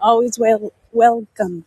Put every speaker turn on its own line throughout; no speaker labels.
Always well welcome.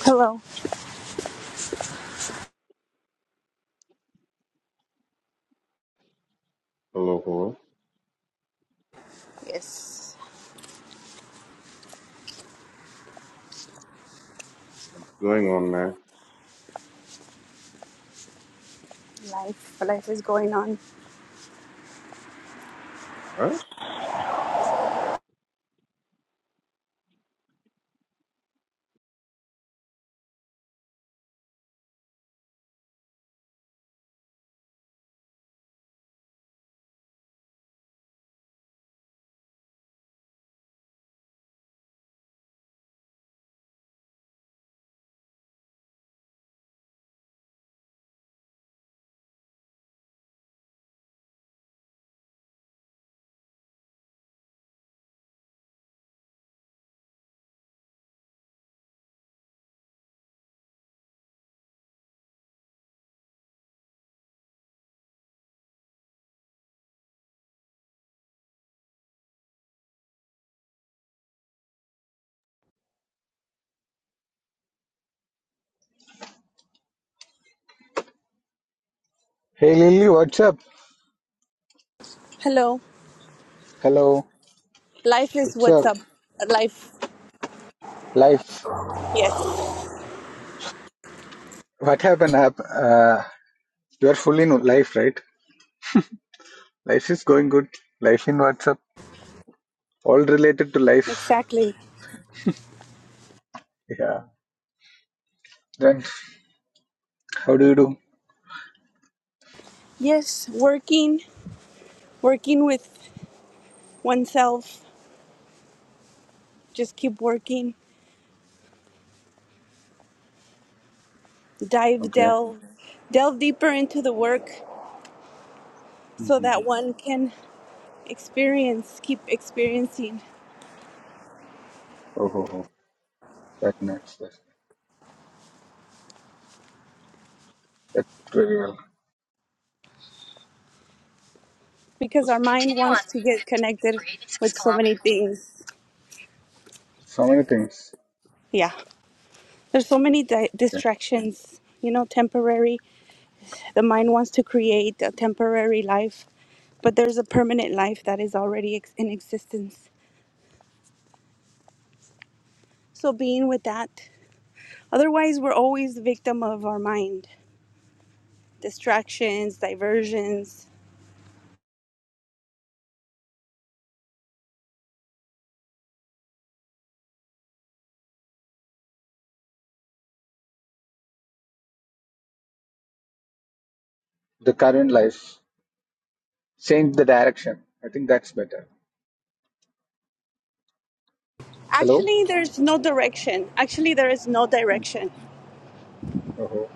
Hello.
Hello, hello.
Yes.
What's going on, man?
Life. Life is going on.
What?
Hey Lily, what's up?
Hello.
Hello,
Life is
what's
what's
up?
up. Life.
Life.
Yes.
What happened? Hap- Uh, you are full in life, right? Life is going good. Life in what's up? All related to life.
Exactly.
Yeah. Then how do you do?
Yes. Working. Working with oneself. Just keep working. Dive,
Okay.
delve, delve deeper into the work so that
Mm-hmm.
one can experience, keep experiencing.
Oh, oh, oh. That's nuts. That, that very well.
Because our
Just
mind wants to get connected with so many things.
so many things.
Yeah. There's so many di-
Okay.
distractions, you know, temporary. The mind wants to create a temporary life, but there's a permanent life that is already ex- in existence. So being with that. Otherwise, we're always the victim of our mind. Distractions, diversions.
The current life. Change the direction. I think that's better. Hello?
Actually, there's no direction. Actually, there is no direction.
Oh, oh.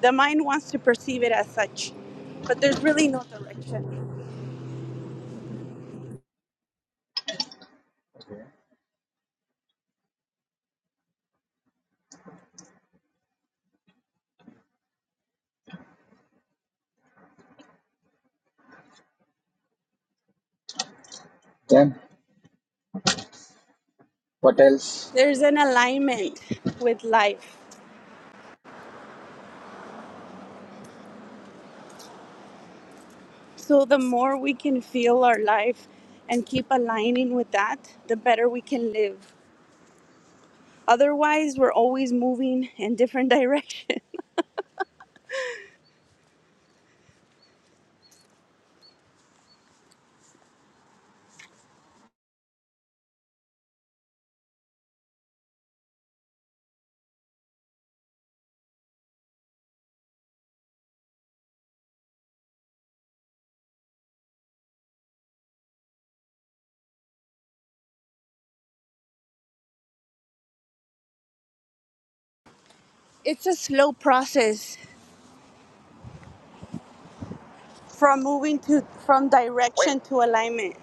The mind wants to perceive it as such, but there's really no direction.
Then what else?
There's an alignment with life. So the more we can feel our life and keep aligning with that, the better we can live. Otherwise, we're always moving in different directions. It's a slow process from moving to from direction to alignment.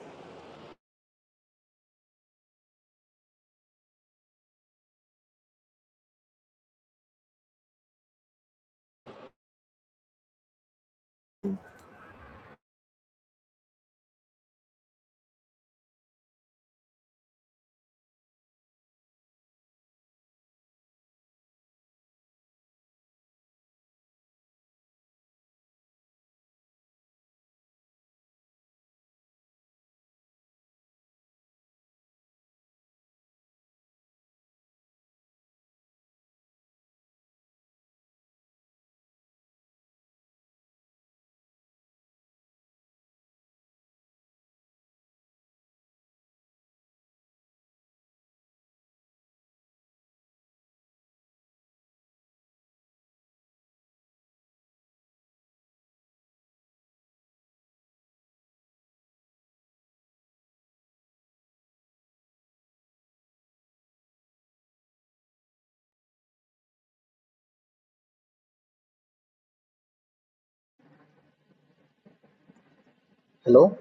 Hello?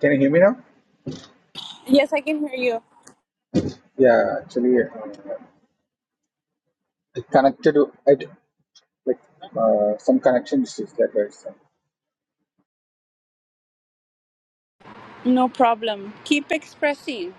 Can you hear me now?
Yes, I can hear you.
Yeah, actually. yeah. It connected to it like uh, some connection issues that right so
No problem. Keep expressing.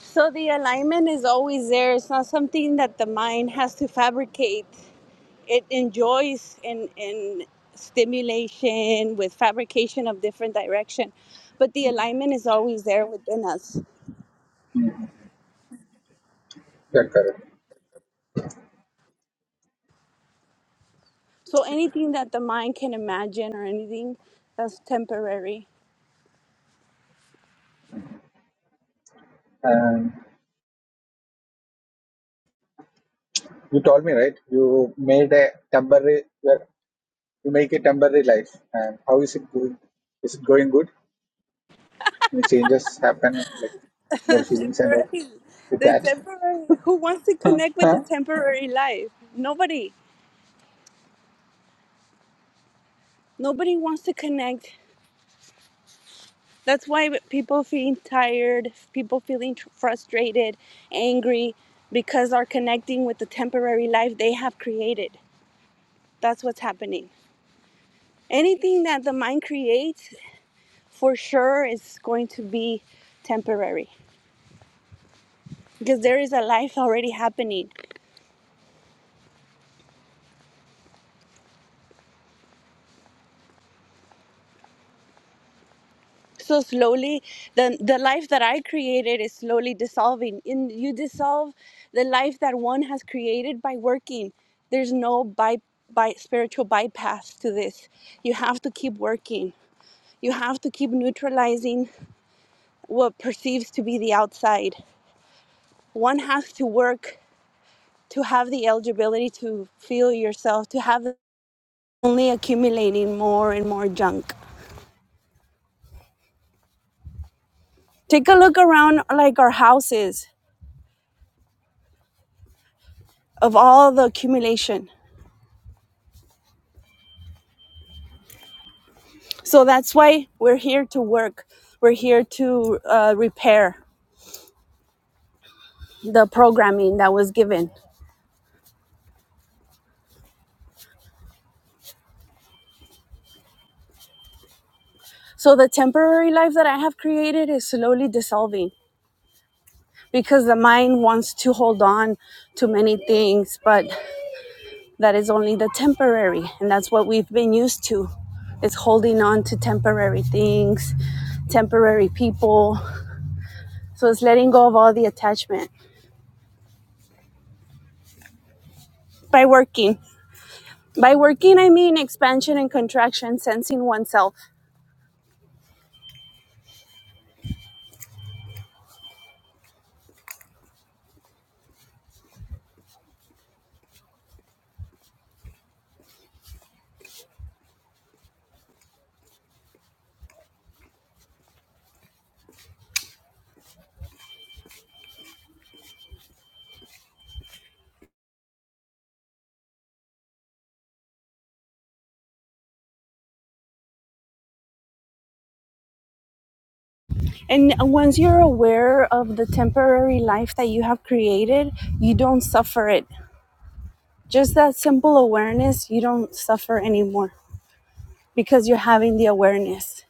So the alignment is always there. It's not something that the mind has to fabricate. It enjoys in in stimulation with fabrication of different direction, but the alignment is always there within us.
that correct
So anything that the mind can imagine or anything that's temporary.
and you told me right you made a temporary well, you make a temporary life and how is it going is it going good any changes happen like your feelings and all
temporary.
with
The
that
temporary. Who wants to connect with
huh?
the temporary life? Nobody. Nobody wants to connect. That's why people feel tired, people feeling tr- frustrated, angry, because are connecting with the temporary life they have created. That's what's happening. Anything that the mind creates, for sure, is going to be temporary because there is a life already happening so slowly the the life that i created is slowly dissolving in you dissolve the life that one has created by working there's no by by spiritual bypass to this you have to keep working you have to keep neutralizing what perceives to be the outside one has to work to have the eligibility to feel yourself to have only accumulating more and more junk take a look around like our houses of all the accumulation So that's why we're here to work. We're here to uh, repair the programming that was given. So the temporary life that I have created is slowly dissolving because the mind wants to hold on to many things, but that is only the temporary. And that's what we've been used to. It's holding on to temporary things, temporary people. So it's letting go of all the attachment by working. By working, I mean expansion and contraction, sensing oneself And once you're aware of the temporary life that you have created, you don't suffer it. Just that simple awareness, you don't suffer anymore because you're having the awareness.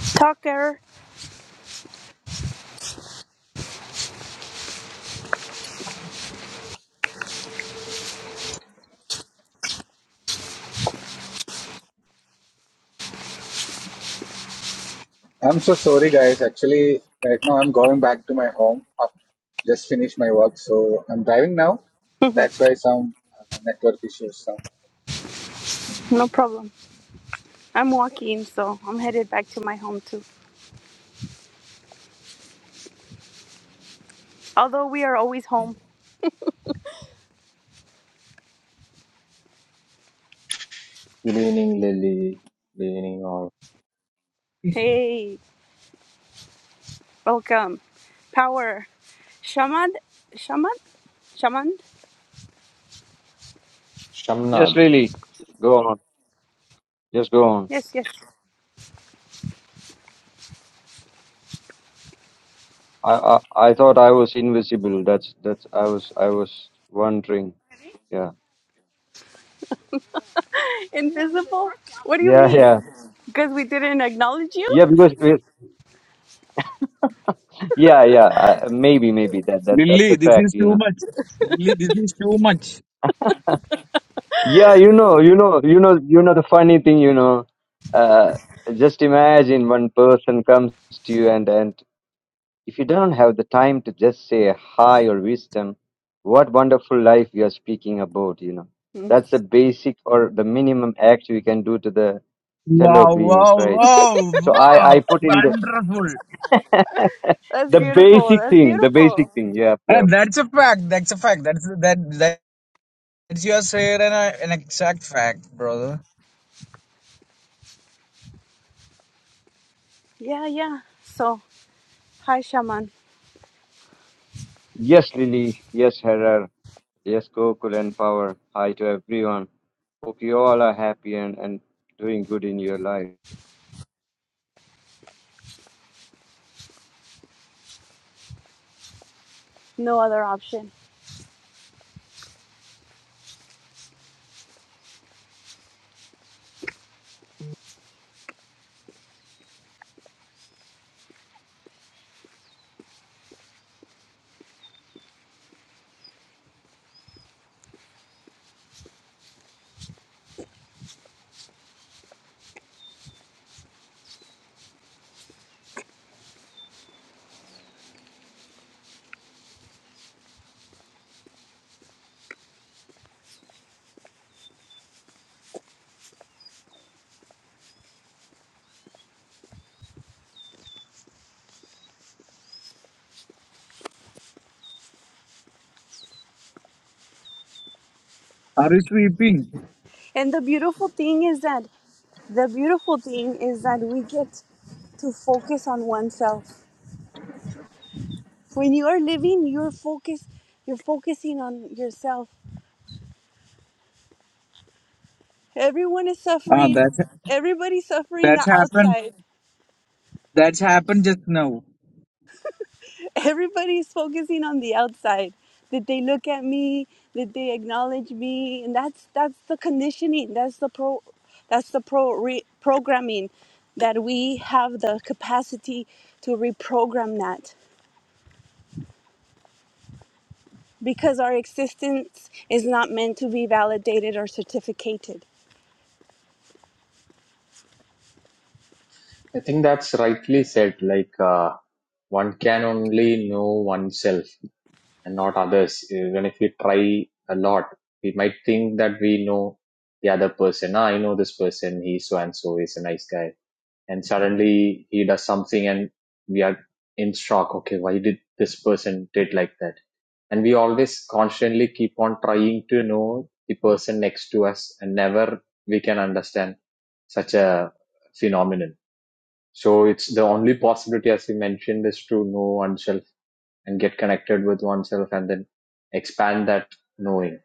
Talker,
i'm so sorry guys actually right now i'm going back to my home i just finished my work so i'm driving now that's why some uh, network issues some
no problem. I'm walking, so I'm headed back to my home too. Although we are always home.
Good evening, Lily. Good evening, all.
Hey, welcome. Power. Shaman? Shaman? Shaman?
Shamnad.
Yes, Lily, go on. Just go on.
Yes, yes.
I, I I thought I was invisible. That's that's I was I was wondering. Yeah.
Invisible? What do you
Yeah, yeah.
mean? Because we didn't acknowledge
Yeah,
you?
because we- yeah, yeah, uh, maybe maybe that that that's
Lily,
a
this is
fact, you
too
know.
much. Lily, this is too much.
Yeah, you know, you know, you know, you know the funny thing, you know, uh just imagine one person comes to you and and If you don't have the time to just say hi or wisdom, what wonderful life you are speaking about, you know. That's the basic or the minimum act we can do to the fellow
Wow,
beings,
wow,
right?
wow,
So I, I
wow.
put in the
Wonderful.
That's
the
beautiful.
basic
That's
thing, the basic
beautiful.
thing. Yeah,
Uh,
yeah.
that's a fact. That's a fact. That's that that's your share and a, an exact fact, brother.
Yeah, yeah. So, hi, shaman.
Yes, Lily. Yes, Harar. Yes, Gokul and Power. Hi to everyone. Hope you all are happy and, and doing good in your life.
No other option.
Are you sweeping?
And the beautiful thing is that the beautiful thing is that we get to focus on oneself. When you are living, you're focus, You're focusing on yourself. Everyone is
Ah,
suffering.
that's
Everybody's suffering
that's
the
happened.
outside.
That's happened just now.
everybody's focusing on the outside Did they look at me Did they acknowledge me and that's that's the conditioning that's the pro that's the pro re, programming that we have the capacity to reprogram that because our existence is not meant to be validated or certificated
I think that's rightly said. Like, uh, one can only know oneself and not others. Even if we try a lot, we might think that we know the other person. Ah, I know this person. He's so and so. He's a nice guy. and suddenly he does something and we are in shock okay why did this person did like that and we always constantly keep on trying to know the person next to us and never we can understand such a phenomenon so it's the only possibility as we mentioned is to know oneself and get connected with oneself and then expand that knowing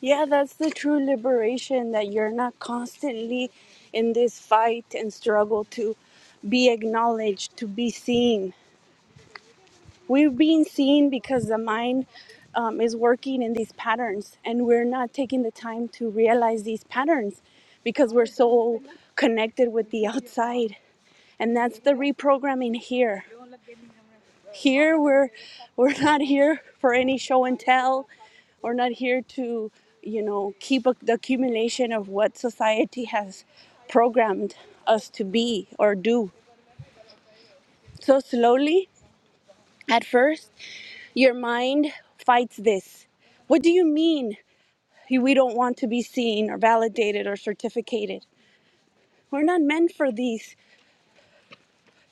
yeah that's the true liberation that you're not constantly in this fight and struggle to be acknowledged to be seen We're being seen because the mind um, is working in these patterns, and we're not taking the time to realize these patterns because we're so connected with the outside. And that's the reprogramming here. Here, we're we're not here for any show and tell. We're not here to, you know, keep a, the accumulation of what society has programmed us to be or do. So slowly, at first. Your mind fights this. What do you mean we don't want to be seen or validated or certificated? We're not meant for these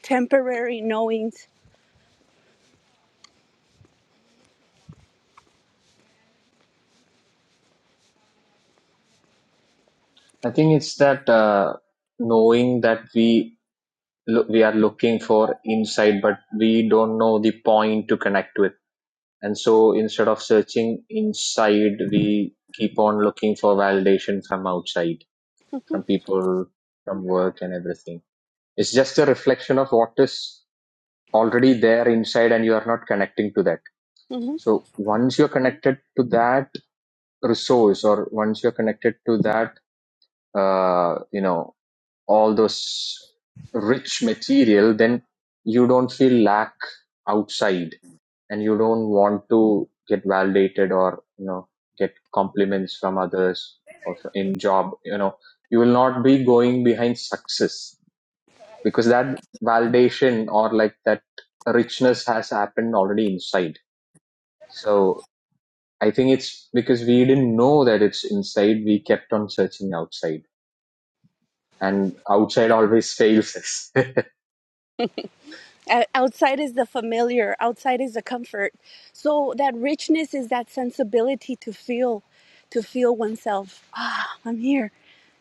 temporary knowings.
i think it's that uh, knowing that we lo- we are looking for inside, but we don't know the point to connect with and so instead of searching inside we keep on looking for validation from outside from people from work and everything it's just a reflection of what is already there inside and you are not connecting to that
Mhm.
so once you're connected to that resource or once you're connected to that uh, you know all those rich material, then you don't feel lack outside and you don't want to get validated or, you know, get compliments from others or in job, you know, you will not be going behind success because that validation or like that richness has happened already inside. So I think it's because we didn't know that it's inside. We kept on searching outside and outside always fails us.
O- Outside is the familiar, outside is the comfort. So that richness is that sensibility to feel, to feel oneself. Ah, I'm here.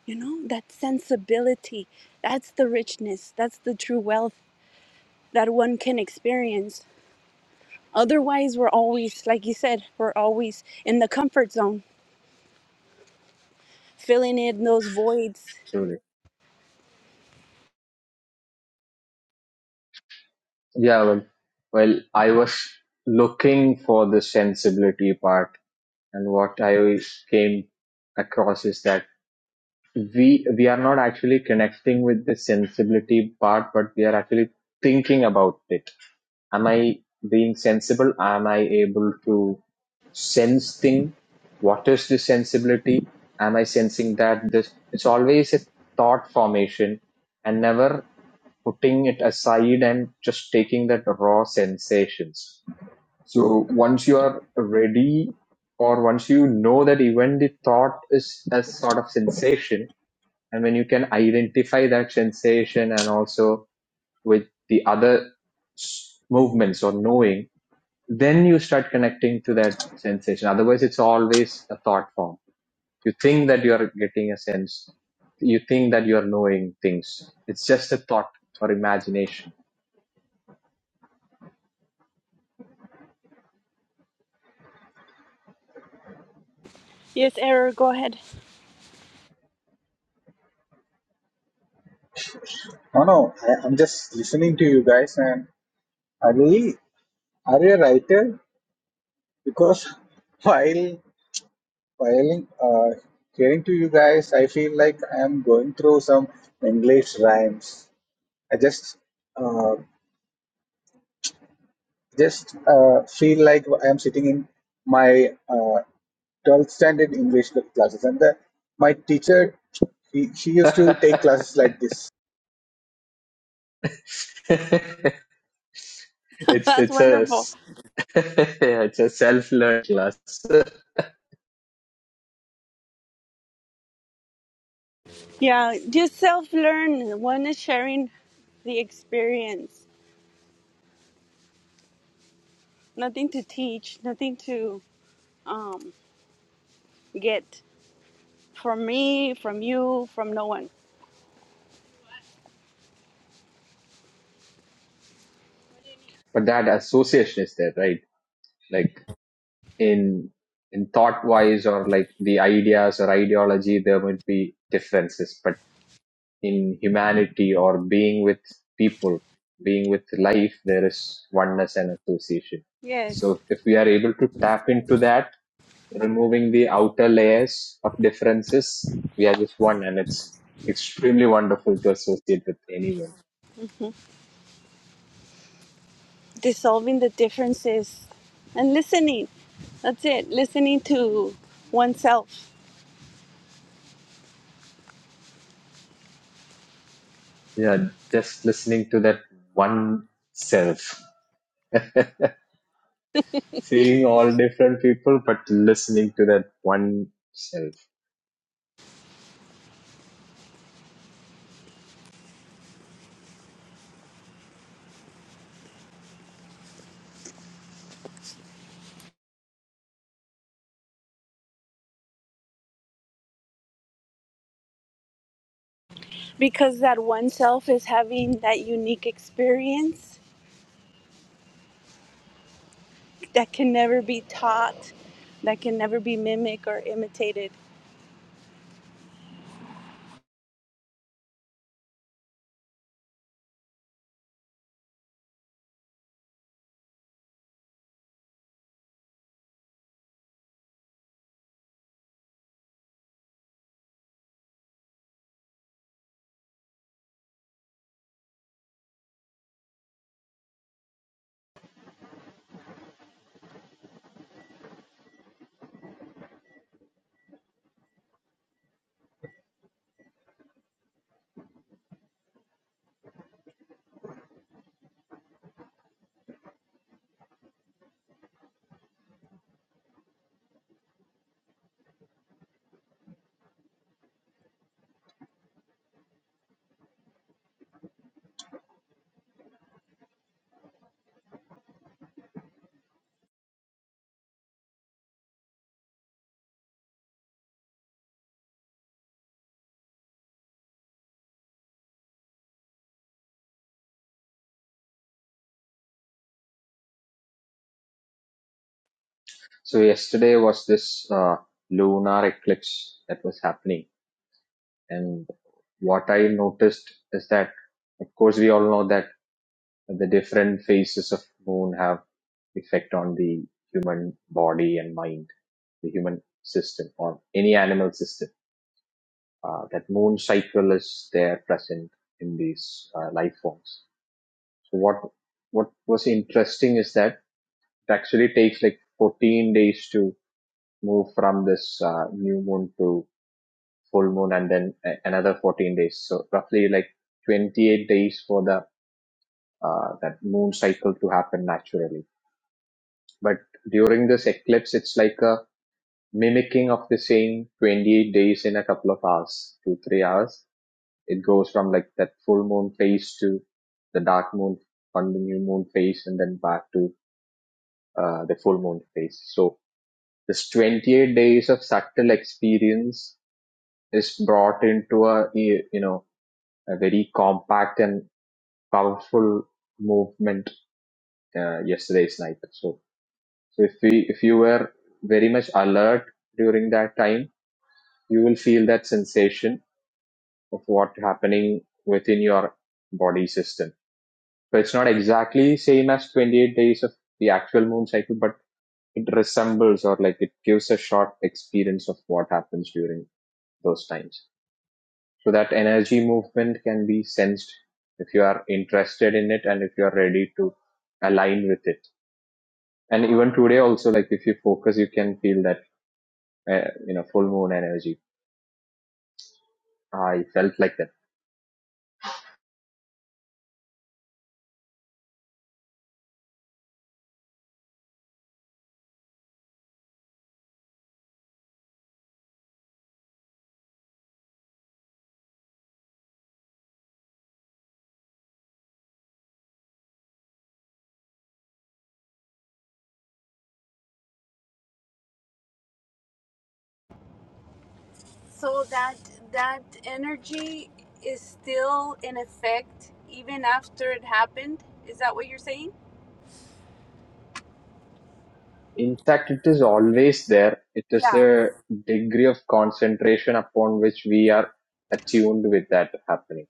You know, that sensibility. That's the richness. That's the true wealth that one can experience. Otherwise, we're always, like you said, we're always in the comfort zone, filling in those voids.
to Yeah, well, well, I was looking for the sensibility part, and what I came across is that we we are not actually connecting with the sensibility part, but we are actually thinking about it. Am I being sensible? Am I able to sense thing? What is the sensibility? Am I sensing that this? It's always a thought formation, and never putting it aside and just taking that raw sensations. So once you are ready or once you know that even the thought is a sort of sensation and when you can identify that sensation and also with the other movements or knowing, then you start connecting to that sensation. Otherwise it's always a thought form. You think that you are getting a sense. You think that you are knowing things. It's just a thought or imagination
Yes, error, go ahead.
no no I, i'm just listening to you guys and Ali, are you a writer? Because while while uh, hearing to you guys, I feel like I am going through some English rhymes. I just uh, just uh, feel like I am sitting in my uh, 12th standard English classes, and the, my teacher he, she used to take classes like this.
it's
That's
it's a
wonderful.
s- it's a self-learned class
Yeah, just self learn. One is sharing the experience, nothing to teach, nothing to um, get from me, from you, from no one.
but that association is there right like in in thought wise or like the ideas or ideology there might be differences but in humanity or being with people being with life there is oneness and association
Yes,
so if we are able to tap into that removing the outer layers of differences, we are just one, and it's extremely wonderful to associate with anyone.
dissolving the differences and listening. That's it, listening to oneself.
Yeah, just listening to that one self, seeing all different people, but listening to that one self.
because that one self is having that unique experience that can never be taught that can never be mimicked or imitated
So yesterday was this uh, lunar eclipse that was happening, and what I noticed is that, of course, we all know that the different phases of moon have effect on the human body and mind, the human system or any animal system. Uh, that moon cycle is there present in these uh, life forms. So what what was interesting is that it actually takes like 14 days to move from this uh, new moon to full moon, and then another 14 days. So roughly like 28 days for the uh, that moon cycle to happen naturally But during this eclipse, it's like a mimicking of the same 28 days in a couple of hours, two, three hours. It goes from like that full moon phase to the dark moon on the new moon phase and then back to uh, the full moon phase. So this 28 days of subtle experience is brought into a, you know, a very compact and powerful movement uh, yesterday's night. So, so if we, if you were very much alert during that time, you will feel that sensation of what happening within your body system. So it's not exactly same as 28 days of the actual moon cycle, but it resembles or like it gives a short experience of what happens during those times. So that energy movement can be sensed if you are interested in it and if you are ready to align with it. And even today also, like if you focus, you can feel that, uh, you know, full moon energy. I felt like that
so that that energy is still in effect even after it happened is that what you're saying
In fact, it is always there. It is
yeah
the degree of concentration upon which we are attuned with that happening.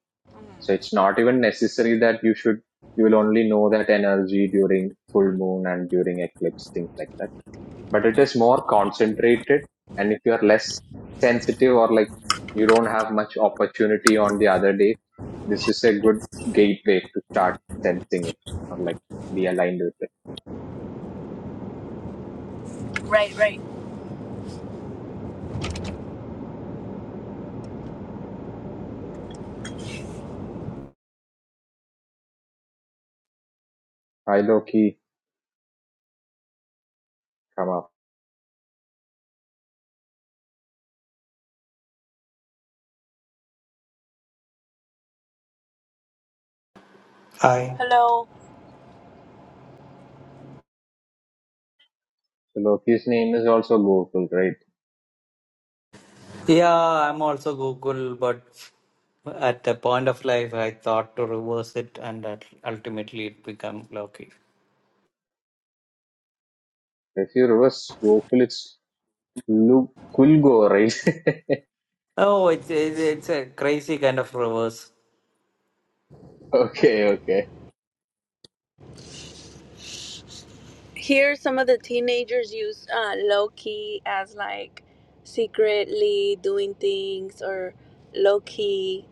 So it's not even necessary that you should, you will only know that energy during full moon and during eclipse, things like that. But it is more concentrated. And if you are less sensitive or like you don't have much opportunity on the other day, this is a good gateway to start sensing it or like be aligned with it.
right right
Hi, Loki. Come up.
Hi.
hello
So Loki's name is also Gokul, right?
Yeah, I'm also Google, but at the point of life, I thought to reverse it, and that ultimately it became Loki.
If you reverse Gokul, it's Lu- Kulgo, right?
Oh, it's it's, it's a crazy kind of reverse.
okay, okay.
here some of the teenagers use uh, low-key as like secretly doing things or low-key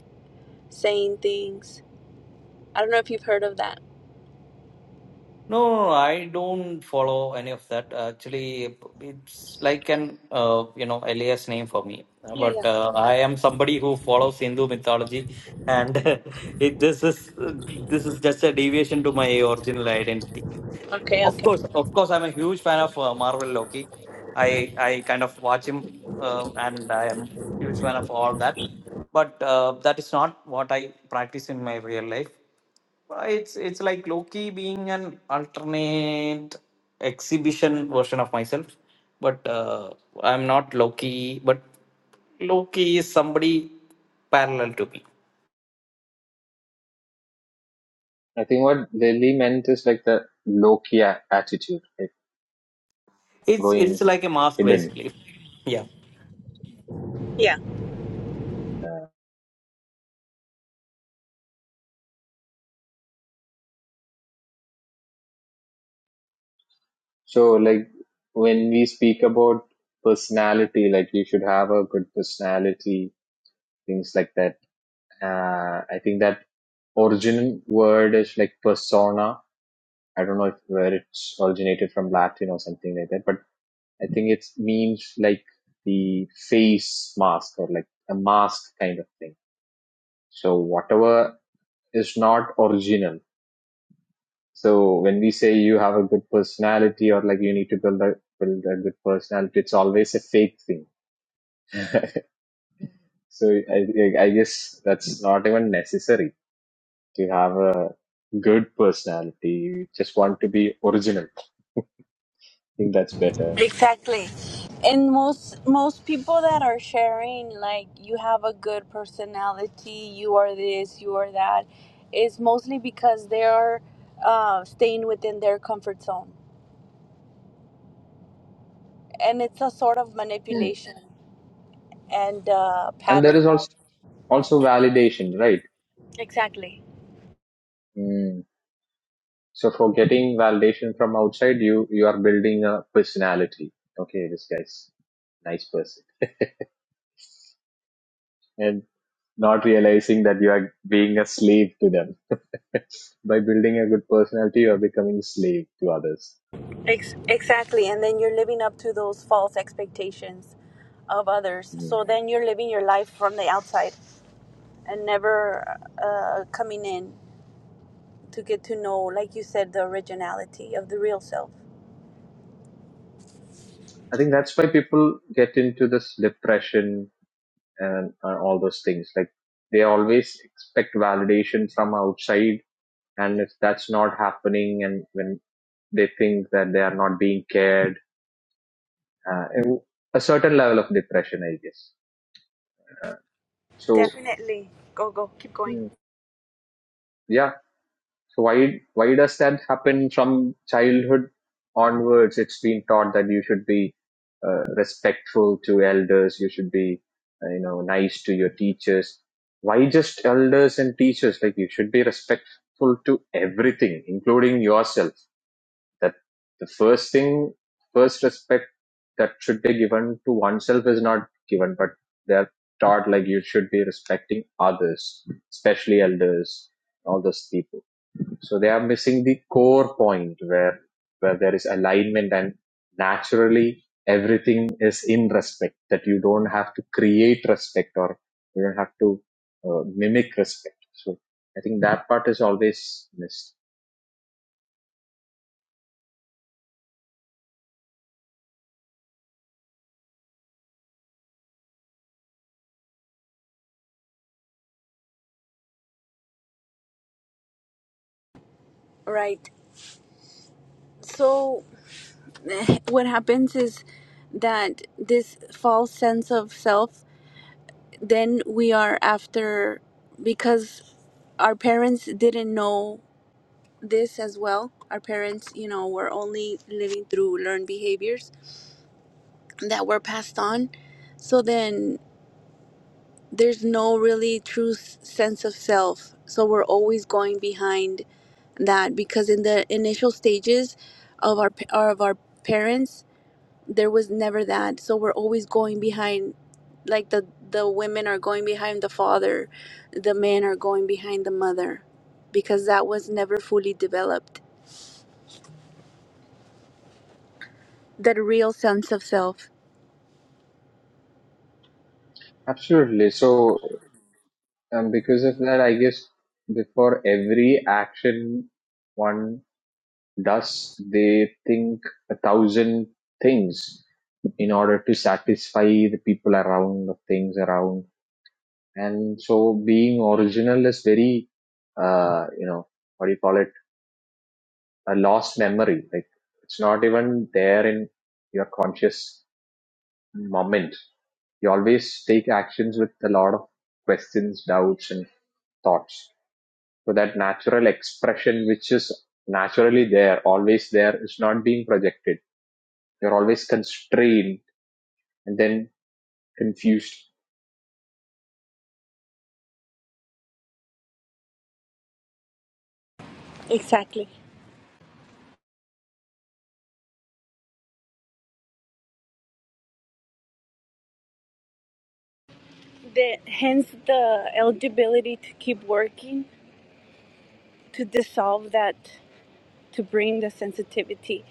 saying things i don't know if you've heard of that
No, I don't follow any of that. Actually, it's like an uh, you know alias name for me.
Yeah, yeah.
But uh, I am somebody who follows Hindu mythology, and it, this is this is just a deviation to my original identity.
Okay,
Of
okay.
course, of course, I'm a huge fan of uh, Marvel Loki. I I kind of watch him, uh, and I am huge fan of all that. But uh, that is not what I practice in my real life. Uh, It's it's like Loki being an alternate exhibition version of myself, but uh, I'm not Loki. But Loki is somebody parallel to me.
I think what Delhi meant is like the Loki a- attitude, like
It's it's
going
like a mask
hidden.
basically. Yeah.
Yeah.
Uh, so, like when we speak about personality, like you should have a good personality, things like that. Uh, I think that original word is like persona. I don't know if where it's originated from Latin or something like that, but I think it's means like the face mask or like a mask kind of thing. So whatever is not original. So when we say you have a good personality or like you need to build a build a good personality, it's always a fake thing. So I, I guess that's not even necessary to have a good personality. You just want to be original. I think that's better.
Exactly. And most most people that are sharing like you have a good personality, you are this, you are that, is mostly because they are uh, staying within their comfort zone, and it's a sort of
Mm.
manipulation and uh,
And there
pattern.
is also also validation, right?
Exactly.
Mm. So for getting validation from outside, you you are building a personality. Okay, this guy's a nice person, and not realizing that you are being a slave to them. By building a good personality, you are becoming a slave to others.
Ex- exactly. And then you're living up to those false expectations of others.
Mm.
So then you're living your life from the outside and never uh, coming in. to get to know, like you said, the originality of the real self.
I think that's why people get into this depression and uh, all those things. Like they always expect validation from outside, and if that's not happening, and when they think that they are not being cared uh, a, a certain level of depression, I guess. Uh, so
Definitely. Go, go. Keep going.
mm, yeah, so why why does that happen from childhood onwards? It's been taught that you should be uh, respectful to elders, you should be uh, you know nice to your teachers. Why just elders and teachers? Like you should be respectful to everything, including yourself. that the first thing, first respect that should be given to oneself is not given, but they're taught like you should be respecting others, especially elders, all those people. So they are missing the core point where where there is alignment and naturally everything is in respect. That you don't have to create respect or you don't have to uh, mimic respect. So I think that part is always missed.
Right. So, what happens is that this false sense of self, then we are after, because our parents didn't know this as well. Our parents, you know, were only living through learned behaviors that were passed on. So then there's no really true s- sense of self so we're always going behind that because in the initial stages of our pa- or of our parents there was never that so we're always going behind like the the women are going behind the father the men are going behind the mother because that was never fully developed that real sense of self
Absolutely. So And because of that, I guess before every action one does, they think a thousand things in order to satisfy the people around, the things around. And so being original is very, uh, you know, what do you call it? A lost memory. Like it's not even there in your conscious moment. You always take actions with a lot of questions, doubts, and thoughts. So that natural expression, which is naturally there, always there, is not being projected. You're always constrained and then confused.
Exactly. The, hence the eligibility to keep working to dissolve that to bring the sensitivity.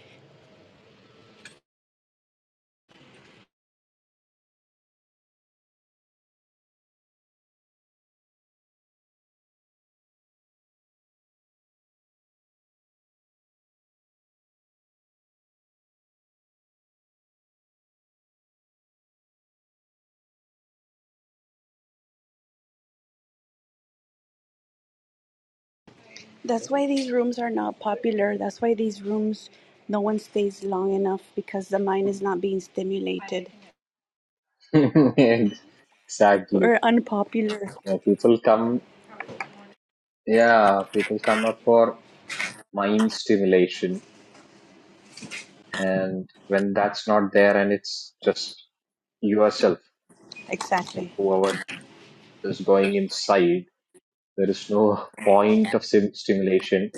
That's why these rooms are not popular. That's why these rooms, no one stays long enough because the mind is not being stimulated.
exactly.
We're unpopular.
Yeah, people come, yeah, people come up for mind stimulation. And when that's not there and it's just yourself,
Exactly.
whoever is going inside, there is no point of sim- stimulation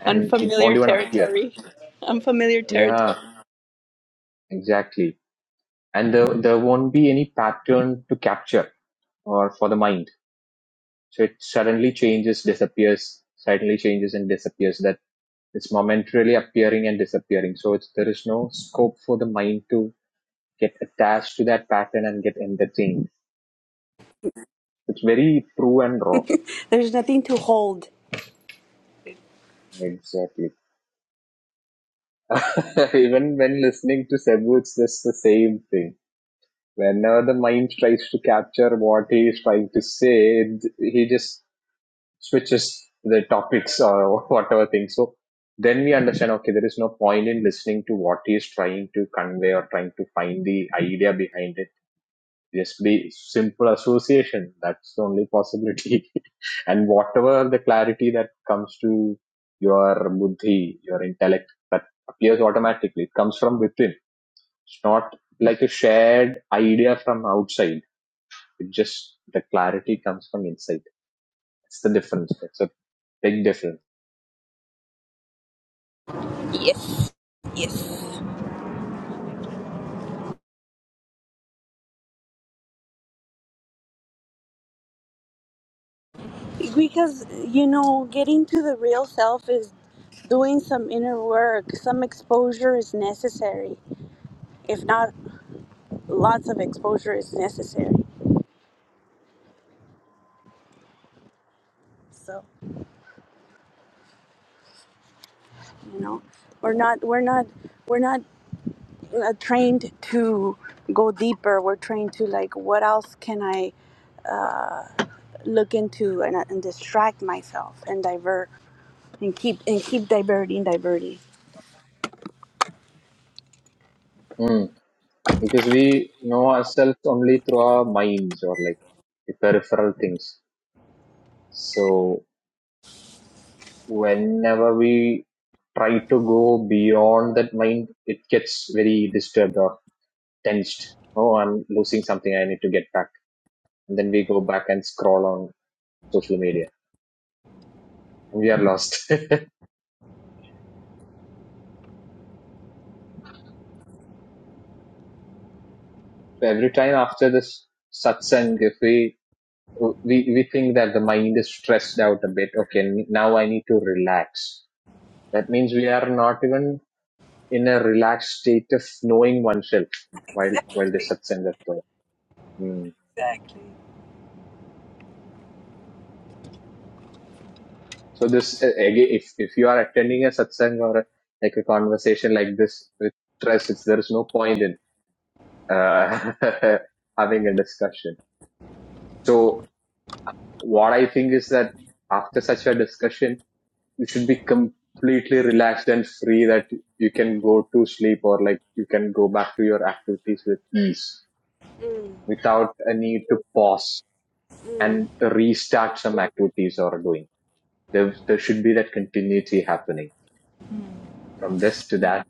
and it won't
Unfamiliar
even appear.
territory. Unfamiliar
Yeah,
territory.
exactly and there, there won't be any pattern to capture or for the mind so it suddenly changes disappears suddenly changes and disappears that it's momentarily appearing and disappearing so it's, there is no scope for the mind to get attached to that pattern and get entertained it's very true and raw
There's nothing to hold.
exactly even when listening to Sebu, it's just the same thing whenever the mind tries to capture what he is trying to say it, he just switches the topics or whatever thing. So then we understand, okay, there is no point in listening to what he is trying to convey or trying to find the idea behind it. Just be simple association. That's the only possibility. and whatever the clarity that comes to your buddhi, your intellect, that appears automatically. It comes from within. It's not like a shared idea from outside. It just, the clarity comes from inside. It's the difference. It's a big difference.
Yes. Yes. Because, you know, getting to the real self is doing some inner work. Some exposure is necessary. If not, lots of exposure is necessary. So. you know we're not we're not we're not uh, trained to go deeper we're trained to like what else can i look into and, uh, and distract myself and divert and keep and keep diverting diverting
Mm. because we know ourselves only through our minds or like the peripheral things. So whenever we try to go beyond that mind, it gets very disturbed or tensed. Oh, I'm losing something. I need to get back. And then we go back and scroll on social media and we are lost. So Every time after this satsang, if we, we, we think that the mind is stressed out a bit. Okay. Now I need to relax. That means we are not even in a relaxed state of knowing oneself while while the satsang is going. Mm.
exactly
So this uh, again, if if you are attending a satsang or a, like a conversation like this with stress, it's, there is no point in uh, having a discussion. So what I think is that after such a discussion, you should be completely relaxed and free that you can go to sleep or like you can go back to your activities with ease without a need to pause and restart some activities or doing. There, there should be that continuity happening from this to that.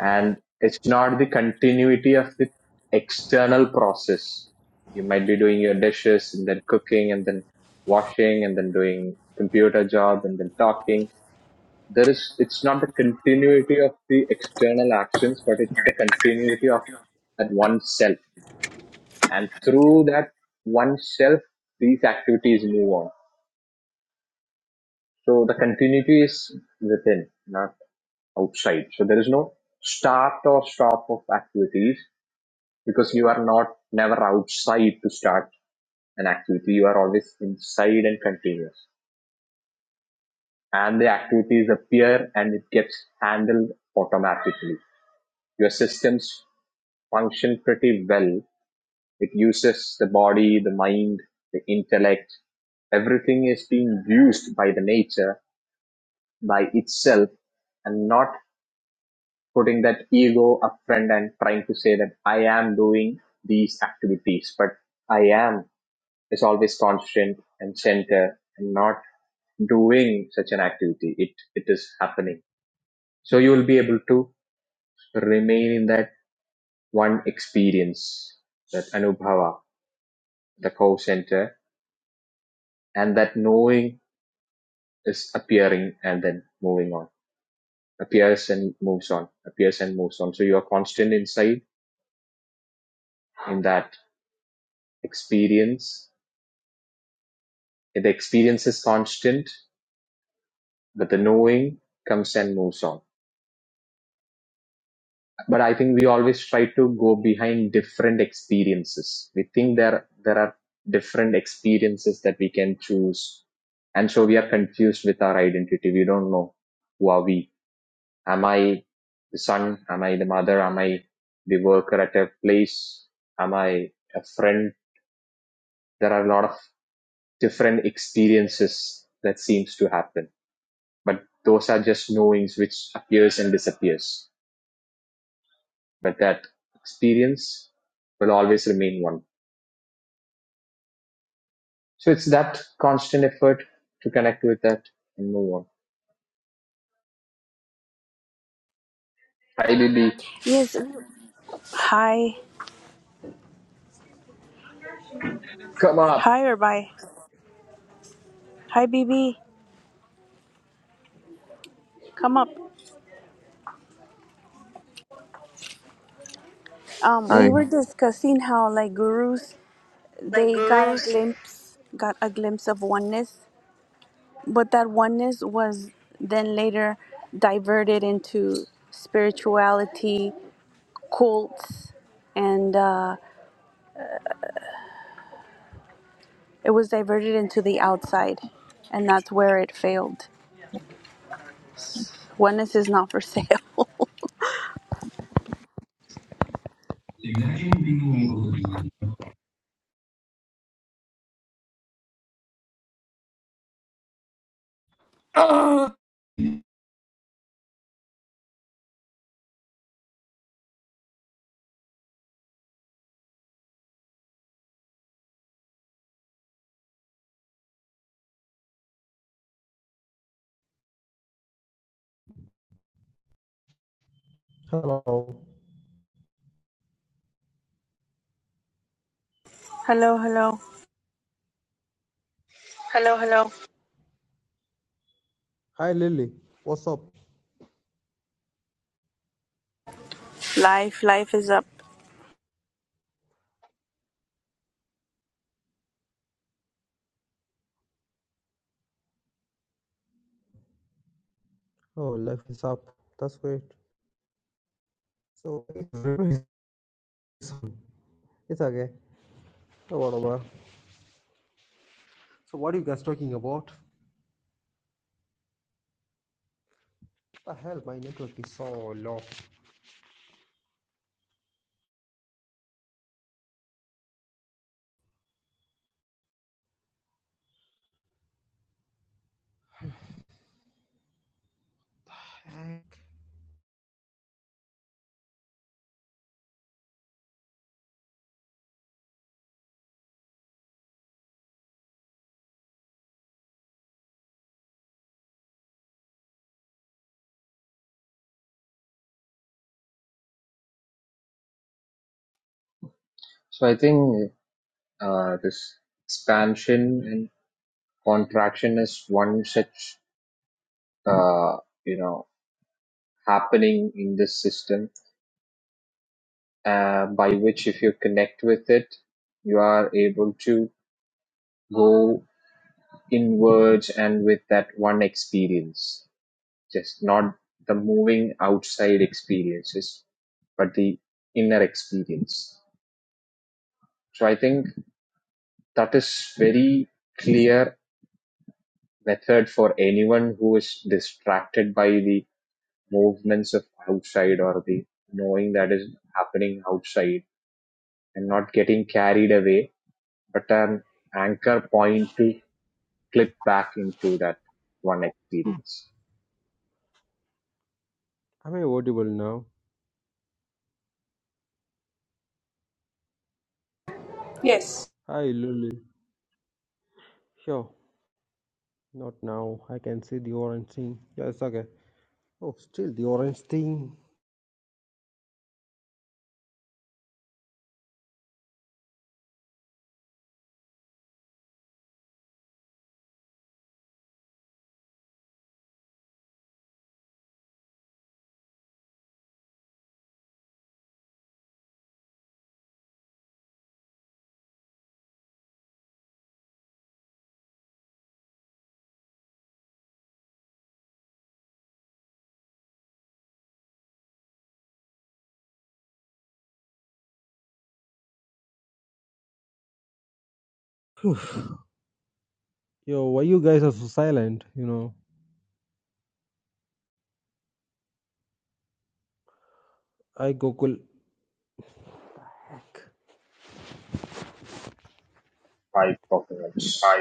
And it's not the continuity of the external process. You might be doing your dishes and then cooking and then washing and then doing computer job and then talking. There is, it's not the continuity of the external actions, but it's the continuity of that oneself. And through that oneself, these activities move on So the continuity is within, not outside. So there is no start or stop of activities because you are not never outside to start an activity. You are always inside and continuous. And the activities appear and it gets handled automatically. Your systems function pretty well. It uses the body, the mind, the intellect. Everything is being used by the nature, by itself, and not putting that ego up front and trying to say that I am doing these activities, but I am is always constant and center and not doing such an activity. It it is happening. So you will be able to remain in that one experience, that anubhava, the co-center, and that knowing is appearing and then moving on. Appears and moves on. Appears and moves on. So you are constant inside in that experience The experience is constant, but the knowing comes and moves on. But I think we always try to go behind different experiences. We think there there are different experiences that we can choose, and so we are confused with our identity. We don't know who are we. Am I the son? Am I the mother? Am I the worker at a place? Am I a friend? There are a lot of different experiences that seems to happen but those are just knowings which appears and disappears but that experience will always remain one so it's that constant effort to connect with that and move on hi baby
yes hi
come up
hi or bye hi bb come up um, we
Hi.
were discussing how like gurus
like
they got a
gurus.
glimpse got a glimpse of oneness but that oneness was then later diverted into spirituality, cults, and uh, it was diverted into the outside, and that's where it failed. Oneness is not for sale.
Oh.
Hello.
hello, hello.
Hello, hello. Hi, Lily. What's up?
Life, life is up.
Oh, life is up. That's great. So it's very soon. It's okay. No whatever. So what are you guys talking about? What The hell, my network is so low. Heck.
so i think uh, this expansion and contraction is one such uh, you know happening in this system uh, by which if you connect with it you are able to go inwards and with that one experience just not the moving outside experiences, but the inner experience. So I think that is very clear method for anyone who is distracted by the movements of outside or the knowing that is happening outside and not getting carried away, but an anchor point to clip back into that one experience.
Am I audible now?
Yes.
Hi, Lily. Sure. Not now. I can see the orange thing. Yeah, it's okay. Oh, still the orange thing. Yo, why you guys are so silent? You know, I Google. Heck.
Five
I
documents.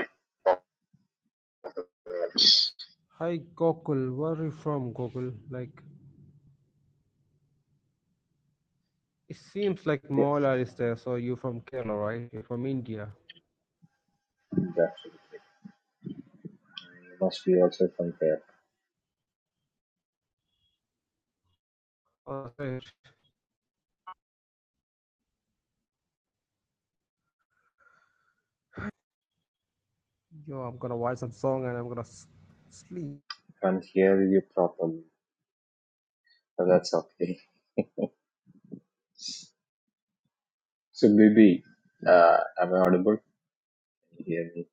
Hi Gokul, where are you from Gokul? Like, it seems like
Yeah,
Mola is there, so you're from Kerala, right? You're from India.
that must be also from there.
Oh, sorry. Yo, I'm gonna watch that song and I'm gonna s- sleep.
can't hear you properly, so that's okay. So Bibi, uh, am I audible? Can you hear me?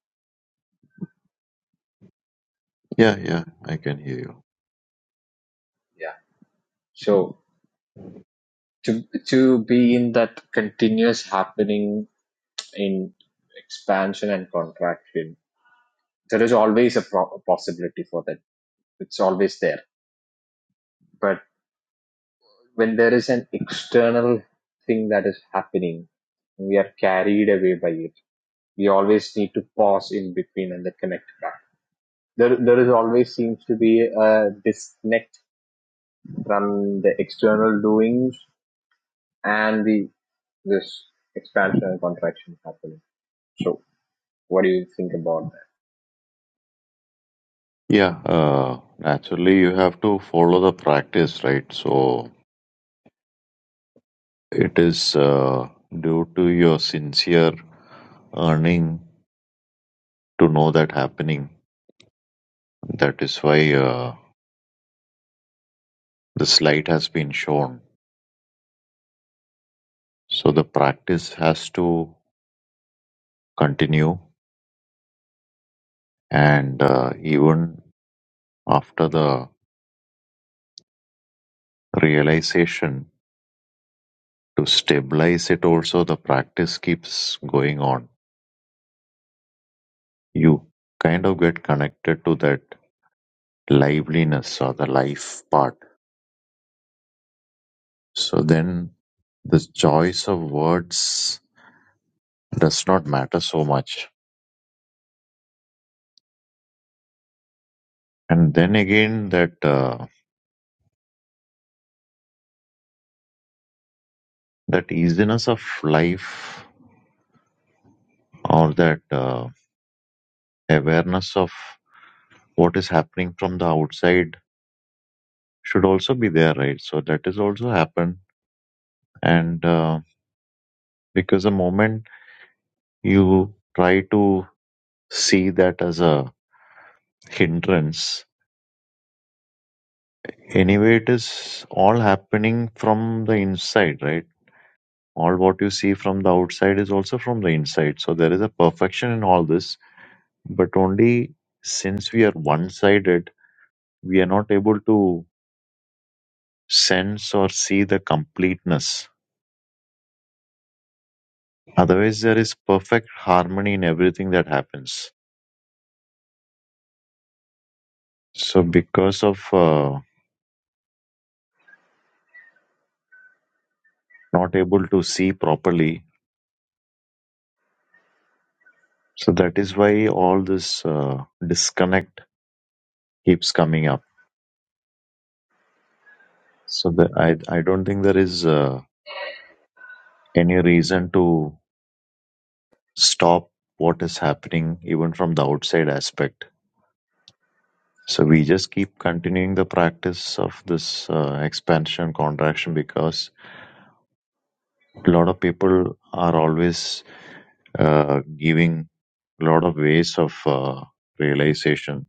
Yeah, yeah, I can hear you.
Yeah. So to to be in that continuous happening in expansion and contraction, there is always a pro- possibility for that. It's always there. But when there is an external thing that is happening, we are carried away by it. We always need to pause in between and then connect back. There, there is always seems to be a disconnect from the external doings and the this expansion and contraction happening. So what do you think about
Yeah, uh, naturally, you have to follow the practice, right? So it is uh, due to your sincere earning to know that happening. That is why uh, this light has been shown. So the practice has to continue, and uh, even after the realization, to stabilize it, also the practice keeps going on. You kind of get connected to that liveliness or the life part. So then the choice of words does not matter so much. And then again, that uh, that easiness of life or that uh, awareness of what is happening from the outside should also be there, right? So that is also happen. And uh, because the moment you try to see that as a hindrance, Anyway, it is all happening from the inside, right? All what you see from the outside is also from the inside. So there is a perfection in all this, but only since we are one sided, we are not able to sense or see the completeness. Otherwise, there is perfect harmony in everything that happens. So, because of uh, not able to see properly, so that is why all this uh, disconnect keeps coming up. So the, I I don't think there is uh, any reason to stop what is happening even from the outside aspect. So we just keep continuing the practice of this uh, expansion contraction because a lot of people are always uh, giving a lot of ways of uh, realization.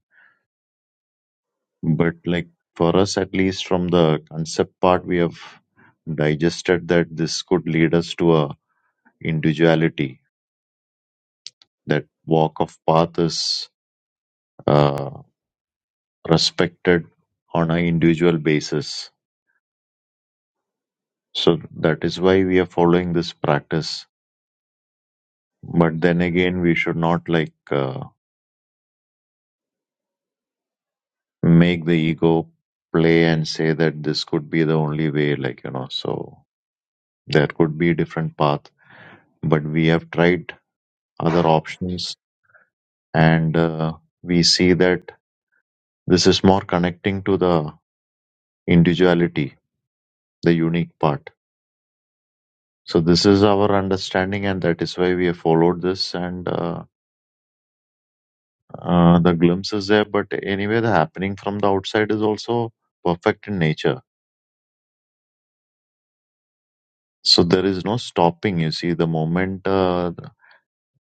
But like for us, at least from the concept part, we have digested that this could lead us to a individuality. That walk of path is uh, respected on an individual basis. So that is why we are following this practice. But then again, we should not like uh, make the ego play and say that this could be the only way, like, you know, so there could be different path. But we have tried other options and uh, we see that this is more connecting to the individuality, the unique part. So this is our understanding, and that is why we have followed this. And uh, Uh, the glimpse is there, but anyway, the happening from the outside is also perfect in nature. So there is no stopping. You see, the moment uh,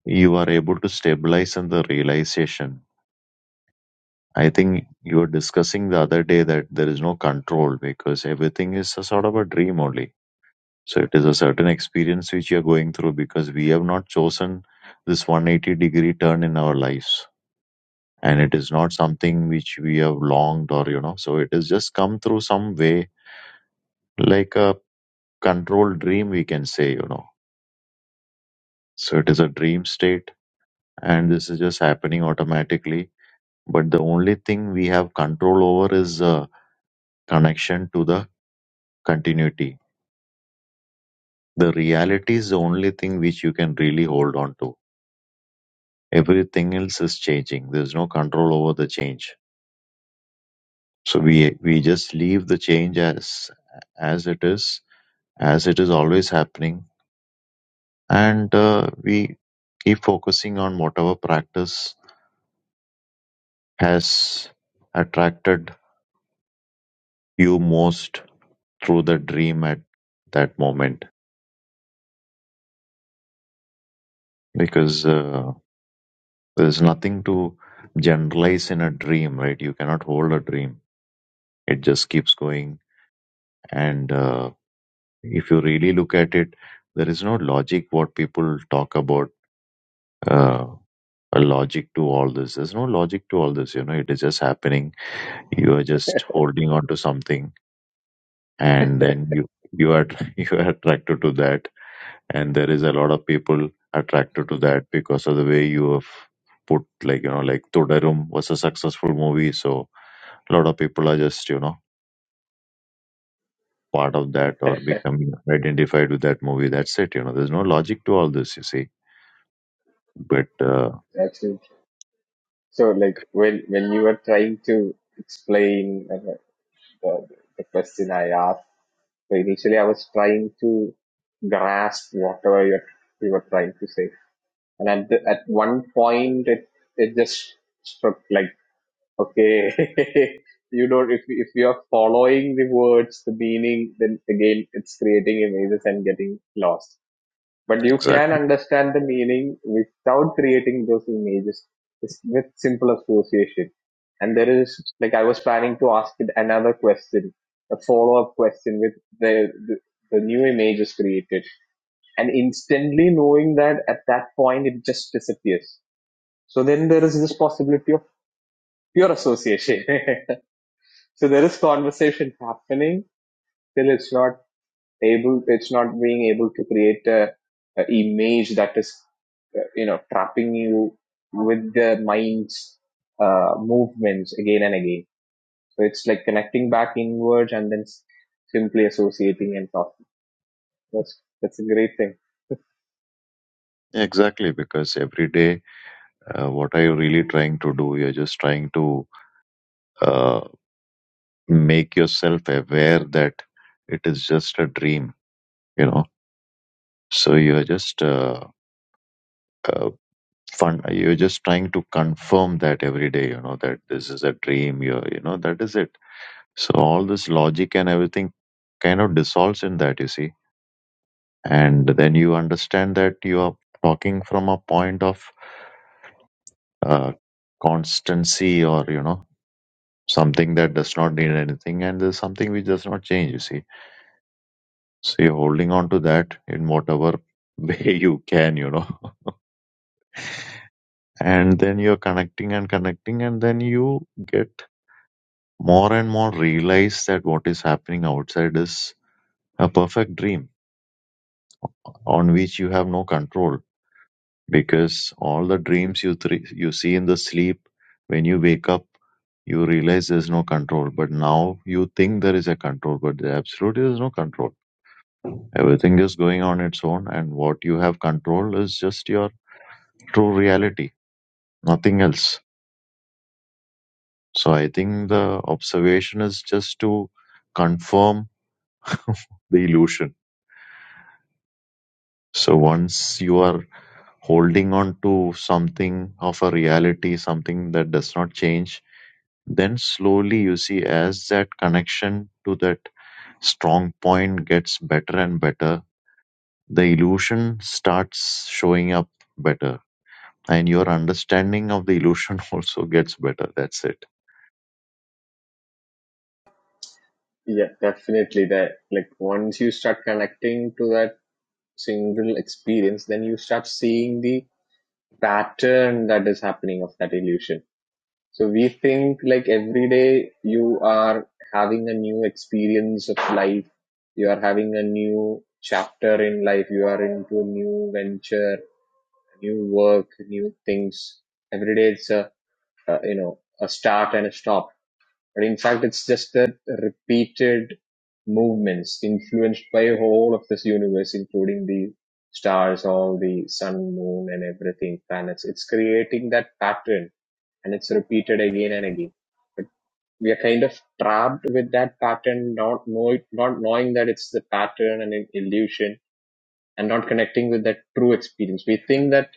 you are able to stabilize and the realization. I think you were discussing the other day that there is no control because everything is a sort of a dream only. So it is a certain experience which you are going through because we have not chosen this 180 degree turn in our lives. And it is not something which we have longed or, you know, so it has just come through some way like a controlled dream we can say you know so it is a dream state and this is just happening automatically but the only thing we have control over is uh, connection to the continuity the reality is the only thing which you can really hold on to everything else is changing there's no control over the change so we we just leave the change as as it is as it is always happening and uh, we keep focusing on whatever practice has attracted you most through the dream at that moment because uh, there's nothing to generalize in a dream right you cannot hold a dream it just keeps going and uh, if you really look at it there is no logic what people talk about uh, a logic to all this there's no logic to all this you know it is just happening you are just holding on to something and then you you are you are attracted to that and there is a lot of people attracted to that because of the way you have put like you know like Todarum was a successful movie so a lot of people are just you know part of that or becoming identified with that movie that's it you know there's no logic to all this you see but uh,
that? Absolutely. So, like when when you were trying to explain uh, the, the question I asked, so initially I was trying to grasp whatever you you were trying to say, and at the, at one point it it just struck like. Okay. you don't, if, if you are following the words, the meaning, then again, it's creating images and getting lost. But you can
exactly
understand the meaning without creating those images It's with simple association. And there is, like, I was planning to ask it another question, a follow up question with the, the, the new images created. And instantly knowing that at that point, it just disappears. So then there is this possibility of pure association. So there is conversation happening till it's not able, it's not being able to create a, a image that is, uh, you know, trapping you with the mind's uh, movements again and again. So it's like connecting back inwards and then simply associating and talking. That's that's a great thing.
exactly because every day uh, what are you really trying to do you're just trying to uh, make yourself aware that it is just a dream you know so you're just uh, uh, fun you're just trying to confirm that every day you know that this is a dream you are you know that is it so all this logic and everything kind of dissolves in that you see and then you understand that you are talking from a point of uh, constancy or you know something that does not need anything and there's something which does not change you see so you're holding on to that in whatever way you can you know and then you're connecting and connecting and then you get more and more realize that what is happening outside is a perfect dream on which you have no control because all the dreams you thr you see in the sleep when you wake up you realize there's no control but now you think there is a control but there absolutely is no control everything is going on its own and what you have control is just your true reality nothing else so i think the observation is just to confirm the illusion So once you are holding on to something of a reality, something that does not change, then slowly you see as that connection to that strong point gets better and better, the illusion starts showing up better. And your understanding of the illusion also gets better. That's it.
Yeah, definitely. That like once you start connecting to that single experience, then you start seeing the pattern that is happening of that illusion. So we think like every day you are having a new experience of life, you are having a new chapter in life, you are into a new venture, new work, new things. Every day it's a, a you know a start and a stop and in fact, it's just that repeated movements influenced by all of this universe, including the stars, all the sun, moon, and everything, planets. It's creating that pattern and it's repeated again and again. But we are kind of trapped with that pattern, not know it, not knowing that it's the pattern and an illusion, and not connecting with that true experience. We think that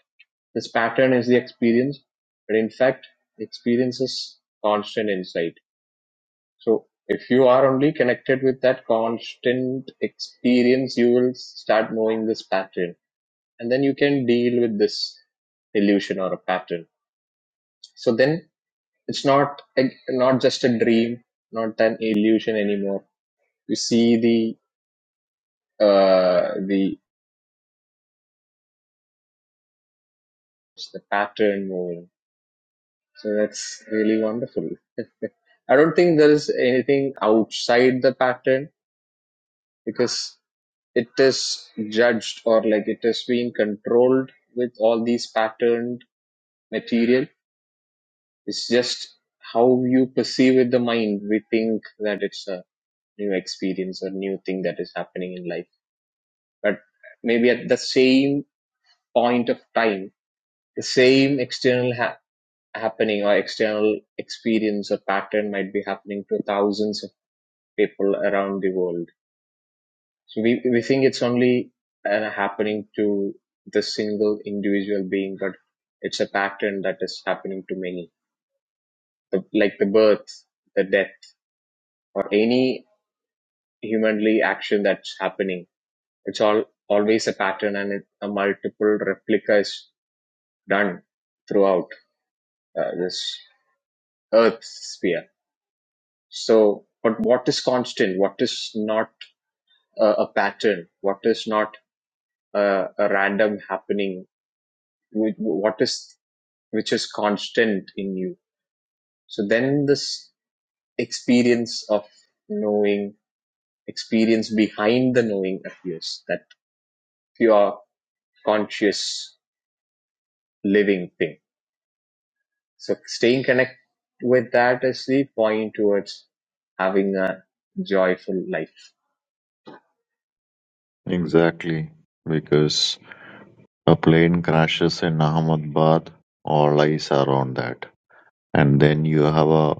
this pattern is the experience, but in fact, experience is constant insight. So if you are only connected with that constant experience, you will start knowing this pattern and then you can deal with this illusion or a pattern. So then it's not, a- not just a dream, not an illusion anymore. You see the, uh, the, the pattern moving. So that's really wonderful. I don't think there is anything outside the pattern because it is judged or like it is being controlled with all these patterned material it's just how you perceive with the mind we think that it's a new experience or new thing that is happening in life but maybe at the same point of time the same external ha- happening or external experience or pattern might be happening to thousands of people around the world So we we think it's only uh, happening to the single individual being, but it's a pattern that is happening to many. The, like the birth, the death, or any humanly action that's happening, it's all always a pattern, and it, a multiple replica is done throughout uh, this Earth sphere. So, but what is constant? What is not a, a pattern? What is not a, a random happening? What is which is constant in you. So then this experience of knowing, experience behind the knowing appears, that pure conscious living thing. So staying connected with that is the point towards having a joyful life.
Exactly. Because a plane crashes in Ahmedabad, all eyes are on that. And then you have a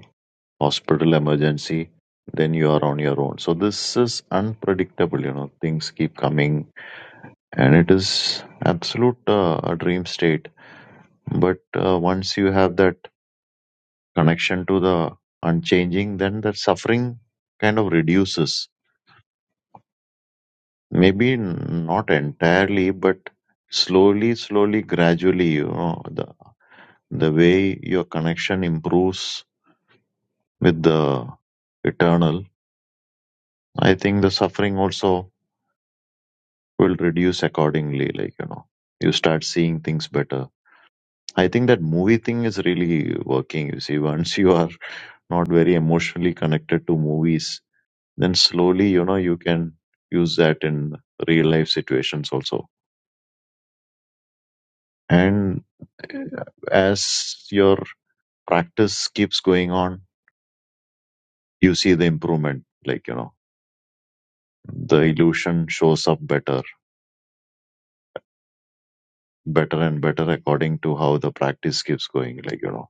hospital emergency, then you are on your own. So this is unpredictable, you know, things keep coming and it is absolute uh, a dream state. But uh, once you have that connection to the unchanging, then that suffering kind of reduces. Maybe n- not entirely, but slowly, slowly, gradually, you know, the the way your connection improves with the eternal, I think the suffering also will reduce accordingly like you know you start seeing things better i think that movie thing is really working you see once you are not very emotionally connected to movies then slowly you know you can use that in real life situations also and uh, as your practice keeps going on you see the improvement like you know the illusion shows up better better and better according to how the practice keeps going like you know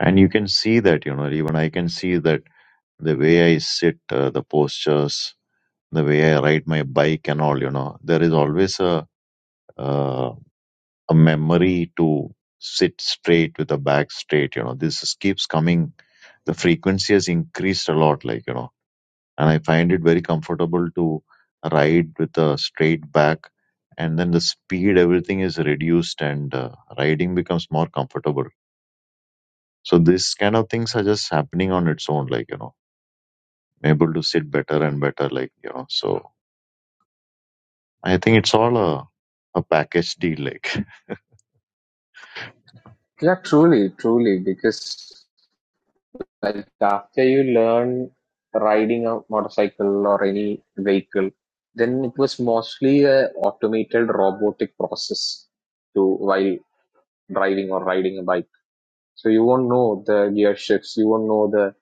and you can see that you know even i can see that the way i sit uh, the postures the way i ride my bike and all you know there is always a uh, a memory to sit straight with the back straight you know this is, keeps coming the frequency has increased a lot like you know and i find it very comfortable to ride with a straight back and then the speed everything is reduced and uh, riding becomes more comfortable so this kind of things are just happening on its own like you know able to sit better and better like you know so i think it's all a, a package deal like
Yeah, truly, truly, because Like after you learn riding a motorcycle or any vehicle, then it was mostly a automated robotic process to while driving or riding a bike. So you won't know the gear shifts, you won't know the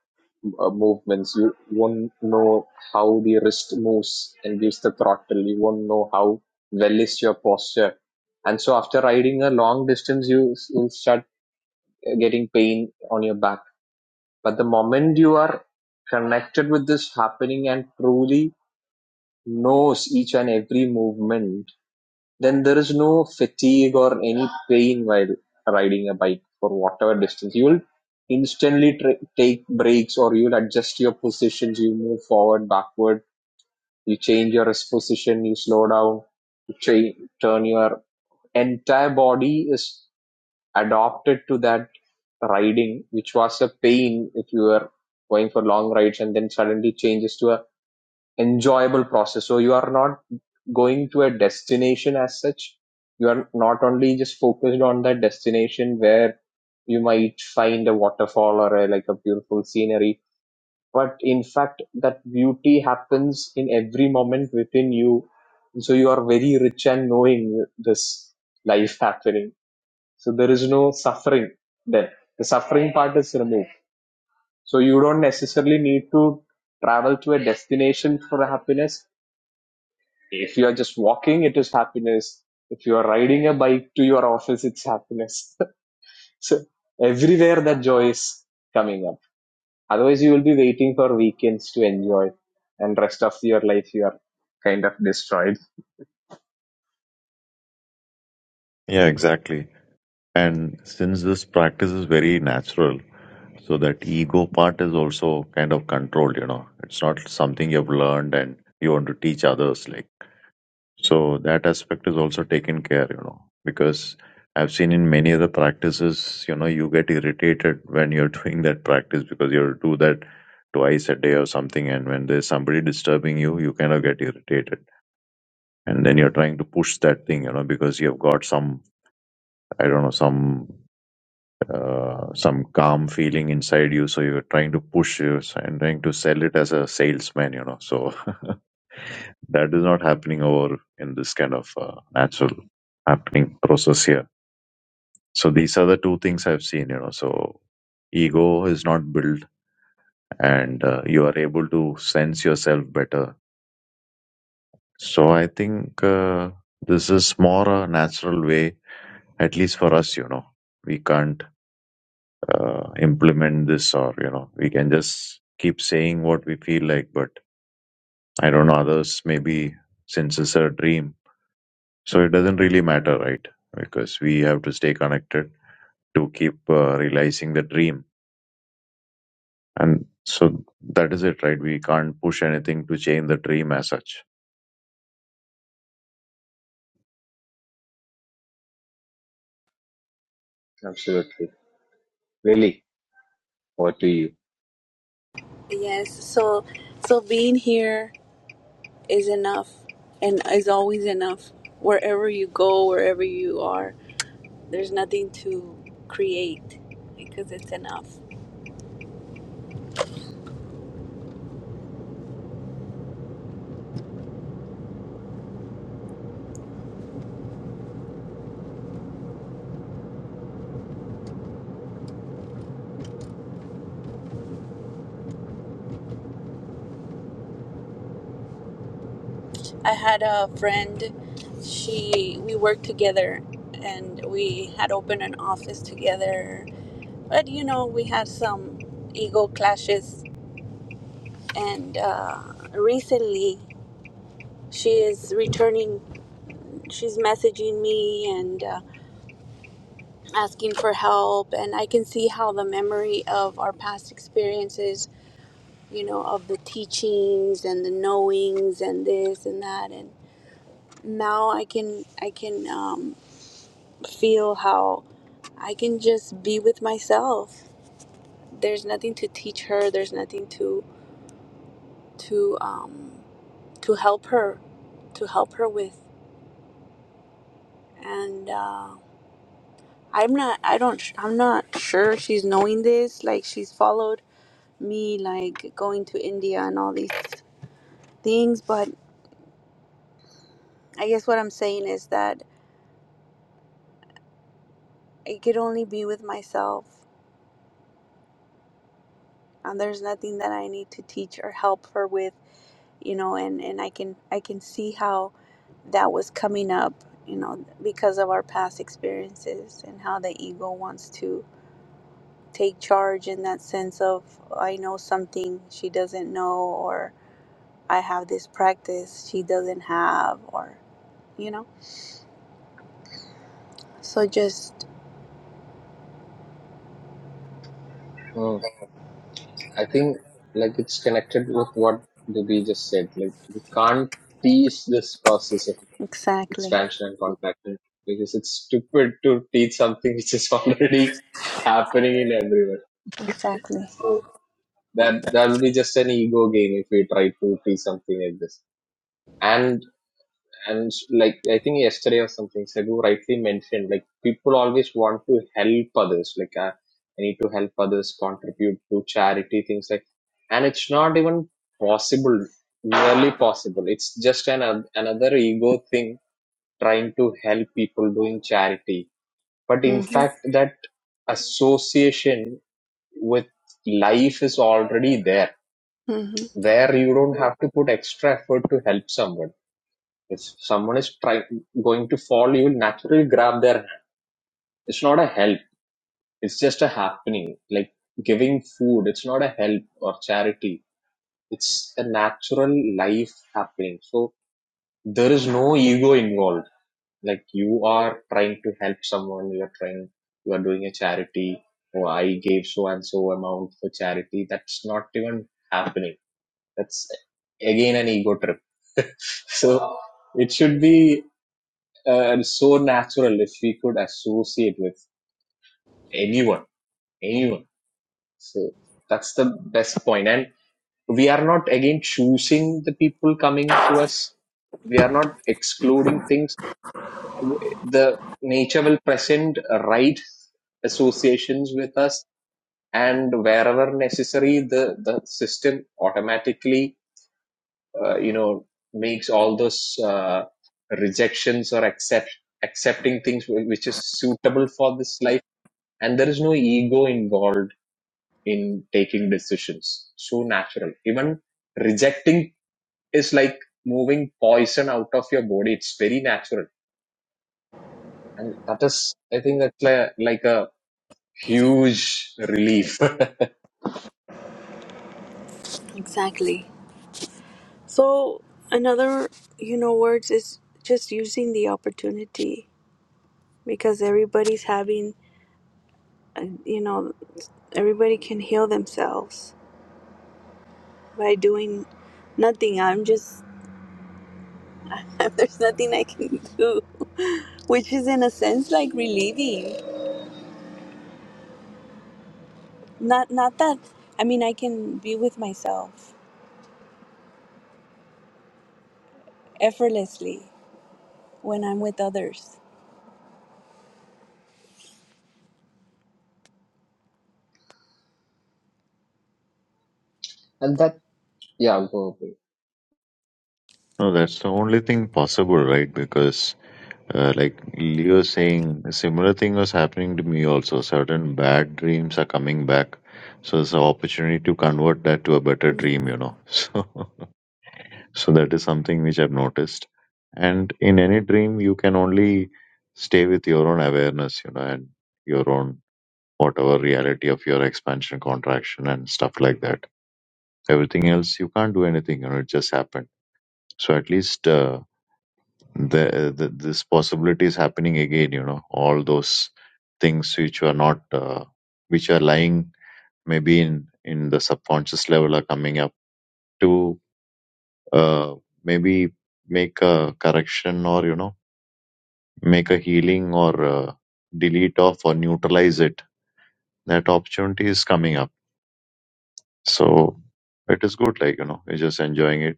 uh, movements, you won't know how the wrist moves and gives the throttle, you won't know how well is your posture. And so after riding a long distance, you will start getting pain on your back but the moment you are connected with this happening and truly knows each and every movement, then there is no fatigue or any pain while riding a bike for whatever distance. You will instantly tra- take breaks or you'll adjust your positions. You move forward, backward, you change your rest position, you slow down, you cha- turn your entire body is adopted to that riding, which was a pain if you were going for long rides and then suddenly changes to a enjoyable process. So you are not going to a destination as such. You are not only just focused on that destination where you might find a waterfall or a, like a beautiful scenery, but in fact that beauty happens in every moment within you. So you are very rich and knowing this life happening. So there is no suffering then. The suffering part is removed. So you don't necessarily need to travel to a destination for happiness. If you are just walking, it is happiness. If you are riding a bike to your office, it's happiness. so everywhere that joy is coming up. Otherwise, you will be waiting for weekends to enjoy, and rest of your life you are kind of destroyed.
yeah exactly and since this practice is very natural so that ego part is also kind of controlled you know it's not something you've learned and you want to teach others like So that aspect is also taken care, you know, because I've seen in many other practices, you know, you get irritated when you're doing that practice because you do that twice a day or something. And when there's somebody disturbing you, you kind of get irritated. And then you're trying to push that thing, you know, because you've got some, I don't know, some, uh, some calm feeling inside you. So you're trying to push yours and trying to sell it as a salesman, you know. So That is not happening over in this kind of uh, natural happening process here. So these are the two things I've seen, you know. So ego is not built and uh, you are able to sense yourself better. So I think uh, this is more a natural way, at least for us, you know. We can't uh, implement this or, you know, we can just keep saying what we feel like, but I don't know, others maybe since it's a dream So it doesn't really matter, right? Because we have to stay connected to keep uh, realizing the dream. And so that is it, right? We can't push anything to change the dream as such.
Absolutely, really. Over to you.
Yes. So, so being here is enough, and is always enough. Wherever you go, wherever you are, there's nothing to create because it's enough. I had a friend. She we worked together, and we had opened an office together. But you know, we had some ego clashes, and uh, recently she is returning. She's messaging me and uh, asking for help, and I can see how the memory of our past experiences, you know, of the teachings and the knowings and this and that, and now I can I can um, feel how I can just be with myself. There's nothing to teach her. There's nothing to to um, to help her, to help her with. And uh, I'm not. I don't. I'm not sure she's knowing this. Like she's followed me, like going to India and all these things. But I guess what I'm saying is that I could only be with myself, and there's nothing that I need to teach or help her with you know and and i can i can see how that was coming up you know because of our past experiences and how the ego wants to take charge in that sense of i know something she doesn't know or i have this practice she doesn't have or you know so just
Oh, I think like it's connected with what Dubi just said. Like we can't teach this process of
exactly
expansion and contraction because it's stupid to teach something which is already happening in everyone.
exactly
So that that'll be just an ego game if we try to teach something like this. And and like I think yesterday or something, Sagu rightly mentioned, like people always want to help others. Like I, I need to help others, contribute to charity things like, and it's not even possible, nearly possible. It's just an another ego thing trying to help people doing charity. But in
mm-hmm,
fact, that association with life is already there,
mm-hmm,
where you don't have to put extra effort to help someone if someone is trying going to fall, you will naturally grab their hand. It's not a help. It's just a happening. Like giving food. It's not a help or charity. It's a natural life happening. So there is no ego involved. Like you are trying to help someone. You are trying. You are doing a charity. Oh, I gave so and so amount for charity. That's not even happening. That's again an ego trip. so it should be. uh, and so natural if we could associate with anyone, anyone. So that's the best point. And we are not again choosing the people coming to us. We are not excluding things. The nature will present right associations with us, and wherever necessary, the the system automatically, uh, you know, makes all those uh, rejections or accept accepting things wh- which is suitable for this life and there is no ego involved in taking decisions so natural even rejecting is like moving poison out of your body it's very natural and that is i think that's like, like a huge relief
exactly so another you know words is just using the opportunity because everybody's having And, you know, everybody can heal themselves by doing nothing. I'm just, there's nothing I can do, which is in a sense like relieving. Not, not that, I mean, I can be with myself effortlessly when I'm with others.
and that yeah go away.
No, that's the only thing possible, right? Because uh, like Leo saying, a similar thing was happening to me also. Certain bad dreams are coming back. So it's an opportunity to convert that to a better dream,
hmm
you know. So So that is something which I've noticed. And in any dream, you can only stay with your own awareness, you know, and your own whatever reality of your expansion, contraction, and stuff like that. Everything else, you can't do anything, you know, it just happened. So at least uh, the, the this possibility is happening again, you know, all those things which were not, uh, which are lying maybe in, in the subconscious level are coming up to uh, maybe make a correction or, you know, make a healing or uh, delete off or neutralize it. That opportunity is coming up. So it is good, like, you know, you're just enjoying it.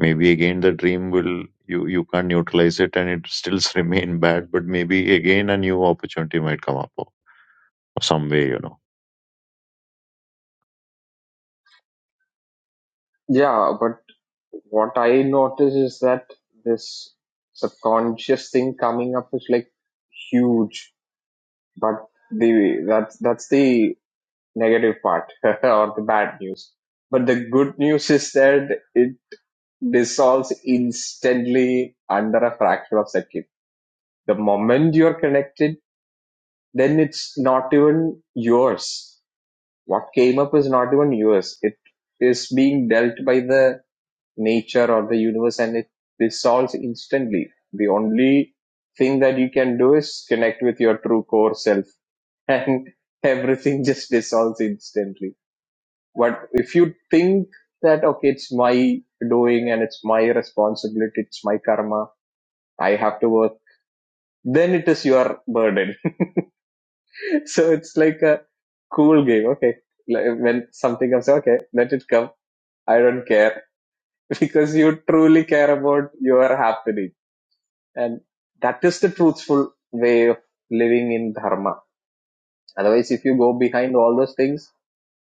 Maybe again the dream will, you, you can't neutralize it and it still remain bad, but maybe again a new opportunity might come up or some way, you know.
Yeah, but what I notice is that this subconscious thing coming up is like huge. But the that's that's the negative part or the bad news. But the good news is that it dissolves instantly under a fraction of a second. The moment you're connected, then it's not even yours. What came up is not even yours. It is being dealt by the nature or the universe and it dissolves instantly. The only thing that you can do is connect with your true core self and everything just dissolves instantly But if you think that, okay, it's my doing and it's my responsibility, it's my karma, I have to work, then it is your burden. so it's like a cool game. Okay. Like, When something comes, okay, let it come. I don't care because you truly care about your happening. And that is the truthful way of living in dharma. Otherwise, if you go behind all those things,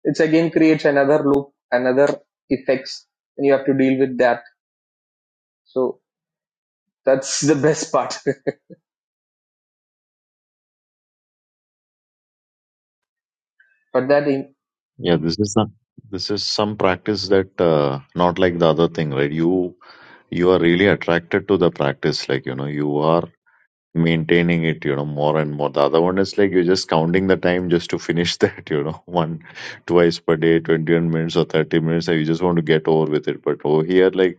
it's again creates another loop, another effects, and you have to deal with that. So That's the best part. but that, in,
Yeah, this is some, this is some practice that, uh, not like the other thing, right? You, you are really attracted to the practice, like, you know, you are maintaining it, you know, more and more. The other one is like you're just counting the time just to finish that, you know, one, twice per day, 21 minutes or 30 minutes, and you just want to get over with it. But over here, like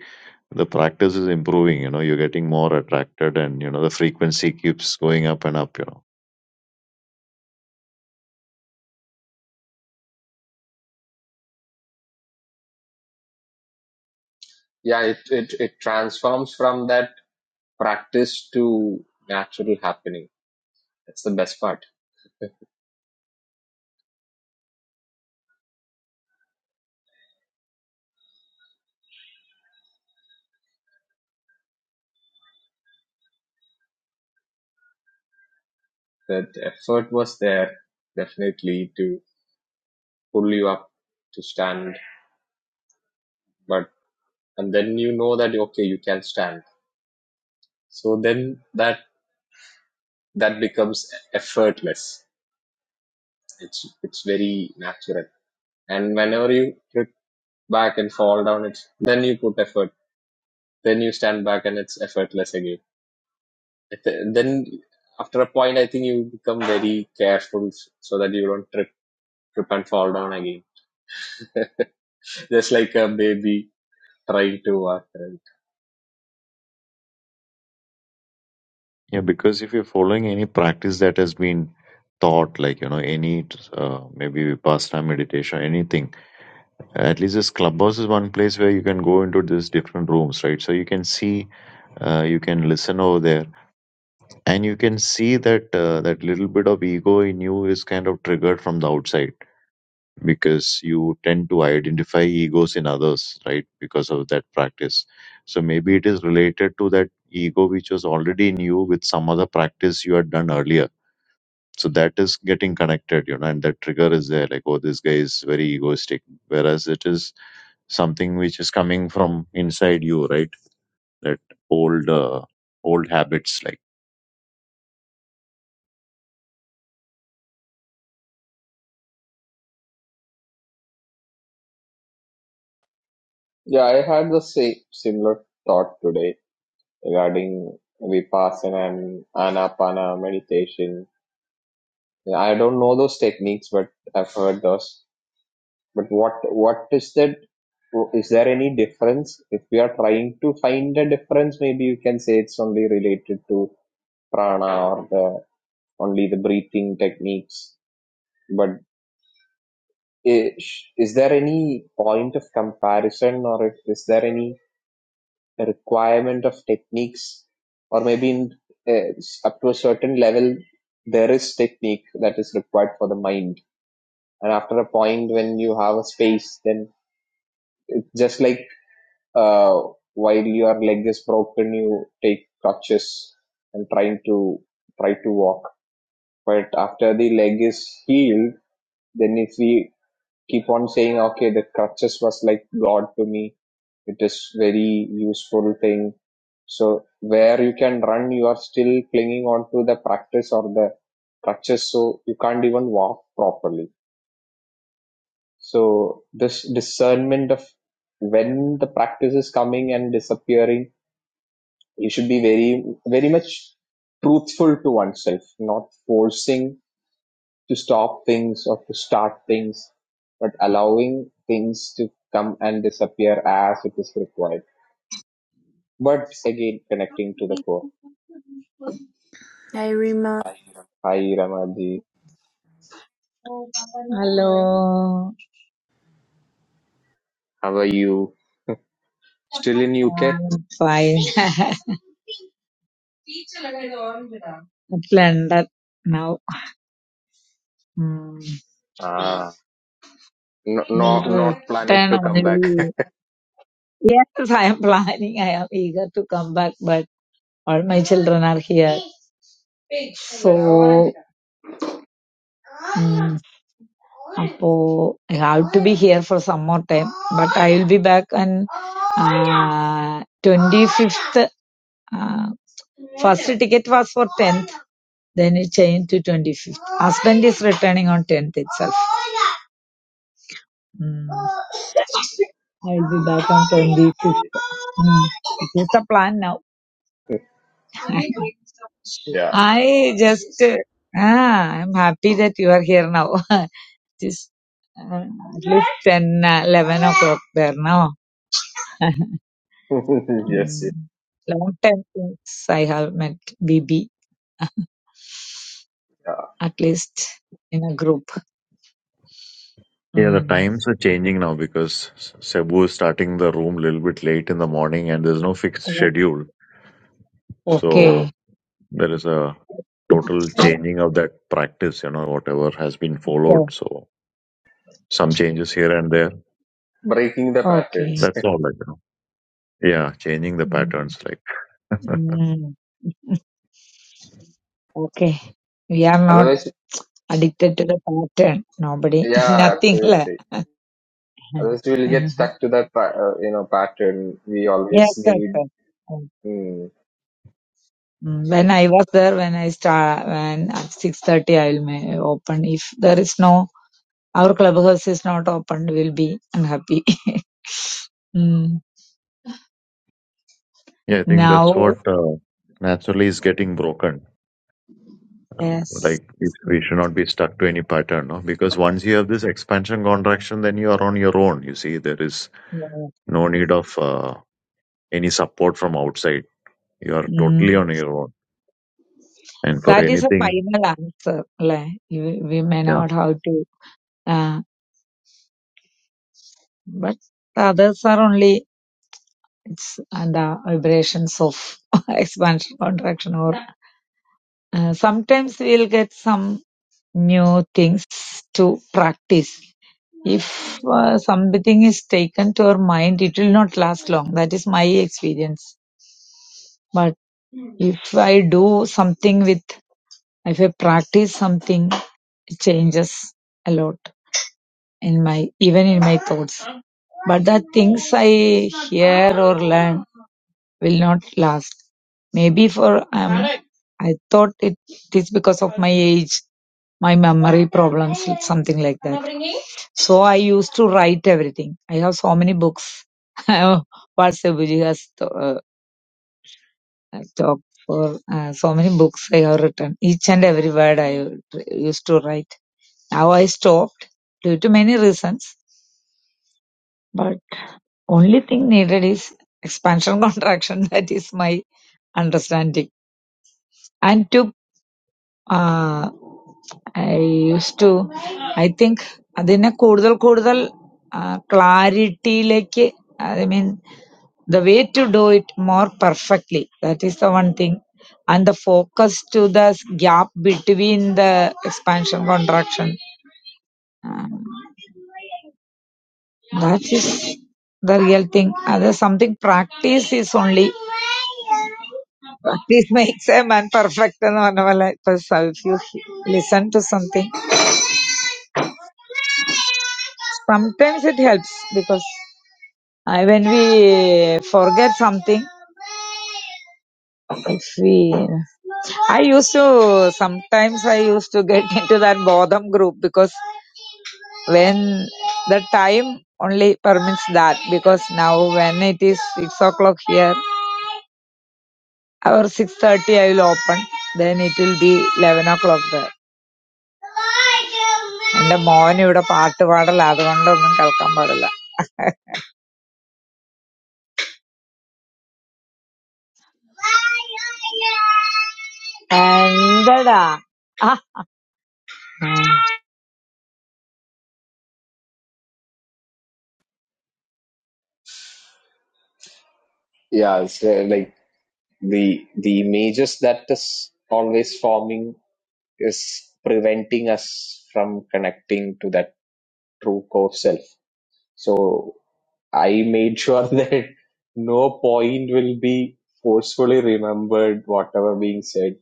the practice is improving, you know, you're getting more attracted and, you know, the frequency keeps going up and up, you know.
yeah, it, it, it transforms from that practice to natural happening. That's the best part. That effort was there, definitely, to pull you up to stand. But, and then you know that, okay, you can stand. So then that, that becomes effortless. It's, it's very natural. And whenever you trip back and fall down, it's, then you put effort. Then you stand back and it's effortless again I thi- then after a point, I think you become very careful s- so that you don't trip, trip and fall down again. Just like a baby trying to walk. Right?
Yeah, because if you're following any practice that has been taught, like, you know, any, uh, maybe Vipassana meditation, anything at least this clubhouse is one place where you can go into these different rooms right so you can see uh, you can listen over there and you can see that uh, that little bit of ego in you is kind of triggered from the outside because you tend to identify egos in others right because of that practice so maybe it is related to that ego which was already in you with some other practice you had done earlier so that is getting connected you know and that trigger is there like oh this guy is very egoistic whereas it is something which is coming from inside you right that old uh, old habits like
Yeah, I had the same similar thought today regarding vipassana and anapana meditation. Yeah, I don't know those techniques, but I've heard those. But what what is that? Is there any difference? If we are trying to find a difference, maybe you can say it's only related to prana or only the breathing techniques. But is, is there any point of comparison or if- is there any requirement of techniques or maybe in, uh, up to a certain level, there is technique that is required for the mind. And after a point when you have a space, then just like, uh, while your leg is broken, you take crutches and trying to, try to walk. But after the leg is healed, then if we keep on saying, okay, the crutches was like God to me. It is very useful thing. So where you can run, you are still clinging on to the practice or the crutches. So you can't even walk properly. So this discernment of when the practice is coming and disappearing, you should be very, very much truthful to oneself, not forcing to stop things or to start things, but allowing things to come and disappear as it is required. But again, connecting to the core.
I remember.
Hi, Ramaji. How are you? Still in UK?
I'm fine. At London now. Hmm.
Ah, no, no,
Will
not planning
return
to come back.
only. Yes, I am planning. I am eager to come back, but all my children are here. So, mm, appo, I have to be here for some more time. But I will be back on uh, 25th. Uh, first ticket was for 10th, then it changed to 25th. Husband is returning on 10th itself. Mm. I'll be back on 25th.
okay.
Hmm. It's the plan now.
Yeah.
I just, uh, ah, I'm happy that you are here now. just uh, at least 10, uh, 11 o'clock there now.
yes, yes,
Mm. Long time since I have met BB,
yeah.
at least in a group.
yeah the
Mm.
times are changing now because cebu is starting the room a little bit late in the morning and there's no fixed
Oh,
schedule
Okay.
so there is a total changing of that practice you know whatever has been
Yeah.
followed so some changes here and there
Breaking the
Okay.
patterns.
that's all like you know yeah changing the
Mm.
patterns like
Mm. Okay. We are not
Otherwise,
addicted to the pattern. Nobody,
yeah,
nothing. like
absolutely.
Mhm.
Otherwise, we'll get
Mhm.
stuck to that, pa- uh, you know, pattern. We
Yes,
always
sir.
need.
sir. Um,
Mm,
When I was there, when I start, when at six thirty, I will may open. If there is no, our clubhouse is not opened, we'll be unhappy. Mm.
Yeah, I think that's
Now,
what uh, naturally is getting broken.
yes,
Like, if we
Mm,
should not be stuck to any pattern, no? Because once you have this expansion contraction, then you are on your own. You see, there is
yeah.
no need of uh, any support from outside. You are
Mm.
totally on your own. And for
That is a
anything,
final answer. Like, we, we may
yeah.
not have to, uh, but the others are only it's and the vibrations of expansion, contraction, or uh, sometimes we'll get some. new things to practice. If uh, something is taken to our mind, it will not last long. That is my experience. But if I do something with, if I practice something, it changes a lot in my, even in my thoughts. But the things I hear or learn will not last. Maybe for, um, I thought it is because of my age my memory problems, something like that. So I used to write everything. I have so many books. what Sebuji has to, uh, talked for uh, so many books I have written. Each and every word I used to write. Now I stopped due to many reasons. But only thing needed is expansion contraction. That is my understanding. And to uh, I used to, I think അതിനെ കൂടുതൽ കൂടുതൽ ആഹ് clarity lake, I mean, the way to do it more perfectly. That is the one thing. And the focus to the gap between the expansion contraction. Um, that is the real thing. Other something practice is only practice makes a man perfect. എന്ന് പറഞ്ഞ പോലെ ഇപ്പൊ if you listen to something. Sometimes it helps because uh, when we forget something, if we, I used to, sometimes I used to get into that Bodham group because when the time only permits that because now when it is 6 o'clock here or 6.30 I will open then it will be 11 o'clock there. എന്റെ മോൻ ഇവിടെ പാട്ട് പാടല അതുകൊണ്ടൊന്നും കേൾക്കാൻ പാടില്ല എന്തടാ ആ,
yeah, it's uh, like the the images that is always forming is preventing us from connecting to that true core self so i made sure that no point will be forcefully remembered whatever being said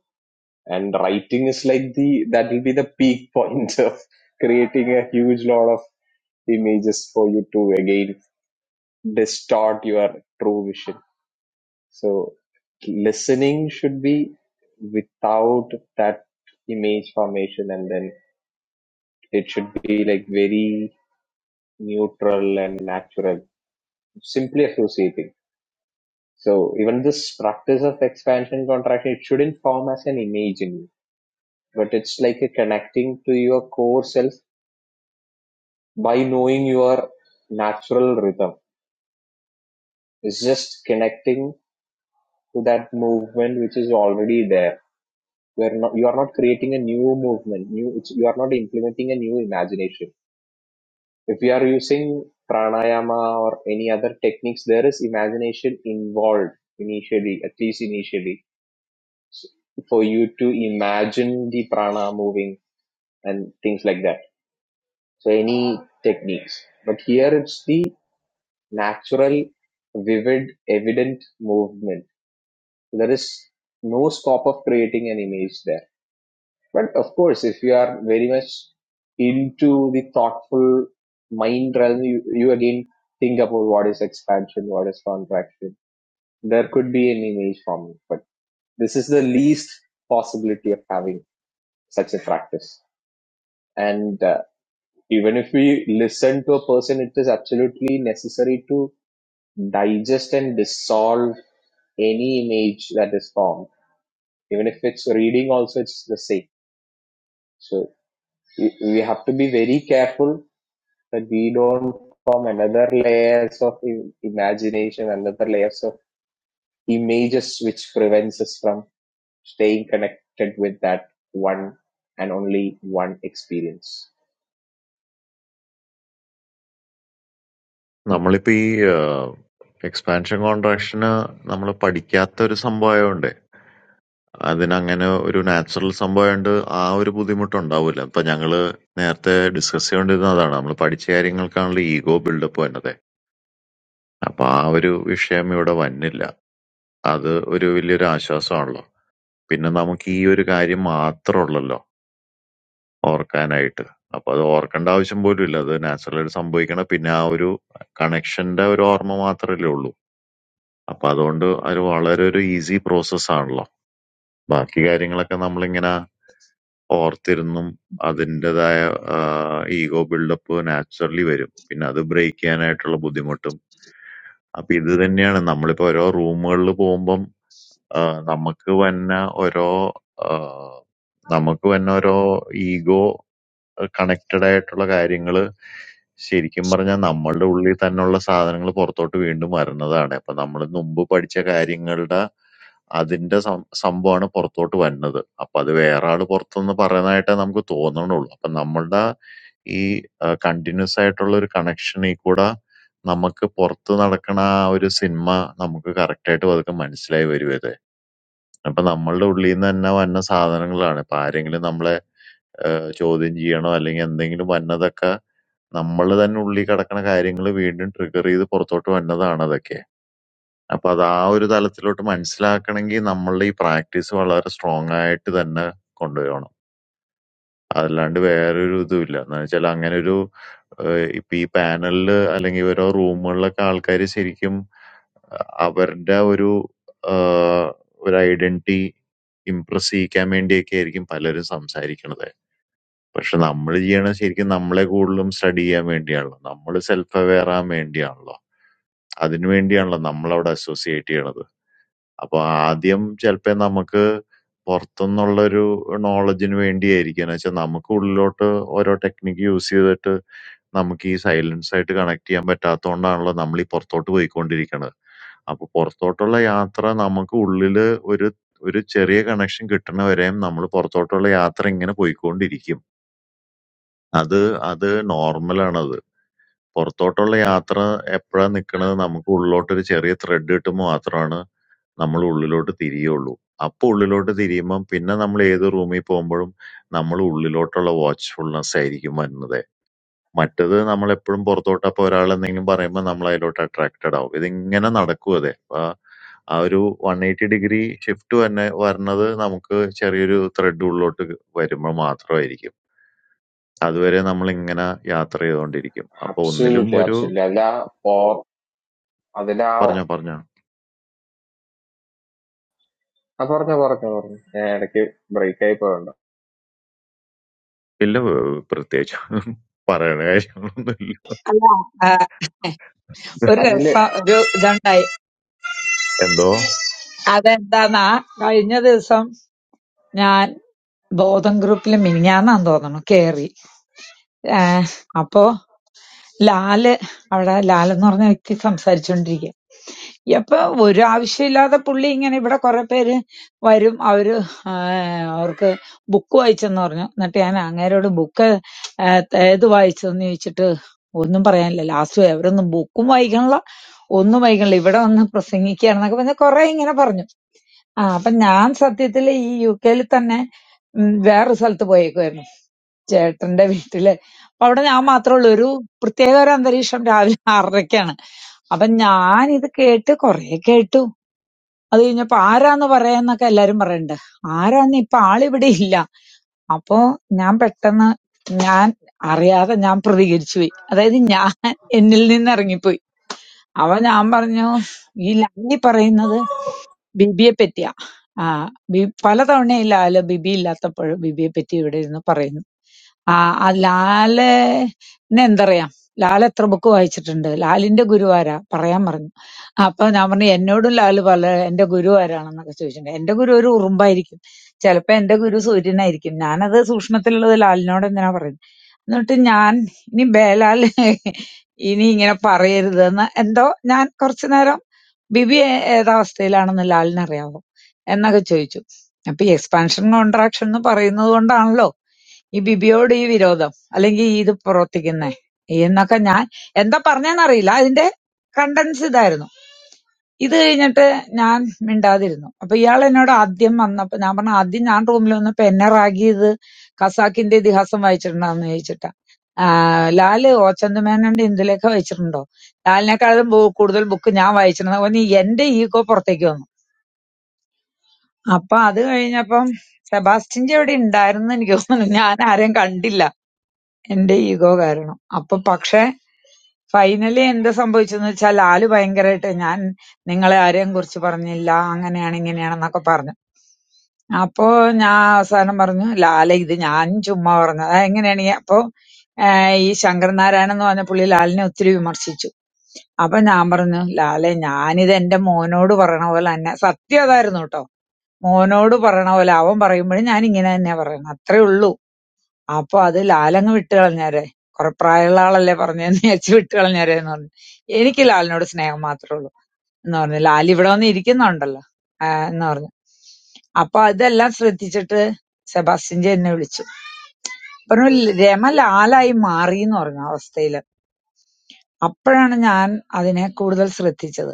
and writing is like the that will be the peak point of creating a huge lot of images for you to again distort your true vision So listening should be without that image formation and then it should be like very neutral and natural, simply associating. So even this practice of expansion contraction, it shouldn't form as an image in you, but it's like a connecting to your core self by knowing your natural rhythm. It's just connecting to that movement which is already there you are not you are not creating a new movement new it's, you are not implementing a new imagination if you are using pranayama or any other techniques there is imagination involved initially at least initially for you to imagine the prana moving and things like that so any techniques but here it's the natural vivid evident movement there is no scope of creating an image there But of course, if you are very much into the thoughtful mind realm, you, you again think about what is expansion, what is contraction. There could be an image forming, but this is the least possibility of having such a practice. And uh, even if we listen to a person, it is absolutely necessary to digest and dissolve any image that is formed. Even if it's reading, also it's the same. So we we have to be very careful that we don't form another layers of imagination, another layers of images, which prevents us from staying connected with that one and only one experience.
നമ്മളിപ്പോ ഈ expansion കോൺട്രാക്ഷന് നമ്മൾ പഠിക്കാത്ത ഒരു സംഭവമായോണ്ടേ അതിനങ്ങനെ ഒരു natural സംഭവായോണ്ട് ആ ഒരു ബുദ്ധിമുട്ടുണ്ടാവൂല്ല. ഇപ്പൊ ഞങ്ങള് നേരത്തെ ഡിസ്കസ് ചെയ്തോണ്ടിരുന്നതാണ്. നമ്മള് പഠിച്ച കാര്യങ്ങൾക്കാണല്ലോ ഈഗോ ബിൽഡപ്പ് വന്നത്. അപ്പൊ ആ ഒരു വിഷയം ഇവിടെ വന്നില്ല. അത് ഒരു വലിയൊരു ആശ്വാസമാണല്ലോ. പിന്നെ നമുക്ക് ഈ ഒരു കാര്യം മാത്രമുള്ളല്ലോ ഓർക്കാനായിട്ട്. അപ്പൊ അത് ഓർക്കേണ്ട ആവശ്യം പോലും ഇല്ല. അത് നാച്ചുറലായിട്ട് സംഭവിക്കണ പിന്നെ ആ ഒരു കണക്ഷന്റെ ഒരു ഓർമ്മ മാത്രമല്ലേ ഉള്ളൂ. അപ്പൊ അതുകൊണ്ട് അത് വളരെ ഒരു ഈസി പ്രോസസ് ആണല്ലോ. ബാക്കി കാര്യങ്ങളൊക്കെ നമ്മളിങ്ങനെ Orther than that, that's why ego build up naturally. When I do break, I naturally become. So this is why we have all these rumors, all these bombs. What we have, all these ego. A connected type of things. So, even if we are not doing something, we are still connected to the world. So, even if we are not doing something, we are still connected to the world. ഏഹ് ചോദ്യം ചെയ്യണോ അല്ലെങ്കിൽ എന്തെങ്കിലും വന്നതൊക്കെ നമ്മൾ തന്നെ ഉള്ളിൽ കിടക്കുന്ന കാര്യങ്ങൾ വീണ്ടും ട്രിഗർ ചെയ്ത് പുറത്തോട്ട് വന്നതാണ് അതൊക്കെ. അപ്പൊ അത് ആ ഒരു തലത്തിലോട്ട് മനസ്സിലാക്കണമെങ്കിൽ നമ്മളുടെ ഈ പ്രാക്ടീസ് വളരെ സ്ട്രോങ് ആയിട്ട് തന്നെ കൊണ്ടുവരണം. അതല്ലാണ്ട് വേറൊരു ഇതുമില്ല. എന്ന് വെച്ചാൽ അങ്ങനെ ഒരു ഏഹ് ഇപ്പൊ ഈ പാനലില് അല്ലെങ്കിൽ ഓരോ റൂമുകളിലൊക്കെ ആൾക്കാര് ശരിക്കും അഹ് അവരുടെ ഒരു ആഹ് ഒരു ഐഡന്റിറ്റി ഇംപ്രസ് ചെയ്യിക്കാൻ വേണ്ടിയൊക്കെ ആയിരിക്കും പലരും സംസാരിക്കണത്. പക്ഷെ നമ്മള് ചെയ്യണ ശരിക്കും നമ്മളെ കൂടുതലും സ്റ്റഡി ചെയ്യാൻ വേണ്ടിയാണല്ലോ. നമ്മള് സെൽഫ് അവെയർ ആവാൻ വേണ്ടിയാണല്ലോ. അതിനു വേണ്ടിയാണല്ലോ നമ്മളവിടെ അസോസിയേറ്റ് ചെയ്യണത്. അപ്പൊ ആദ്യം ചെലപ്പോ നമുക്ക് പുറത്തുനിന്നുള്ളൊരു നോളജിന് വേണ്ടിയായിരിക്കും. എന്ന് വെച്ചാൽ നമുക്ക് ഉള്ളിലോട്ട് ഓരോ ടെക്നിക്ക് യൂസ് ചെയ്തിട്ട് നമുക്ക് ഈ സൈലൻസ് ആയിട്ട് കണക്ട് ചെയ്യാൻ പറ്റാത്തോണ്ടാണല്ലോ നമ്മൾ ഈ പുറത്തോട്ട് പോയിക്കൊണ്ടിരിക്കണത്. അപ്പൊ പുറത്തോട്ടുള്ള യാത്ര നമുക്ക് ഉള്ളില് ഒരു ഒരു ചെറിയ കണക്ഷൻ കിട്ടണ വരെയും നമ്മൾ പുറത്തോട്ടുള്ള യാത്ര ഇങ്ങനെ പോയിക്കൊണ്ടിരിക്കും. അത് അത് നോർമലാണത്. പുറത്തോട്ടുള്ള യാത്ര എപ്പഴാ നിക്കണത് നമുക്ക് ഉള്ളിലോട്ടൊരു ചെറിയ ത്രെഡ് കിട്ടുമ്പോൾ മാത്രമാണ് നമ്മൾ ഉള്ളിലോട്ട് തിരിയുള്ളൂ. അപ്പൊ ഉള്ളിലോട്ട് തിരിയുമ്പം പിന്നെ നമ്മൾ ഏത് റൂമിൽ പോകുമ്പോഴും നമ്മൾ ഉള്ളിലോട്ടുള്ള വാച്ച്ഫുൾനെസ് ആയിരിക്കും വരുന്നത്. മറ്റത് നമ്മൾ എപ്പോഴും പുറത്തോട്ട് അപ്പൊ ഒരാൾ എന്തെങ്കിലും പറയുമ്പോൾ നമ്മൾ അതിലോട്ട് അട്രാക്റ്റഡ് ആവും. ഇതിങ്ങനെ നടക്കും അതെ. ആ ആ ഒരു 180 ഡിഗ്രി ഷിഫ്റ്റ് തന്നെ വരുന്നത് നമുക്ക് ചെറിയൊരു ത്രെഡ് ഉള്ളിലോട്ട് വരുമ്പോൾ മാത്രമായിരിക്കും. അതുവരെ നമ്മളിങ്ങനെ യാത്ര ചെയ്തോണ്ടിരിക്കും. അപ്പൊ ഒന്നിലും
Absolutely,
ഒരു
absolutely. അല്ല or അതില
പറഞ്ഞോ പറഞ്ഞോ.
ആ പറഞ്ഞ പറഞ്ഞ പറഞ്ഞു ഞാൻ ഇടയ്ക്ക് ബ്രേക്ക് ആയി പോയുണ്ട്
ഇല്ല ഏഹ്, പ്രത്യേകിച്ച് പറയണ കാര്യങ്ങളൊന്നുമില്ല.
അല്ല ആ, ഒരു
അതില്
രസം ഒരു ഇതുണ്ടായി
എന്തോ?
അതെന്താന്നാ കഴിഞ്ഞ ദിവസം ഞാൻ ബോധൻ ഗ്രൂപ്പിൽ മിനിഞ്ഞാന്നാന്ന് തോന്നുന്നു കേറി ഏഹ് അപ്പോ ലാല് അവിടെ ലാലെന്ന് പറഞ്ഞ വ്യക്തി സംസാരിച്ചുകൊണ്ടിരിക്കുക അപ്പൊ ഒരു ആവശ്യമില്ലാതെ പുള്ളി ഇങ്ങനെ ഇവിടെ കുറെ പേര് വരും അവര് ആഹ് അവർക്ക് ബുക്ക് വായിച്ചെന്ന് പറഞ്ഞു എന്നിട്ട് ഞാൻ അങ്ങേരോട് ബുക്ക് ഏത് വായിച്ചതെന്ന് ചോദിച്ചിട്ട് ഒന്നും പറയാനില്ല ലാസ്റ്റ് അവരൊന്നും ബുക്കും വായിക്കണില്ല ഒന്നും വായിക്കണില്ല ഇവിടെ വന്ന് പ്രസംഗിക്കുകയാണെന്നൊക്കെ പറഞ്ഞ് കുറെ ഇങ്ങനെ പറഞ്ഞു ആ അപ്പൊ ഞാൻ സത്യത്തിൽ ഈ യു കെയിൽ തന്നെ ഉം, വേറൊരു സ്ഥലത്ത് പോയേക്കുവായിരുന്നു ചേട്ടന്റെ വീട്ടില്. അപ്പൊ അവിടെ ഞാൻ മാത്രേ ഉള്ളൂ. ഒരു പ്രത്യേക ഒരു അന്തരീക്ഷം രാവിലെ ആറരയ്ക്കാണ്. അപ്പൊ ഞാനിത് കേട്ട് കൊറേ കേട്ടു. അത് കഴിഞ്ഞപ്പോ ആരാന്ന് പറയാന്നൊക്കെ എല്ലാരും പറയണ്ട്. ആരാന്ന് ഇപ്പൊ ആളിവിടെ ഇല്ല. അപ്പൊ ഞാൻ പെട്ടെന്ന് ഞാൻ അറിയാതെ ഞാൻ പ്രതികരിച്ചു പോയി. അതായത് ഞാൻ എന്നിൽ നിന്ന് ഇറങ്ങിപ്പോയി. അപ്പൊ ഞാൻ പറഞ്ഞു ഈ ലാലി പറയുന്നത് ബിബിയെ പറ്റിയാ. ആ ബി പലതവണയായി ലാല് ബിബി ഇല്ലാത്തപ്പോഴും ബിബിയെ പറ്റി ഇവിടെ ഇരുന്ന് പറയുന്നു. ആ ആ ലാലിനെ എന്തറിയാം ലാൽ എത്ര ബുക്ക് വായിച്ചിട്ടുണ്ട് ലാലിന്റെ ഗുരു ആരാ പറയാൻ പറഞ്ഞു അപ്പൊ ഞാൻ പറഞ്ഞു എന്നോടും ലാൽ പല എന്റെ ഗുരു ആരാണെന്നൊക്കെ ചോദിച്ചിട്ടുണ്ട് എന്റെ ഗുരു ഒരു ഉറുമ്പായിരിക്കും ചിലപ്പോ എന്റെ ഗുരു സൂര്യനായിരിക്കും ഞാനത് സൂക്ഷ്മത്തിലുള്ളത് ലാലിനോട് എന്തിനാ പറയുന്നത് എന്നിട്ട് ഞാൻ ഇനി ബേലാൽ ഇനി ഇങ്ങനെ പറയരുതെന്ന് എന്തോ ഞാൻ കുറച്ചു നേരം ബിബി ഏ- ഏതവസ്ഥയിലാണെന്ന് ലാലിനറിയാവോ എന്നൊക്കെ ചോദിച്ചു അപ്പൊ എക്സ്പാൻഷൻ കോൺട്രാക്ഷൻ എന്ന് പറയുന്നത് കൊണ്ടാണല്ലോ ഈ ബിബിയോട് ഈ വിരോധം അല്ലെങ്കിൽ ഈ ഇത് പ്രവർത്തിക്കുന്നേ എന്നൊക്കെ ഞാൻ എന്താ പറഞ്ഞെന്നറിയില്ല അതിന്റെ കണ്ടൻസ് ഇതായിരുന്നു ഇത് കഴിഞ്ഞിട്ട് ഞാൻ മിണ്ടാതിരുന്നു അപ്പൊ ഇയാൾ എന്നോട് ആദ്യം വന്നപ്പോ ഞാൻ പറഞ്ഞു ആദ്യം ഞാൻ റൂമിൽ വന്നപ്പോ എന്നെ റാഗിയത് ഖസാക്കിന്റെ ഇതിഹാസം വായിച്ചിട്ടുണ്ടോന്ന് ചോദിച്ചിട്ടാ ആ, ലാല് ഓച്ചന്തുമേനോന്റെ ഇന്ദുലേഖ വായിച്ചിട്ടുണ്ടോ ലാലിനെക്കാളും ബു- കൂടുതൽ ബുക്ക് ഞാൻ വായിച്ചിട്ടുണ്ട് ഓന് എന്റെ ഈഗോ പുറത്തേക്ക് വന്നു അപ്പൊ അത് കഴിഞ്ഞപ്പം സെബാസ്റ്റിന്റെ അവിടെ ഉണ്ടായിരുന്നു എനിക്ക് തോന്നുന്നു ഞാൻ ആരെയും കണ്ടില്ല എന്റെ ഈഗോ കാരണം. അപ്പൊ പക്ഷെ ഫൈനലി എന്താ സംഭവിച്ചെന്ന് വെച്ചാൽ ലാല് ഭയങ്കരായിട്ട് ഞാൻ നിങ്ങളെ ആരെയും കുറിച്ച് പറഞ്ഞില്ല അങ്ങനെയാണ് ഇങ്ങനെയാണെന്നൊക്കെ പറഞ്ഞു. അപ്പൊ ഞാൻ അവസാനം പറഞ്ഞു ലാലെ ഇത് ഞാൻ ചുമ്മാ പറഞ്ഞതാ. എങ്ങനെയാണെങ്കി അപ്പൊ ഏഹ് ഈ ശങ്കരൻ നാരായണൻ എന്ന് പറഞ്ഞ പുള്ളി ലാലിനെ ഒത്തിരി വിമർശിച്ചു. അപ്പൊ ഞാൻ പറഞ്ഞു ലാലെ ഞാനിത് എന്റെ മോനോട് പറയണ പോലെ തന്നെ സത്യം അതായിരുന്നു കേട്ടോ. മോനോട് പറയണ പോലെ അവൻ പറയുമ്പോഴും ഞാൻ ഇങ്ങനെ തന്നെയാ പറയുന്നത് അത്രേ ഉള്ളൂ. അപ്പൊ അത് ലാലങ്ങ് വിട്ട് കളഞ്ഞേരെ. കുറെ പ്രായമുള്ള ആളല്ലേ പറഞ്ഞേന്ന് വിചാരിച്ച് വിട്ട് കളഞ്ഞേരേന്ന് പറഞ്ഞു. എനിക്ക് ലാലിനോട് സ്നേഹം മാത്രേ ഉള്ളൂ എന്ന് പറഞ്ഞു. ലാൽ ഇവിടെ വന്ന് ഇരിക്കുന്നുണ്ടല്ലോ ആ എന്ന് പറഞ്ഞു. അപ്പൊ ഇതെല്ലാം ശ്രദ്ധിച്ചിട്ട് സെബാസ്റ്റിൻജി എന്നെ വിളിച്ചു. പറഞ്ഞു രമ ലാലായി മാറി എന്ന് പറഞ്ഞു ആ അവസ്ഥയില്. അപ്പോഴാണ് ഞാൻ അതിനെ കൂടുതൽ ശ്രദ്ധിച്ചത്.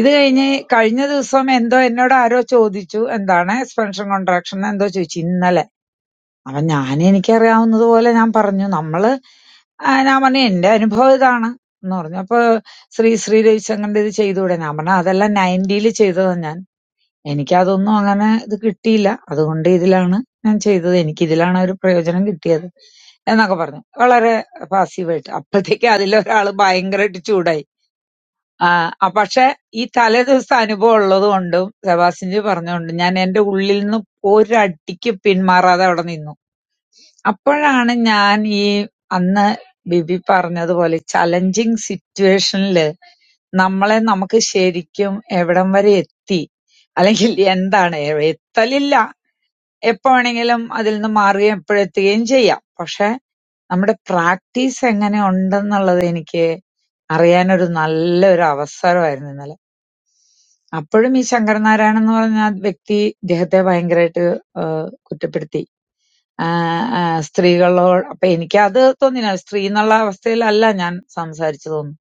ഇത് കഴിഞ്ഞ് കഴിഞ്ഞ ദിവസം എന്തോ എന്നോട് ആരോ ചോദിച്ചു എന്താണ് എക്സ്പെൻഷൻ കോൺട്രാക്ഷൻ എന്തോ ചോദിച്ചു ഇന്നലെ. അപ്പൊ ഞാൻ എനിക്കറിയാവുന്നത് പോലെ ഞാൻ പറഞ്ഞു നമ്മള് ആ, ഞാൻ പറഞ്ഞു എന്റെ അനുഭവം ഇതാണ് എന്ന് പറഞ്ഞു അപ്പൊ ശ്രീ ശ്രീ രവിശങ്കറിന്റെ ഇത് ചെയ്തുകൂടെ ഞാൻ പറഞ്ഞു അതെല്ലാം നയൻറ്റിയിൽ ചെയ്തതാ ഞാൻ എനിക്കതൊന്നും അങ്ങനെ ഇത് കിട്ടിയില്ല അതുകൊണ്ട് ഇതിലാണ് ഞാൻ ചെയ്തത് എനിക്ക് ഇതിലാണ് ഒരു പ്രയോജനം കിട്ടിയത് എന്നൊക്കെ പറഞ്ഞു വളരെ പാസീവായിട്ട് അപ്പോഴത്തേക്ക് അതിലൊരാള് ഭയങ്കരമായിട്ട് ചൂടായി ആ ആ, പക്ഷെ ഈ തലേ ദിവസത്തെ അനുഭവം ഉള്ളത് കൊണ്ടും സെബാസ്റ്റിൻജി പറഞ്ഞുകൊണ്ടും ഞാൻ എന്റെ ഉള്ളിൽ നിന്ന് ഒരടിക്ക് പിന്മാറാതെ അവിടെ നിന്നു അപ്പോഴാണ് ഞാൻ ഈ അന്ന് ബിബി പറഞ്ഞതുപോലെ ചലഞ്ചിങ് സിറ്റുവേഷനില് നമ്മളെ നമുക്ക് ശരിക്കും എവിടം വരെ എത്തി അല്ലെങ്കിൽ എന്താണ് എ- എത്തലില്ല എപ്പോ വേണമെങ്കിലും അതിൽ നിന്ന് മാറുകയും എപ്പോഴെത്തുകയും ചെയ്യാം പക്ഷെ നമ്മുടെ പ്രാക്ടീസ് എങ്ങനെ ഉണ്ടെന്നുള്ളത് എനിക്ക് അറിയാനൊരു നല്ലൊരു അവസരമായിരുന്നു ഇന്നലെ അപ്പോഴും ഈ ശങ്കരനാരായണൻ എന്ന് പറഞ്ഞ ആ വ്യക്തി ഇദ്ദേഹത്തെ ഭയങ്കരമായിട്ട് കുറ്റപ്പെടുത്തി ആ, ആ, സ്ത്രീകളോട് അപ്പൊ എനിക്കത് തോന്നില്ല സ്ത്രീ എന്നുള്ള അവസ്ഥയിലല്ല ഞാൻ സംസാരിച്ചതൊന്നും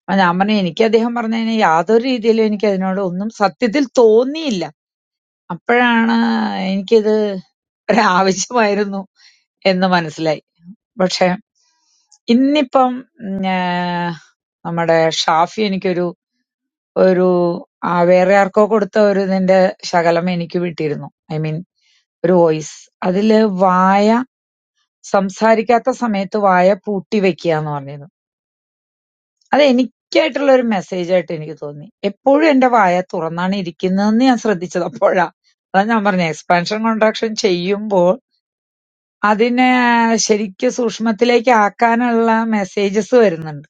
അപ്പൊ ഞാൻ പറഞ്ഞു എനിക്ക് അദ്ദേഹം പറഞ്ഞതിന് യാതൊരു രീതിയിലും എനിക്ക് അതിനോട് ഒന്നും സത്യത്തിൽ തോന്നിയില്ല അപ്പോഴാണ് എനിക്കിത് ഒരാവശ്യമായിരുന്നു എന്ന് മനസ്സിലായി പക്ഷെ ഇന്നിപ്പം ഉം, ആ, നമ്മുടെ ഷാഫി എനിക്കൊരു ഒരു ആ, വേറെ ആർക്കോ കൊടുത്ത ഒരു ഇതിന്റെ ശകലം എനിക്ക് വിട്ടിരുന്നു ഐ മീൻ ഒരു വോയിസ് അതില് വായ സംസാരിക്കാത്ത സമയത്ത് വായ പൂട്ടിവെക്കാന്ന് പറഞ്ഞത്. അത് എനിക്കായിട്ടുള്ളൊരു മെസ്സേജായിട്ട് എനിക്ക് തോന്നി. എപ്പോഴും എന്റെ വായ തുറന്നാണ് ഇരിക്കുന്നതെന്ന് ഞാൻ ശ്രദ്ധിച്ചത് അപ്പോഴാ. അതാ ഞാൻ പറഞ്ഞെ എക്സ്പാൻഷൻ കോൺട്രാക്ഷൻ ചെയ്യുമ്പോൾ അതിനെ ശരിക്കും സൂക്ഷ്മത്തിലേക്ക് ആക്കാനുള്ള മെസ്സേജസ് വരുന്നുണ്ട്.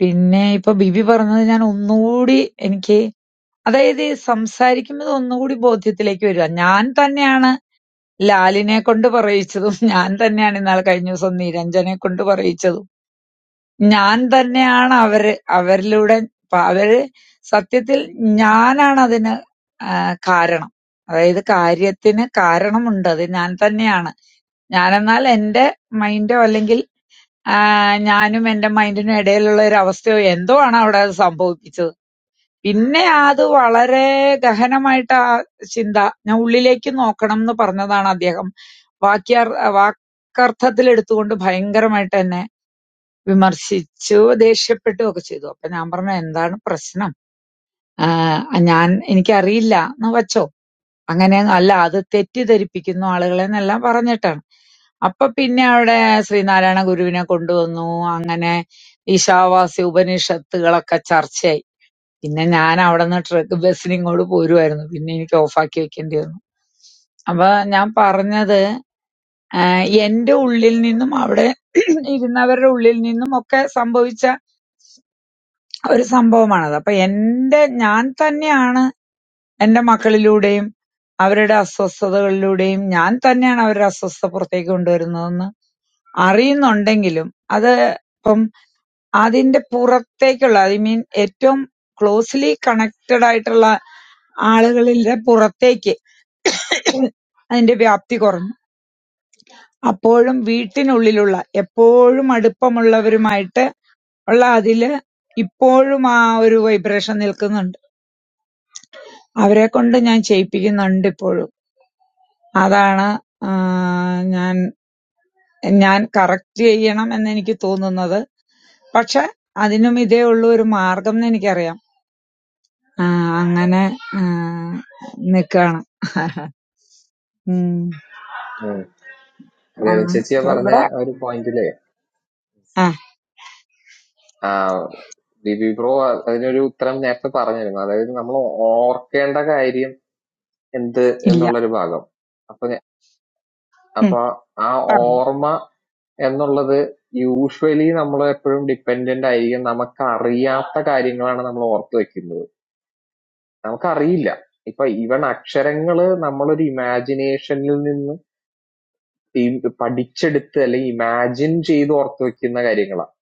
പിന്നെ ഇപ്പൊ ബിബി പറഞ്ഞത് ഞാൻ ഒന്നുകൂടി എനിക്ക് അതായത് ഈ സംസാരിക്കുന്നത് ഒന്നുകൂടി ബോധ്യത്തിലേക്ക് വരിക. ഞാൻ തന്നെയാണ് ലാലിനെ കൊണ്ട് പറയിച്ചതും ഞാൻ തന്നെയാണ് ഇന്നാള് കഴിഞ്ഞ ദിവസം നിരഞ്ജനെ കൊണ്ട് പറയിച്ചതും ഞാൻ തന്നെയാണ് അവര് അവരിലൂടെ പ- അവര് സത്യത്തിൽ ഞാനാണ് അതിന് ആ, കാരണം അതായത് കാര്യത്തിന് കാരണമുണ്ട് അത് ഞാൻ തന്നെയാണ് ഞാനെന്നാൽ എന്റെ മൈൻഡോ അല്ലെങ്കിൽ ആ, ഞാനും എന്റെ മൈൻഡിനും ഇടയിലുള്ള ഒരു അവസ്ഥയോ എന്തോ ആണ് അവിടെ അത് സംഭവിപ്പിച്ചത് പിന്നെ അത് വളരെ ഗഹനമായിട്ട് ആ ചിന്ത ഞാൻ ഉള്ളിലേക്ക് നോക്കണം എന്ന് പറഞ്ഞതാണ് അദ്ദേഹം വാക്യാർ വാക്കർത്ഥത്തിൽ എടുത്തുകൊണ്ട് ഭയങ്കരമായിട്ട് എന്നെ വിമർശിച്ചു ദേഷ്യപ്പെട്ടു ഒക്കെ ചെയ്തു അപ്പൊ ഞാൻ പറഞ്ഞു എന്താണ് പ്രശ്നം ആഹ് ഞാൻ എനിക്കറിയില്ല എന്ന് വെച്ചോ അങ്ങനെ അല്ല അത് തെറ്റിദ്ധരിപ്പിക്കുന്നു ആളുകളെ എന്നെല്ലാം പറഞ്ഞിട്ടാണ് അപ്പൊ പിന്നെ അവിടെ ശ്രീനാരായണ ഗുരുവിനെ കൊണ്ടുവന്നു അങ്ങനെ ഈശാവാസി ഉപനിഷത്തുകളൊക്കെ ചർച്ചയായി പിന്നെ ഞാൻ അവിടെ നിന്ന് ട്രക്ക് ബസ്സിന് ഇങ്ങോട്ട് പോരുമായിരുന്നു പിന്നെ എനിക്ക് ഓഫാക്കി വെക്കേണ്ടി വന്നു അപ്പൊ ഞാൻ പറഞ്ഞത് ആഹ് എന്റെ ഉള്ളിൽ നിന്നും അവിടെ ഇരുന്നവരുടെ ഉള്ളിൽ നിന്നും ഒക്കെ സംഭവിച്ച ഒരു സംഭവമാണത്. അപ്പൊ എന്റെ ഞാൻ തന്നെയാണ് എന്റെ മക്കളിലൂടെയും അവരുടെ അസ്വസ്ഥതകളിലൂടെയും ഞാൻ തന്നെയാണ് അവരുടെ അസ്വസ്ഥത പുറത്തേക്ക് കൊണ്ടുവരുന്നതെന്ന് അറിയുന്നുണ്ടെങ്കിലും അത് ഇപ്പം അതിന്റെ പുറത്തേക്കുള്ള ഐ മീൻ ഏറ്റവും ക്ലോസ്ലി കണക്റ്റഡ് ആയിട്ടുള്ള ആളുകളിലെ പുറത്തേക്ക് അതിന്റെ വ്യാപ്തി കുറഞ്ഞു അപ്പോഴും വീട്ടിനുള്ളിലുള്ള എപ്പോഴും അടുപ്പമുള്ളവരുമായിട്ട് ഉള്ള അതില് ഇപ്പോഴും ആ ഒരു വൈബ്രേഷൻ നിൽക്കുന്നുണ്ട് അവരെക്കൊണ്ട് ഞാൻ ചെയ്യിപ്പിക്കുന്നുണ്ടിപ്പോഴും. അതാണ് ആഹ് ഞാൻ ഞാൻ കറക്റ്റ് ചെയ്യണം എന്നെനിക്ക് തോന്നുന്നത്. പക്ഷെ അതിനും ഇതേ ഉള്ളൂ ഒരു മാർഗ്ഗംന്ന് എനിക്കറിയാം. ആഹ് അങ്ങനെ ആഹ് നിക്കാണ്. ഉം.
ഉം, രവി
ആഹ്
ചേച്ചിയെ
അപ്പൊ
പറഞ്ഞ
ഇവിടെ
ആ ഒരു പോയിന്റില്
ആഹ്
ആ ബിബി ബ്രോ അതിനൊരു ഉത്തരം നേരത്തെ പറഞ്ഞിരുന്നു അതായത് നമ്മൾ ഓർക്കേണ്ട കാര്യം എന്ത്
ഇല്ല.
എന്നുള്ളൊരു ഭാഗം. അപ്പൊ ഞ-
ഉം.
അപ്പൊ ആ
പറഞ്ഞു.
ഓർമ്മ എന്നുള്ളത് യൂഷ്വലി നമ്മൾ എപ്പോഴും ഡിപ്പെൻഡന്റ് ആയിരിക്കും നമുക്ക് അറിയാത്ത കാര്യങ്ങളാണ് നമ്മൾ ഓർത്ത് വെക്കുന്നത് നമുക്കറിയില്ല ഇപ്പൊ ഈവൻ അക്ഷരങ്ങള് നമ്മളൊരു ഇമാജിനേഷനിൽ നിന്ന് ഈ പഠിച്ചെടുത്ത് അല്ലെങ്കിൽ ഇമാജിൻ ചെയ്ത് ഓർത്ത് വെക്കുന്ന കാര്യങ്ങളാണ്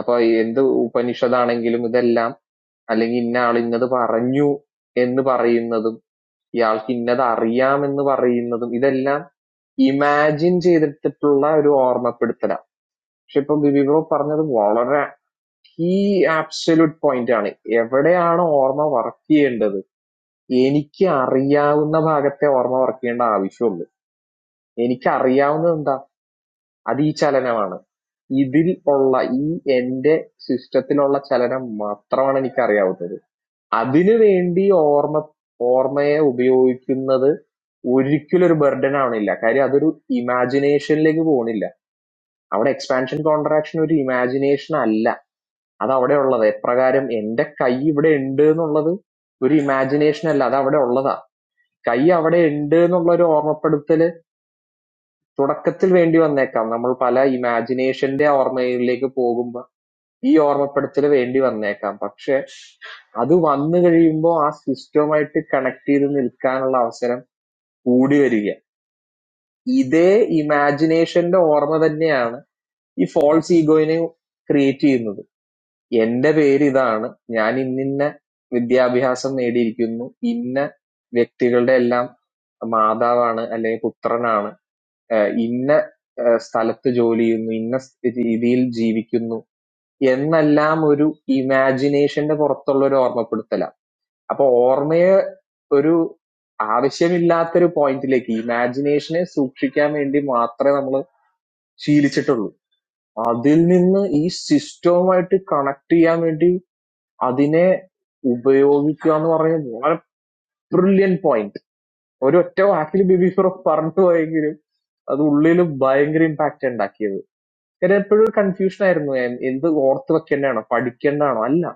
അപ്പൊ എന്ത് ഉപനിഷത്താണെങ്കിലും ഇതെല്ലാം അല്ലെങ്കിൽ ഇന്നയാൾ ഇന്നത് പറഞ്ഞു എന്ന് പറയുന്നതും ഇയാൾക്ക് ഇന്നത് അറിയാമെന്ന് പറയുന്നതും ഇതെല്ലാം ഇമാജിൻ ചെയ്തിട്ടുള്ള ഒരു ഓർമ്മപ്പെടുത്തലാണ് പക്ഷെ ഇപ്പൊ ബിബിബോ പറഞ്ഞത് വളരെ ഈ ആബ്സല്യൂട്ട് പോയിന്റ് ആണ് എവിടെയാണ് ഓർമ്മ വർക്ക് ചെയ്യേണ്ടത് എനിക്ക് അറിയാവുന്ന ഭാഗത്തെ ഓർമ്മ വർക്ക് ചെയ്യേണ്ട ആവശ്യമുള്ളൂ എനിക്ക് അറിയാവുന്നത് എന്താ അത് ഈ ചലനമാണ് ഇതിൽ ഉള്ള ഈ എന്റെ സിസ്റ്റത്തിലുള്ള ചലനം മാത്രമാണ് എനിക്ക് അറിയാവുന്നത് അതിനുവേണ്ടി ഓർമ്മ ഓർമ്മയെ ഉപയോഗിക്കുന്നത് ഒരിക്കലും ഒരു ബർഡൻ ആവണില്ല കാര്യം അതൊരു ഇമാജിനേഷനിലേക്ക് പോകണില്ല അവിടെ എക്സ്പാൻഷൻ കോൺട്രാക്ഷൻ ഒരു ഇമാജിനേഷൻ അല്ല അത് അവിടെ ഉള്ളത് എപ്രകാരം എന്റെ കൈ ഇവിടെ ഉണ്ട് എന്നുള്ളത് ഒരു ഇമാജിനേഷൻ അല്ല അത് അവിടെ ഉള്ളതാ കൈ അവിടെ ഉണ്ട് എന്നുള്ള ഒരു ഓർമ്മപ്പെടുത്തല് തുടക്കത്തിൽ വേണ്ടി വന്നേക്കാം നമ്മൾ പല ഇമാജിനേഷന്റെ ഓർമ്മയിലേക്ക് പോകുമ്പോൾ ഈ ഓർമ്മപ്പെടുത്തല് വേണ്ടി വന്നേക്കാം. പക്ഷെ അത് വന്നു കഴിയുമ്പോ ആ സിസ്റ്റവുമായിട്ട് കണക്ട് ചെയ്ത് നിൽക്കാനുള്ള അവസരം കൂടി വരിക. ഇതേ ഇമാജിനേഷന്റെ ഓർമ്മ തന്നെയാണ് ഈ ഫോൾസ് ഈഗോയിനെ ക്രിയേറ്റ് ചെയ്യുന്നത്. എന്റെ പേര് ഇതാണ്. ഞാൻ ഇന്നിന്ന വിദ്യാഭ്യാസം നേടിയിരിക്കുന്നു. ഇന്ന വ്യക്തികളുടെ എല്ലാം മാതാവാണ് അല്ലെങ്കിൽ പുത്രനാണ്. ഏഹ് ഇന്ന ഏഹ് സ്ഥലത്ത് ജോലി ചെയ്യുന്നു. ഇന്ന സ് രീതിയിൽ ജീവിക്കുന്നു. എന്നെല്ലാം ഒരു ഇമാജിനേഷന്റെ പുറത്തുള്ള ഒരു ഓർമ്മപ്പെടുത്തലാ. അപ്പൊ ഓർമ്മയെ ഒരു ആവശ്യമില്ലാത്തൊരു പോയിന്റിലേക്ക് ഇമാജിനേഷനെ സൂക്ഷിക്കാൻ വേണ്ടി മാത്രമേ നമ്മൾ ശീലിച്ചിട്ടുള്ളൂ. അതിൽ നിന്ന് ഈ സിസ്റ്റവുമായിട്ട് കണക്ട് ചെയ്യാൻ വേണ്ടി അതിനെ ഉപയോഗിക്കുക എന്ന് പറയുന്നത് വളരെ ബ്രില്യൻ പോയിന്റ്. ഒരു ഒറ്റ വാക്കിൽ ബിബി ഫിറോസ് പറഞ്ഞു പോയെങ്കിലും അത് ഉള്ളിൽ ഭയങ്കര ഇമ്പാക്ട് ഉണ്ടാക്കിയത്. ഞാൻ എപ്പോഴും കൺഫ്യൂഷൻ ആയിരുന്നു. ഞാൻ എന്ത് ഓർത്ത് വെക്കേണ്ടതാണോ പഠിക്കേണ്ടതാണോ അല്ല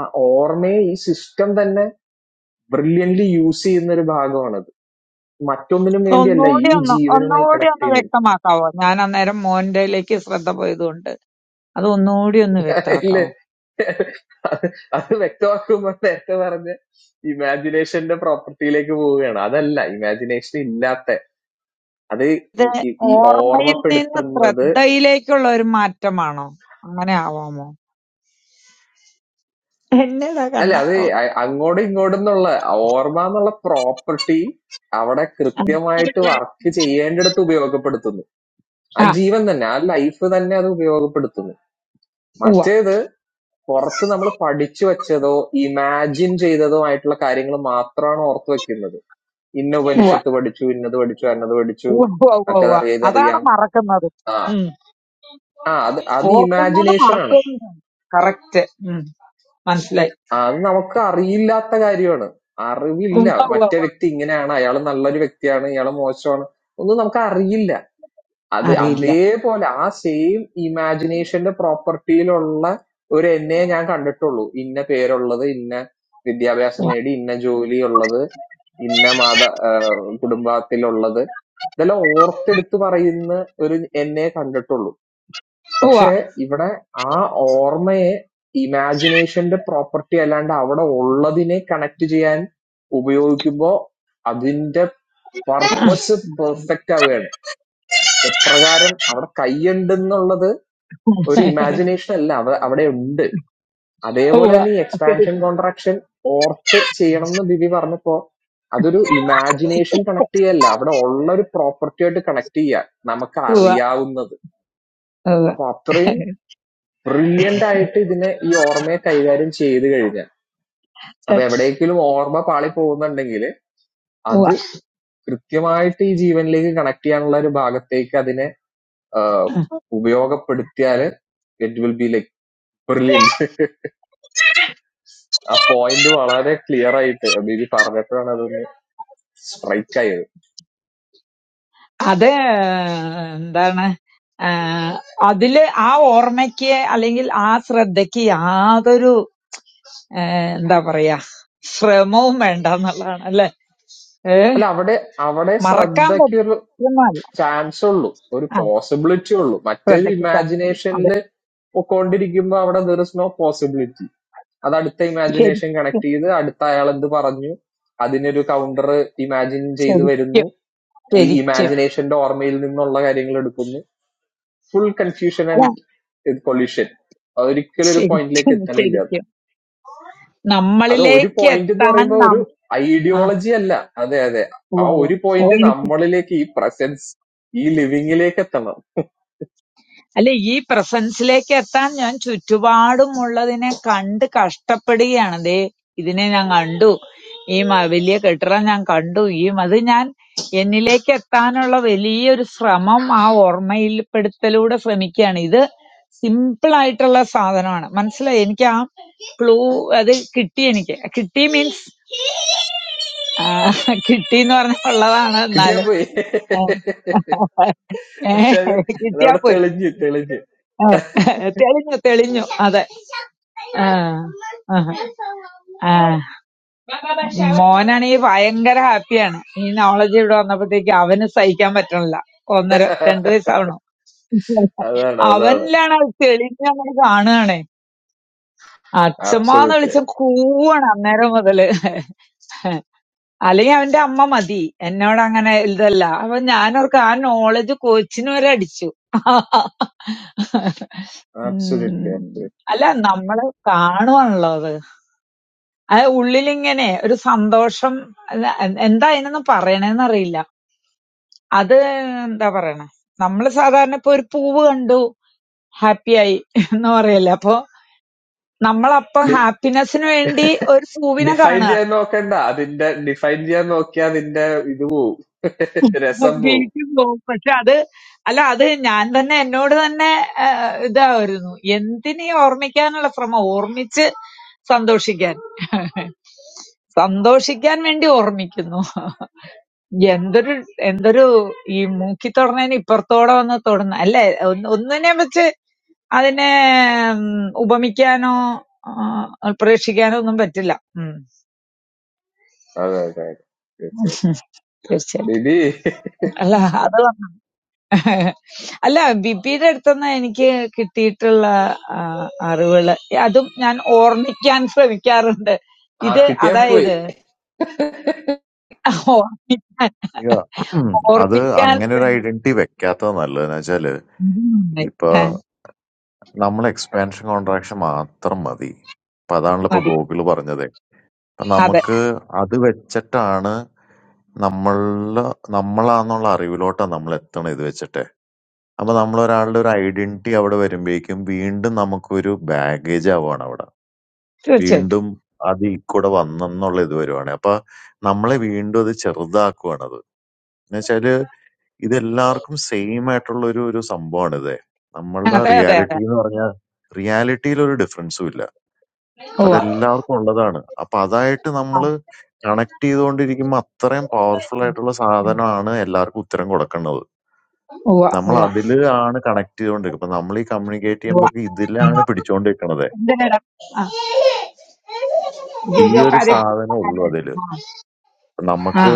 ആ ഓർമ്മയെ ഈ സിസ്റ്റം തന്നെ ബ്രില്യൻ്റ്ലി യൂസ് ചെയ്യുന്ന ഒരു ഭാഗമാണത് മറ്റൊന്നിനും വേണ്ടിയല്ല
ഒന്നുകൂടി
ഈ
ഒന്ന്
ജീവനുമായി
ഒന്നുകൂടി
കണക്ട്
ഒന്ന്
ചെയ്യുന്നില്ല
വ്യക്തമാക്കാവോ? ഞാൻ അന്നേരം മോന്റെലേക്ക് ശ്രദ്ധ പോയതുകൊണ്ട് അത് ഒന്നുകൂടി ഒന്ന് വ്യക്തമാക്കാവോ?
ഇല്ലേ അത് അത് വ്യക്തമാക്കുമ്പോൾ നേരത്തെ പറഞ്ഞ ഇമാജിനേഷന്റെ പ്രോപ്പർട്ടിയിലേക്ക് പോവുകയാണ് അതല്ല ഇമാജിനേഷൻ ഇല്ലാത്ത അത്
ഇത്
ഈ ഈ- ഈ
ഓർമ്മയിൽ നിന്ന്
ഓർമ്മപ്പെടുത്തുന്നത്
ശ്രദ്ധയിലേക്കുള്ള ഒരു മാറ്റമാണോ? അങ്ങനെ ആവാമോ? എന്നതാ
അല്ല
കണ്ണ
അത്
ഓ
അ- അങ്ങോട്ടും ഇങ്ങോട്ടും എന്നുള്ള ഓർമ്മ എന്നുള്ള പ്രോപ്പർട്ടി അവിടെ
ഉം.
കൃത്യമായിട്ട് വർക്ക് ചെയ്യേണ്ടിടത്ത് ഉപയോഗപ്പെടുത്തുന്നു ആ
ആ,
ജീവൻ തന്നെ ആ ലൈഫ് തന്നെ അത് ഉപയോഗപ്പെടുത്തുന്നു
ഉവ്വ,
മറ്റേത് പുറത്ത് നമ്മൾ പഠിച്ചു വെച്ചതോ ഇമാജിൻ ചെയ്തതോ ആയിട്ടുള്ള കാര്യങ്ങൾ മാത്രമാണ് ഓർത്ത് വെക്കുന്നത് ഇന്ന
ഉവ്വ, ഉവ്വ,
ഉപനിഷത്ത് പഠിച്ചു ഇന്നത് പഠിച്ചു അന്നത് പഠിച്ചു
ഉവ്വ, ഉവ്വ, ഉവ്വ.
മറ്റേതറിയാം
അതാണ്
ഇതറിയാം
മറക്കുന്നത്.
ആ
ഉം.
ആ അത് അത്
ഓർക്കുന്നത്
ഇമാജിനേഷൻ ആണ്
മറക്കുന്നതാണ്. കറക്റ്റ്. ഉം. മനസ്സിലായി.
അത് നമുക്ക് അറിയില്ലാത്ത കാര്യമാണ് അറിവില്ല
ഉവ്വ, ഉവ്വ,
മറ്റേ
ഉവ്വ.
വ്യക്തി ഇങ്ങനെയാണ് അയാൾ നല്ലൊരു വ്യക്തിയാണ് ഇയാൾ മോശമാണ് ഒന്നും നമുക്ക് അറിയില്ല അത്
അറിയില്ല.
അതേപോലെ ആ സെയിം ഇമാജിനേഷന്റെ പ്രോപ്പർട്ടിയിലുള്ള ഒരു എന്നെ ഞാൻ കണ്ടിട്ടുള്ളൂ ഇന്ന പേരുള്ളത് ഇന്ന വിദ്യാഭ്യാസം
ഉവ്വ,
നേടി ഇന്ന ജോലി ഇന്ന മാത ആ, കുടുംബത്തിലുള്ളത് ഇതെല്ലാം ഓർത്തെടുത്ത് പറയുന്ന ഒരു എന്നെ കണ്ടിട്ടുള്ളൂ
ഉവ്വ.
പക്ഷെ ഇവിടെ ആ ഓർമ്മയെ ഇമാജിനേഷന്റെ പ്രോപ്പർട്ടി അല്ലാണ്ട് അവിടെ ഉള്ളതിനെ കണക്ട് ചെയ്യാൻ ഉപയോഗിക്കുമ്പോ അതിന്റെ
ഉം.
പർപ്പസ് പെർഫെക്റ്റ് ആവുകയാണ് എപ്രകാരം അവിടെ കൈയുണ്ടെന്നുള്ളത് ഒരു ഇമാജിനേഷൻ അല്ല അവ- അവിടെ ഉണ്ട് അതേപോലെ
ഉവ്വ.
തന്നെ ഈ എക്സ്പാൻഷൻ
ഉവ്വ,
കോൺട്രാക്ഷൻ ഓർത്ത് ചെയ്യണം എന്ന് ബിബി പറഞ്ഞപ്പോ അതൊരു ഇമാജിനേഷൻ കണക്ട് ചെയ്യല്ല അവിടെ ഉള്ള ഒരു പ്രോപ്പർട്ടി ആയിട്ട് കണക്ട് ചെയ്യുക നമുക്ക് അറിയാവുന്നത്
ഉവ്വ,
അപ്പൊ അത്രയും ബ്രില്യന്റ് ആയിട്ട് ഇതിനെ ഈ ഓർമ്മയെ കൈകാര്യം ചെയ്ത് കഴിഞ്ഞാൽ അപ്പൊ എവിടെയെങ്കിലും ഓർമ്മ പാളി പോകുന്നുണ്ടെങ്കിൽ
ഉവ്വ.
അത് കൃത്യമായിട്ട് ഈ ജീവനിലേക്ക് കണക്ട് ചെയ്യാനുള്ള ഒരു ഭാഗത്തേക്ക് അതിനെ ആഹ്, ഉപയോഗപ്പെടുത്തിയാല് it will be like brilliant ആ പോയിന്റ് വളരെ ക്ലിയർ ആയിട്ട് ബിബി പറഞ്ഞപ്പോഴാണ് അത് സ്ട്രൈക്ക് ആയത്
അത് എന്താണ് ആ, അതില് ആ ഓർമ്മയ്ക്ക് അല്ലെങ്കിൽ ആ ശ്രദ്ധയ്ക്ക് യാതൊരു ഏ, എന്താ പറയാ ശ്രമവും വേണ്ട എന്നുള്ളതാണ് അല്ലെ ഏ
അല്ല അവിടെ അവിടെ
മറക്കാൻ
ശ്രദ്ധയ്ക്ക് ഒരു
പറ്റുന്നല്ല
ചാൻസ് ഉള്ളൂ ഒരു
ആ
പോസിബിലിറ്റി ഉള്ളൂ മറ്റേത്
ശ്രദ്ധയ്ക്ക് chance ഇല്ല.
ഇമാജിനേഷനിൽ
അതെ
പൊക്കോണ്ടിരിക്കുമ്പോ അവിടെ ദർ ഇസ് നോ പോസിബിലിറ്റി അത് അടുത്ത ഇമാജിനേഷൻ
ശരിക്കും
കണക്ട് ചെയ്ത് അടുത്ത അയാൾ എന്ത് പറഞ്ഞു അതിനൊരു കൗണ്ടർ ഇമാജിൻ ചെയ്ത് വരുന്നു
ശരിക്കും
ഈ
ശരിക്കും
ഇമാജിനേഷന്റെ ഓർമ്മയിൽ നിന്നുള്ള കാര്യങ്ങൾ എടുക്കുന്നു ഫുൾ കൺഫ്യൂഷൻ
അല്ല
ആൻഡ് കൊല്യൂഷൻ ഒരിക്കലും ഒരു പോയിന്റിലേക്ക്
ശരിക്കും
എത്തണില്ല
ശരിക്കും
അത് ഒരു
നമ്മളിലേക്ക്
പോയിന്റ് എന്ന്
എത്താൻ
പറയുമ്പോ ഒരു
നാം ആ
ഐഡിയോളജി അല്ല അതെ അതെ ആ
ഉവ്വ്
ഒരു പോയിന്റ്
ഉവ്വ്.
നമ്മളിലേക്ക് ഈ പ്രസൻസ് ഈ ലിവിങ്ങിലേക്ക് എത്തണം
അല്ല ഈ പ്രസൻസിലേക്ക് എത്താൻ ഞാൻ ചുറ്റുപാടുമുള്ളതിനെ കണ്ട് കഷ്ടപ്പെടുകയാണ് ദേ ഇതിനെ ഞാൻ കണ്ടു ഈ മ- വലിയ കെട്ടിടം ഞാൻ കണ്ടു ഈ അത് ഞാൻ എന്നിലേക്ക് എത്താനുള്ള വലിയൊരു ശ്രമം ആ ഓർമ്മയിൽപ്പെടുത്തലൂടെ ശ്രമിക്കുകയാണ് ഇത് സിമ്പിൾ ആയിട്ടുള്ള സാധനമാണ് മനസ്സിലായി എനിക്ക് ആ ക്ലൂ അത് കിട്ടി എനിക്ക് കിട്ടി മീൻസ് കിട്ടി എന്ന് പറഞ്ഞാൽ ഉള്ളതാണ്
കിട്ടിയാ
എന്നാലും
പോയി
ഉം. ഏ,
പക്ഷെ അത്
കിട്ടിയാ
അതവിടെ
പോയി
തെളിഞ്ഞ് തെളിഞ്ഞ്
ഏ, തെളിഞ്ഞു തെളിഞ്ഞു അതെ ആ, ആ, ആ. മോനാണെങ്കിൽ ഭയങ്കര ഹാപ്പിയാണ് ഈ നോളജ് ഇവിടെ വന്നപ്പോഴത്തേക്ക് അവന് സഹിക്കാൻ പറ്റണില്ല ഒന്നര രണ്ടു വയസ്സാവണു
അതാണ് അതാണ്
അവനിലാണ് അത് തെളിഞ്ഞ് അങ്ങനെ കാണുകയാണേ അച്ഛമ്മാന്ന്
ആബ്സൊല്യൂട്ട്ലി
വിളിച്ച കൂവാണ് അന്നേരം മുതല് അല്ലെങ്കിൽ അവന്റെ അമ്മ മതി എന്നോട് അങ്ങനെ ഇതല്ല അപ്പൊ ഞാനോർക്ക് ആ നോളജ് കോച്ചിന് വരെ അടിച്ചു
ആബ്സൊല്യൂട്ട്ലി
ഉം.
ആബ്സൊല്യൂട്ട്ലി
അല്ല നമ്മള് കാണുവാണല്ലോ അത് ആ ഉള്ളിലിങ്ങനെ ഒരു സന്തോഷം അല്ല, എ- എന്താ അതിനൊന്നും പറയണേന്നറിയില്ല അത് എന്താ പറയണേ നമ്മള് സാധാരണ ഇപ്പൊ ഒരു പൂവ് കണ്ടു ഹാപ്പി ആയി എന്ന് പറയല്ലേ അപ്പൊ നമ്മളപ്പൊ ഹാപ്പിനെസ്സിന് വേണ്ടി ഒരു പൂവിനെ
ഡിഫൈൻ
കാണുക
ചെയ്യാൻ നോക്കണ്ട അതിന്റെ ഡിഫൈൻ ചെയ്യാൻ നോക്കിയാ അതിന്റെ ഇത് പോവും രസം പോവും
വീട്ടിൽ പോകും പക്ഷെ അത് അല്ല അത് ഞാൻ തന്നെ എന്നോട് തന്നെ ആ, ഇതായിരുന്നു എന്തിനീ ഓർമ്മിക്കാനുള്ള ശ്രമം ഓർമ്മിച്ച് സന്തോഷിക്കാൻ സന്തോഷിക്കാൻ വേണ്ടി ഓർമ്മിക്കുന്നു എന്തൊരു എന്തൊരു ഈ മൂക്കി തൊടണേന് ഇപ്പുറത്തോടെ വന്ന് തൊടുന്ന അല്ലേ ഒന്ന് ഒന്നിനെ വെച്ച് അതിനെ ഉം, ഉപമിക്കാനോ ആ, പ്രേക്ഷിക്കാനോ ഒന്നും പറ്റില്ല ഉം.
അതെ അതെ അതെ തീർച്ചയായിട്ടും
തീർച്ചയായിട്ടും
ബിബി
അല്ല അത് വന്ന- അല്ല ബിപിയുടെ അടുത്തുനിന്ന് എനിക്ക് കിട്ടിയിട്ടുള്ള ആ, അറിവുകള് അതും ഞാൻ ഓർമ്മിക്കാൻ ശ്രമിക്കാറുണ്ട്
ആ
ഇത്
കിട്ടിയാ പോയി
അതായത് ഓർമ്മിക്കാൻ
യാ. ഉം, അത്
ഓർമ്മിക്കാൻ
അങ്ങനൊരു
ശ്രമി-
ഐഡന്റിറ്റി വെക്കാത്തതാ നല്ലത്. എന്നുവെച്ചാല്
ഉം.
ഇപ്പൊ
ആ,
നമ്മള് എക്സ്പാൻഷൻ കോൺട്രാക്ഷൻ മാത്രം മതി. അപ്പൊ അതാണല്ലോ ഇപ്പൊ
മതി
ഗോകുല് പറഞ്ഞത്. അപ്പൊ
അതെ
നമുക്ക് അത് വെച്ചിട്ടാണ് നമ്മള് നമ്മളാന്നുള്ള അറിവിലോട്ടാ നമ്മളെത്തണത് ഇത് വെച്ചിട്ട്. അപ്പൊ നമ്മളൊരാളുടെ ഒരു ഐഡന്റിറ്റി അവിടെ വരുമ്പഴേക്കും വീണ്ടും നമുക്കൊരു ബാഗേജ് ആവാണ് അവിടെ.
തീർച്ചയായിട്ടും
വീണ്ടും അത് ഈ കൂടെ വന്നെന്നുള്ള ഇത് വരുവാണ്. അപ്പൊ നമ്മളെ വീണ്ടും അത് ചെറുതാക്കുവാണത്. എന്നുവെച്ചാല് ഇതെല്ലാവർക്കും സെയിം ആയിട്ടുള്ള ഒരു ഒരു സംഭവമാണിത്. നമ്മളുടെ
അതെ അതെ അതെ
റിയാലിറ്റി എന്ന് പറഞ്ഞാൽ റിയാലിറ്റിയിൽ ഒരു ഡിഫറൻസും ഇല്ല.
ഉവ്വ
അതെല്ലാവർക്കും ഉള്ളതാണ്. അപ്പൊ അതായിട്ട്
ആ,
നമ്മള് കണക്ട് ചെയ്തുകൊണ്ടിരിക്കുമ്പോ അത്രയും പവർഫുൾ ആയിട്ടുള്ള
ഉം.
സാധനമാണ് എല്ലാവർക്കും ഉത്തരം കൊടുക്കുന്നത്.
ഉവ്വ
നമ്മൾ
ഉവ്വ
അതില് ആണ് കണക്ട് ചെയ്തുകൊണ്ടിരിക്കുന്നത്. അപ്പൊ നമ്മൾ ഈ കമ്മ്യൂണിക്കേറ്റ്
ഉവ്വ
ചെയ്യുമ്പോ ഒക്കെ
ഉം.
ഇതിലാണ് പിടിച്ചോണ്ടിരിക്കണത്.
എന്തിനെടാ ആ
ഈ
അയ്യോ
ഒരു
കാര്യം
സാധനം ഉള്ളൂ അതില്.
ആ
നമുക്ക്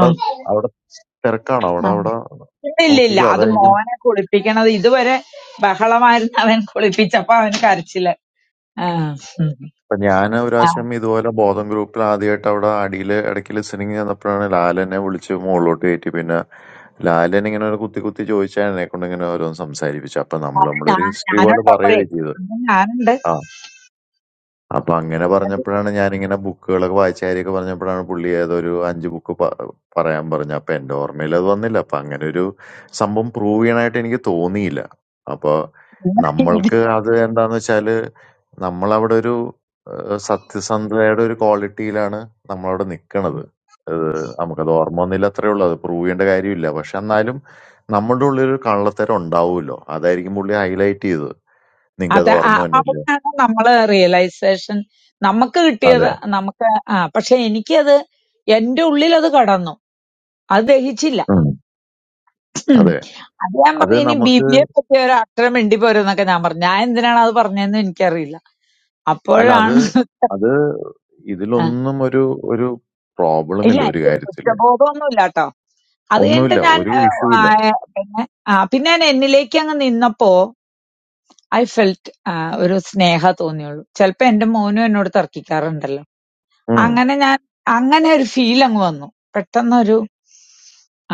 ആ,
അവിടെ തിരക്കാണ്. അവിടെ
ആ.
അവിടെ
ഇല്ല ഇല്ല ഇല്ല
നോക്കിക്കോ.
അത്
അതായിരിക്കും.
മോനെ കുളിപ്പിക്കണത് ഇതുവരെ ബഹളമായിരുന്നു അവൻ കുളിപ്പിച്ചപ്പോ അവന് കരച്ചില് ആ, ഉം.
ഇപ്പൊ ഞാൻ ഒരു
ആ,
പ്രാവശ്യം ഇതുപോലെ ബോധം ഗ്രൂപ്പിൽ ആദ്യമായിട്ട് അവിടെ അടിയില് ഇടയ്ക്ക് ലിസണിങ് ചെന്നപ്പോഴാണ് ലാലനെ വിളിച്ച് മുകളിലോട്ട് കയറ്റി. പിന്നെ ലാലൻ ഇങ്ങനെ ഒരു കുത്തി കുത്തി ചോദിച്ചാൽ എന്നെ കൊണ്ട് ഇങ്ങനെ ഓരോന്ന് സംസാരിപ്പിച്ചു. അപ്പൊ നമ്മൾ
അവൻ
നമ്മുടെ
ഞാ-
ഹിസ്റ്ററി പോലെ
ഞാനുണ്ടപ്പോഴേ
പറയുകയും ചെയ്തു.
അന്ന് ഞാനുണ്ട്
അപ്പൊ അങ്ങനെ പറഞ്ഞപ്പോഴാണ് ഞാനിങ്ങനെ ബുക്കുകളൊക്കെ വായിച്ച കാര്യമൊക്കെ പറഞ്ഞപ്പോഴാണ് പുള്ളി ഏതൊരു അഞ്ച് ബുക്ക് പറയാൻ പറഞ്ഞു അപ്പൊ എന്റെ ഓർമ്മയിൽ അത് വന്നില്ല അപ്പൊ അങ്ങനെ ഒരു സംഭവം പ്രൂവ് ചെയ്യണായിട്ട് എനിക്ക് തോന്നിയില്ല അപ്പൊ നമ്മൾക്ക് അത് എന്താന്ന് വെച്ചാല് നമ്മളവിടെ ഒരു ഏഹ്, സത്യസന്ധതയുടെ ഒരു ക്വാളിറ്റിയിലാണ് നമ്മളവിടെ നിക്കണത് ഏഹ്, നമുക്കത് ഓർമ്മ ഒന്നില്ല അത്രേ ഉള്ളൂ അത് പ്രൂവ് ചെയ്യേണ്ട കാര്യമില്ല പക്ഷെ എന്നാലും നമ്മുടെ ഉള്ളിൽ കള്ളത്തരം ഉണ്ടാവുമല്ലോ അതായിരിക്കും പുള്ളി ഹൈലൈറ്റ് ചെയ്തത് നിങ്ങൾക്ക്
അത്
അത് ഓർമ്മ
ആ-
തന്നെയില്ല
അവിടെയാണ് നമ്മള് റിയലൈസേഷൻ നമുക്ക് കിട്ടിയത്
അതെ
നമുക്ക് ആ പക്ഷെ എനിക്കത് എന്റെ ഉള്ളിൽ അത് കടന്നു അത് ദഹിച്ചില്ല
ഉം. അതെ
അത് ഞാൻ
അത്
പറഞ്ഞു ഇനി ബി
നമുക്ക്
ബി എ പറ്റി ഒരു അക്ഷരം മിണ്ടി പോരുന്നൊക്കെ ഞാൻ പറഞ്ഞു ഞാൻ എന്തിനാണ് അത് പറഞ്ഞതെന്ന് എനിക്കറിയില്ല
അല്ല അത്
അപ്പോഴാണ്
അത്
ആ,
ഇതിലൊന്നും ഒരു ഒരു പ്രോബ്ലം
ഇല്ല
ഇല്ല ഒരു
എനിക്ക്
കാര്യത്തില്.
കുറ്റബോധമൊന്നുമില്ല കേട്ടോ അത് കഴിഞ്ഞിട്ട്
ഒന്നുമില്ല.
ഞാൻ
ഒരു
ആ,
ഇഷ്യൂ
ആ,
ഇല്ല.
പിന്നെ ആ, പിന്നെ ഞാൻ എന്നിലേക്ക് അങ്ങ് നിന്നപ്പോ ഐ ഫെൽറ്റ് ഒരു സ്നേഹ തോന്നിയുള്ളൂ ചിലപ്പോ എന്റെ മോനും എന്നോട് തർക്കിക്കാറുണ്ടല്ലോ
ഉം.
അങ്ങനെ ഞാൻ അങ്ങനെ ഒരു ഫീൽ അങ്ങ് വന്നു. പെട്ടെന്നൊരു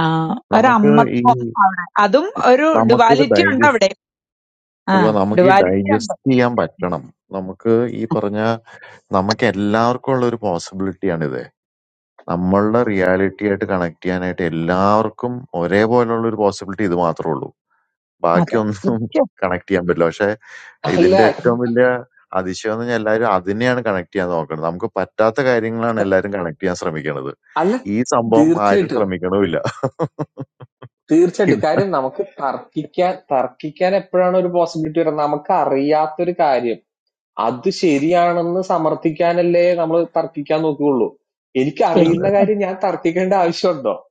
ആഹ്
നമുക്ക് ഈ
ഒരമ്മത്വം അവിടെ. അതും ഒരു
നമുക്കിത്
ഡ്യുവാലിറ്റി ഉണ്ട്
ഡൈജസ്റ്റ്
അവിടെ. ആ
ഉവ്വ് നമുക്കീ
ഡ്യുവാലിറ്റി ഉണ്ട്.
ഡൈജസ്റ്റ് ചെയ്യാൻ പറ്റണം. നമുക്ക് ഈ പറഞ്ഞ നമുക്ക് എല്ലാവർക്കും ഉള്ള ഒരു പോസിബിലിറ്റിയാണിത്. നമ്മളുടെ റിയാലിറ്റി ആയിട്ട് കണക്ട് ചെയ്യാനായിട്ട് എല്ലാവർക്കും ഒരേപോലുള്ള ഒരു പോസിബിലിറ്റി ഇത് മാത്രേ ഉള്ളൂ.
അതെ.
ബാക്കിയൊന്നും
സത്യം.
കണക്ട് ചെയ്യാൻ പറ്റില്ല പക്ഷെ
അല്ല
ഇതിന്റെ
ഉം.
ഏറ്റവും വലിയ അതിശയം എന്ന് പറഞ്ഞാൽ എല്ലാവരും അതിനെയാണ് കണക്ട് ചെയ്യാൻ നോക്കുന്നത് നമുക്ക് പറ്റാത്ത കാര്യങ്ങളാണ് എല്ലാവരും കണക്ട് ചെയ്യാൻ ശ്രമിക്കുന്നത്
അല്ല
ഈ സംഭവം ആരും
തീർച്ചയായിട്ടും
ശ്രമിക്കണമില്ല
Thirdly,
ഇത്
regarding the possibility of Turkey, Turkey's role in the possibility of our reality. That series of samarthikaan is why we are talking about Turkey. If we
അതെ
are
ശരിക്കും
talking about Turkey,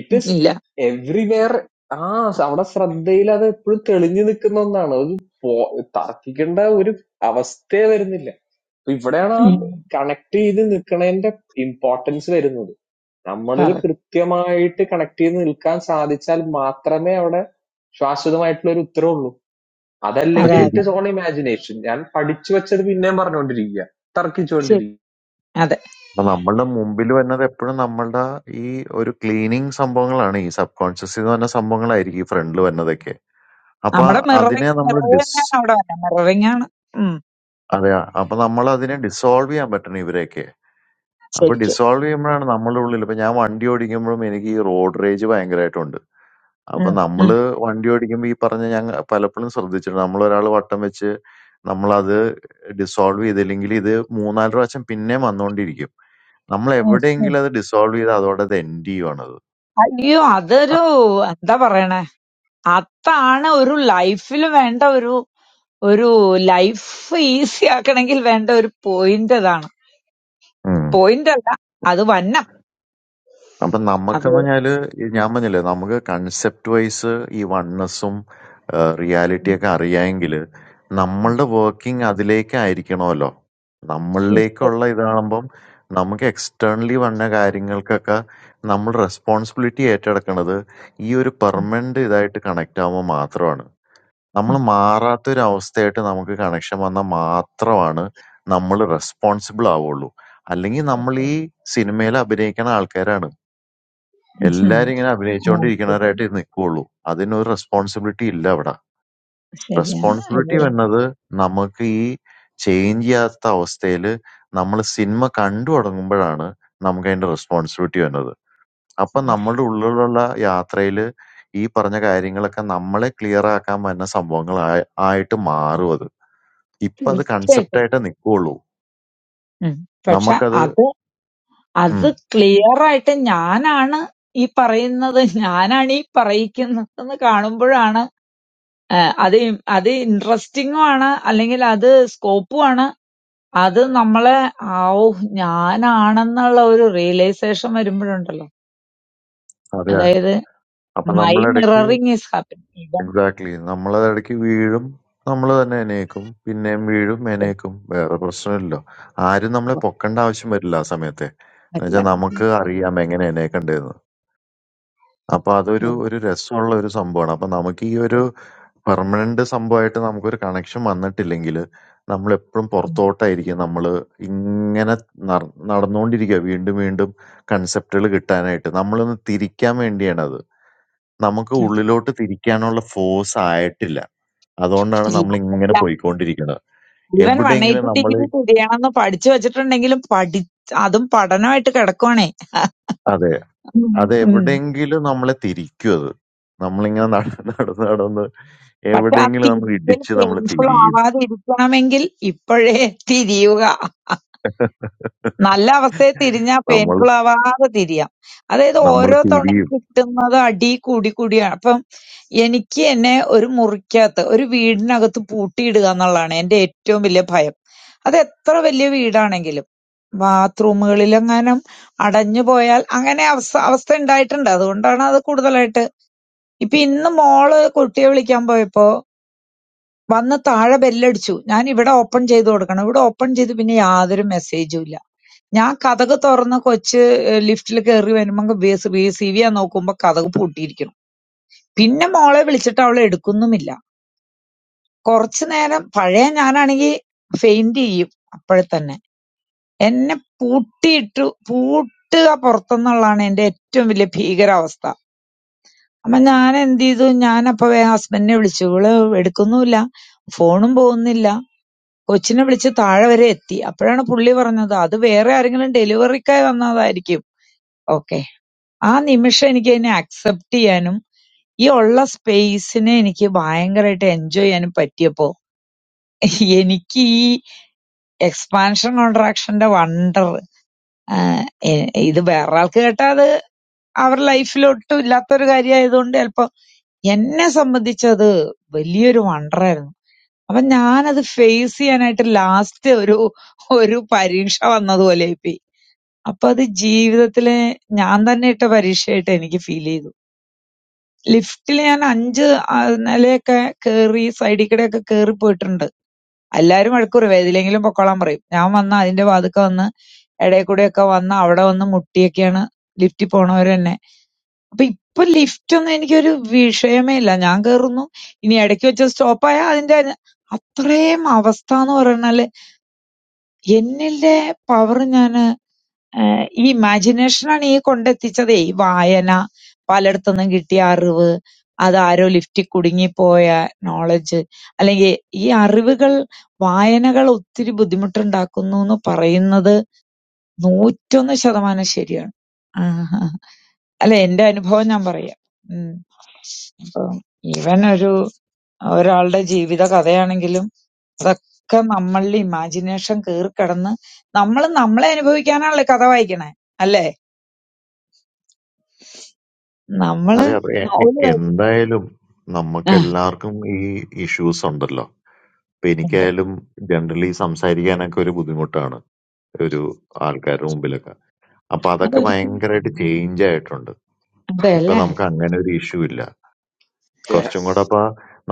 it is
ഇല്ല.
everywhere. Ah, our country is not only talking about Turkey. We are talking about the situation. So,
ഉം.
this connection is important. We are talking
correct.
about the connection. It is not just about the matter. So as you know, it's like a dream. That
അപ്പൊ
അതെ
language
ശരി
അതെ.
is all imagination. I am a student. Children are learning. What is it? Turkey is
ശരി.
learning.
അതെ.
അപ്പൊ നമ്മളുടെ മുമ്പിൽ വരുന്നത് എപ്പോഴും നമ്മളുടെ ഈ ഒരു ക്ലീനിങ് സംഭവങ്ങളാണ് ഈ സബ് കോൺഷ്യസ് എന്ന് പറഞ്ഞ സംഭവങ്ങളായിരിക്കും ഈ ഫ്രണ്ടിൽ വരുന്നതൊക്കെ അപ്പൊ
നമ്മുടെ
അതിനെ
മിററിംഗ്
നമ്മൾ ഡിസ്
മിററിംഗ് ആണ് അവിടെ വന്നെ. മിററിംഗ് ആണ്. ഉം.
അതെ അപ്പൊ നമ്മൾ അതിനെ ഡിസോൾവ് ചെയ്യാൻ പറ്റണം ഇവരെയൊക്കെ അപ്പൊ
ശരിക്കും.
ഡിസോൾവ് ചെയ്യുമ്പോഴാണ് നമ്മളുടെ ഉള്ളിൽ ഇപ്പൊ ഞാൻ വണ്ടി ഓടിക്കുമ്പോഴും എനിക്ക് ഈ റോഡ് റേജ് ഭയങ്കരമായിട്ടുണ്ട് അപ്പൊ
ഉം. ഉം.
നമ്മള് വണ്ടി ഓടിക്കുമ്പോൾ ഈ പറഞ്ഞ ഞങ്ങൾ പലപ്പോഴും ശ്രദ്ധിച്ചിട്ടുണ്ട് നമ്മൾ ഒരാൾ വട്ടം വെച്ച് നമ്മളത് ഡിസോൾവ് ചെയ്തില്ലെങ്കിൽ ഇത് മൂന്നാല് പ്രാവശ്യം പിന്നെയും വന്നുകൊണ്ടിരിക്കും നമ്മൾ
ഉം. ഉം.
എവിടെയെങ്കിലും അത് ഡിസോൾവ് ചെയ്ത് അതോടെ അത് എൻഡ് ചെയ്യുവാണത്
അയ്യോ അതൊരു എന്താ പറയണേ അതാണ് ഒരു ലൈഫിൽ വേണ്ട ഒരു ഒരു ലൈഫ് ഈസി ആക്കണമെങ്കിൽ വേണ്ട ഒരു പോയിന്റ് അതാണ് പോയിന്റ് അല്ല അത് വന്നം
അപ്പൊ
അത്
നമ്മക്കെന്ന് പറഞ്ഞാല് ഈ ഞാൻ പറഞ്ഞില്ലേ നമുക്ക് കൺസെപ്റ്റ് വൈസ് ഈ വൺനെസ്സും റിയാലിറ്റിയൊക്കെ അറിയാമെങ്കിൽ
ഉം
നമ്മളുടെ വർക്കിംഗ് അതിലേക്കായിരിക്കണമല്ലോ
തീർച്ചയായിട്ടും.
നമ്മളിലേക്കുള്ള ഇതാകുമ്പം നമുക്ക് എക്സ്റ്റേണലി വന്ന കാര്യങ്ങൾക്കൊക്കെ നമ്മൾ റെസ്പോൺസിബിലിറ്റി ഏറ്റെടുക്കുന്നത് ഈ ഒരു
ഉം
പെർമനന്റ് ഇതായിട്ട് കണക്ട് ആകുമ്പോൾ മാത്രമാണ് നമ്മൾ
ഉം
മാറാത്തൊരു അവസ്ഥയായിട്ട് നമുക്ക് കണക്ഷൻ വന്നാൽ മാത്രമാണ് നമ്മൾ റെസ്പോൺസിബിൾ ആവുള്ളൂ അല്ലെങ്കിൽ നമ്മൾ ഈ സിനിമയിൽ അഭിനയിക്കുന്ന ആൾക്കാരാണ്
ഉം.
എല്ലാരും ഇങ്ങനെ
ആ, ശരി.
അഭിനയിച്ചുകൊണ്ടിരിക്കുന്നവരായിട്ട് നിൽക്കുകയുള്ളൂ അതിനൊരു റെസ്പോൺസിബിലിറ്റി ഇല്ല അവിടെ
ശരിയാണ്
റെസ്പോൺസിബിലിറ്റി
അല്ലേ?
വന്നത് നമുക്ക് ഈ ചേഞ്ച് ചെയ്യാത്ത അവസ്ഥയിൽ നമ്മൾ സിനിമ കണ്ടു തുടങ്ങുമ്പോഴാണ് നമുക്ക് അതിന്റെ റെസ്പോൺസിബിലിറ്റി വരുന്നത് അപ്പൊ നമ്മളുടെ ഉള്ളിലുള്ള യാത്രയിൽ ഈ പറഞ്ഞ കാര്യങ്ങളൊക്കെ നമ്മളെ ക്ലിയർ ആക്കാൻ വരുന്ന സംഭവങ്ങൾ ആയ- ആയിട്ട് മാറും അത് ഇപ്പൊ അത് കൺസെപ്റ്റ്
തീർച്ചയായിട്ടും
ആയിട്ട് നിൽക്കുകയുള്ളൂ
ഉം. പക്ഷെ
നമുക്കത്
അത് അത്
ഉം
ക്ലിയർ ആയിട്ട് ഞാനാണ് ഈ പറയുന്നത് ഞാനാണ് ഈ പറയിക്കുന്നത് എന്ന് കാണുമ്പോഴാണ് അത് ഇ- അത് ഇൻട്രസ്റ്റിംഗും ആണ് അല്ലെങ്കിൽ അത് സ്കോപ്പും ആണ് അത് നമ്മളെ ആ ഓ ഞാനാണെന്നുള്ള ഒരു റിയലൈസേഷൻ വരുമ്പോഴുണ്ടല്ലോ
അതെ
അതായത്
അപ്പൊ
മൈ
നമ്മളിടയ്ക്ക്
mirroring is happening even
exactly. നമ്മളതിടയ്ക്ക് വീഴും. നമ്മള് തന്നെ എണീക്കും. പിന്നേം വീഴും, എണീക്കും. വേറെ പ്രശ്നമില്ലല്ലോ. ആരും നമ്മളെ പൊക്കണ്ട ആവശ്യം വരില്ല ആ സമയത്തെ. എന്നുവെച്ചാ
എല്ലാവരും
നമുക്ക് അറിയാം എങ്ങനെ എണീക്കണ്ടേന്ന്. അപ്പൊ അതൊരു ഒരു രസമുള്ള ഒരു സംഭവമാണ്. അപ്പൊ നമുക്ക് ഈ ഒരു പെർമനന്റ് സംഭവമായിട്ട് നമുക്കൊരു കണക്ഷൻ വന്നിട്ടില്ലെങ്കില് നമ്മളെപ്പഴും പുറത്തോട്ടായിരിക്കും നമ്മള് ഇങ്ങനെ നർ നടന്നുകൊണ്ടിരിക്കുക. വീണ്ടും വീണ്ടും കൺസെപ്റ്റുകൾ കിട്ടാനായിട്ട്. നമ്മളൊന്ന് തിരിക്കാൻ വേണ്ടിയാണത്. നമുക്ക്
അതെ
ഉള്ളിലോട്ട് തിരിക്കാനുള്ള ഫോഴ്സ് ആയിട്ടില്ല. അതുകൊണ്ടാണ് നമ്മളിങ്ങനെ
ഇല്ല
പോയിക്കൊണ്ടിരിക്കണത്.
ഇവൻ വൺ
എവിടെയെങ്കിലും
എയ്റ്റി
നമ്മള്
ഡിഗ്രി തിരിയണമെന്ന് പഠിച്ചു വെച്ചിട്ടുണ്ടെങ്കിലും പഠി അതും പഠനമായിട്ട് കിടക്കുവാണേ
അതെ.
ഉം. ഉം.
അതെവിടെയെങ്കിലും നമ്മളെ തിരിക്കും അത്. നമ്മളിങ്ങനെ നടന്ന് നടന്ന് നടന്ന്
പക്ഷെ ആ
എവിടെയെങ്കിലും നമ്മള്
തിരിക്കൽ
ഇടിച്ച് നമ്മള്
പെയിൻഫുൾ
തിരിയും.
ആവാതെ ഇരിക്കണമെങ്കിൽ ഇപ്പോഴേ തിരിയുക നല്ല അവസ്ഥയെ തിരിഞ്ഞാ
നമ്മള്
പെയിൻഫുൾ ആവാതെ തിരിയാം അതായത്
നമ്മള്
ഓരോ തവണയും
തിരിയും.
കിട്ടുന്നത് അടി കൂടി കൂടിയാണ് അപ്പം എനിക്ക് എന്നെ ഒരു മുറിക്കകത്ത് ഒരു വീടിനകത്ത് പൂട്ടിയിടുക എന്നുള്ളതാണ് എന്റെ ഏറ്റവും വലിയ ഭയം അത് എത്ര വലിയ വീടാണെങ്കിലും ബാത്റൂമുകളിലെങ്ങാനും അടഞ്ഞു പോയാൽ അങ്ങനെ അവസ്ഥ അവസ്ഥ ഉണ്ടായിട്ടുണ്ട് അതുകൊണ്ടാണ് അത് കൂടുതലായിട്ട് ഇപ്പൊ ഇന്ന് മോള് കുട്ടിയെ വിളിക്കാൻ പോയപ്പോ വന്ന് താഴെ ബെല്ലടിച്ചു ഞാൻ ഇവിടെ ഓപ്പൺ ചെയ്ത് കൊടുക്കണം ഇവിടെ ഓപ്പൺ ചെയ്ത് പിന്നെ യാതൊരു മെസ്സേജും ഇല്ല ഞാൻ കതക് തുറന്ന് കൊച്ച് ലിഫ്റ്റില് കേറി വരുമ്പോ ബി സി വി ആ നോക്കുമ്പോ കതക് പൂട്ടിയിരിക്കണം പിന്നെ മോളെ വിളിച്ചിട്ട് അവൾ എടുക്കുന്നുമില്ല കുറച്ചു നേരം പഴയ ഞാനാണെങ്കിൽ ഫെയിന്റ് ചെയ്യും അപ്പോഴെ തന്നെ എന്നെ പൂട്ടിയിട്ടു പൂട്ടുക പുറത്തുനിന്നുള്ളതാണ് എന്റെ ഏറ്റവും വലിയ ഭീകരാവസ്ഥ അപ്പൊ ഞാൻ എന്ത് ചെയ്തു ഞാൻ അപ്പൊ വേഗം ഹസ്ബൻഡിനെ വിളിച്ചു ഇവള് എടുക്കുന്നുമില്ല ഫോണും പോകുന്നില്ല കൊച്ചിനെ വിളിച്ച് താഴെ വരെ എത്തി അപ്പോഴാണ് പുള്ളി പറഞ്ഞത് അത് വേറെ ആരെങ്കിലും ഡെലിവറിക്കായി വന്നതായിരിക്കും ഓക്കെ ആ നിമിഷം എനിക്കതിനെ അക്സെപ്റ്റ് ചെയ്യാനും ഈ ഉള്ള സ്പേസിനെ എനിക്ക് ഭയങ്കരമായിട്ട് എൻജോയ് ചെയ്യാനും പറ്റിയപ്പോ എനിക്ക് ഈ എക്സ്പാൻഷൻ കോൺട്രാക്ഷന്റെ വണ്ടർ ഇത് വേറെ ആൾക്ക് കേട്ടാ അത് അവരുടെ ലൈഫിൽ ഒട്ടും ഇല്ലാത്തൊരു കാര്യമായതുകൊണ്ട് ചിലപ്പോ എന്നെ സംബന്ധിച്ചത് വലിയൊരു വണ്ടറായിരുന്നു അപ്പൊ ഞാനത് ഫേസ് ചെയ്യാനായിട്ട് ലാസ്റ്റ് ഒരു ഒരു പരീക്ഷ വന്നതുപോലെ ആയിപ്പോയി അപ്പൊ അത് ജീവിതത്തിലെ ഞാൻ തന്നെ ഇട്ട പരീക്ഷയായിട്ട് എനിക്ക് ഫീൽ ചെയ്തു ലിഫ്റ്റില് ഞാൻ 5 ആഹ് നിലയൊക്കെ കേറി സൈഡി കൂടെയൊക്കെ കേറി പോയിട്ടുണ്ട്. എല്ലാരും വഴക്ക് പറയും. ഏതിലെങ്കിലും പൊക്കോളാൻ പറയും. ഞാൻ വന്നാ അതിന്റെ വാതുക്കെ വന്ന് എടയിൽ കൂടെയൊക്കെ വന്ന് അവിടെ വന്ന് മുട്ടിയൊക്കെയാണ് ലിഫ്റ്റിൽ പോണവര് തന്നെ. അപ്പൊ ഇപ്പൊ ലിഫ്റ്റൊന്നും എനിക്കൊരു വിഷയമേ ഇല്ല. ഞാൻ കേറുന്നു. ഇനി എടയ്ക്ക് വെച്ച് സ്റ്റോപ്പായാ അതിന്റെ അത്രേം അവസ്ഥാന്ന് പറയണാല് എന്നിലെ പവർ ഞാന് ഏഹ് ഈ ഇമാജിനേഷനാണ് ഈ കൊണ്ടെത്തിച്ചതേ. ഈ വായന, പലയിടത്തുനിന്നും കിട്ടിയ അറിവ്, അതാരോ ലിഫ്റ്റിൽ കുടുങ്ങിപ്പോയ നോളഡ്ജ് അല്ലെങ്കിൽ ഈ അറിവുകൾ വായനകൾ ഒത്തിരി ബുദ്ധിമുട്ടുണ്ടാക്കുന്നുന്ന് പറയുന്നത് 101% ശതമാനം ശരിയാണ്. ആഹാ. അല്ല എന്റെ അനുഭവം ഞാൻ പറയാം. ഉം. അപ്പം ഈവൻ ഒരു ഒരാളുടെ ജീവിത കഥയാണെങ്കിലും അതൊക്കെ നമ്മളിൽ ഇമാജിനേഷൻ കയറിക്കിടന്ന് നമ്മൾ നമ്മളെ അനുഭവിക്കാനാണല്ലോ കഥ വായിക്കണേ. അല്ലേ? നമ്മള്
അതെ. അപ്പൊ എ എ
ഒരു വഴി
എന്തായാലും
ആ
നമ്മക്കെല്ലാർക്കും ഈ ഇഷ്യൂസ് ഉണ്ടല്ലോ. ഇപ്പൊ
ഉണ്ട്.
എനിക്കായാലും ജനറലി സംസാരിക്കാനൊക്കെ ഒരു ബുദ്ധിമുട്ടാണ്. ഒരു ആൾക്കാരുടെ മുമ്പിലൊക്കെ. അപ്പൊ അതൊക്കെ
അതൊരിക്കലും
ഭയങ്കരായിട്ട് ചേഞ്ച് ആയിട്ടുണ്ട്.
അതെ
ഇപ്പൊ
അല്ലേ?
നമുക്ക് അങ്ങനെ ഒരു ഇഷ്യൂ ഇല്ല. കുറച്ചും കൂടെ അപ്പൊ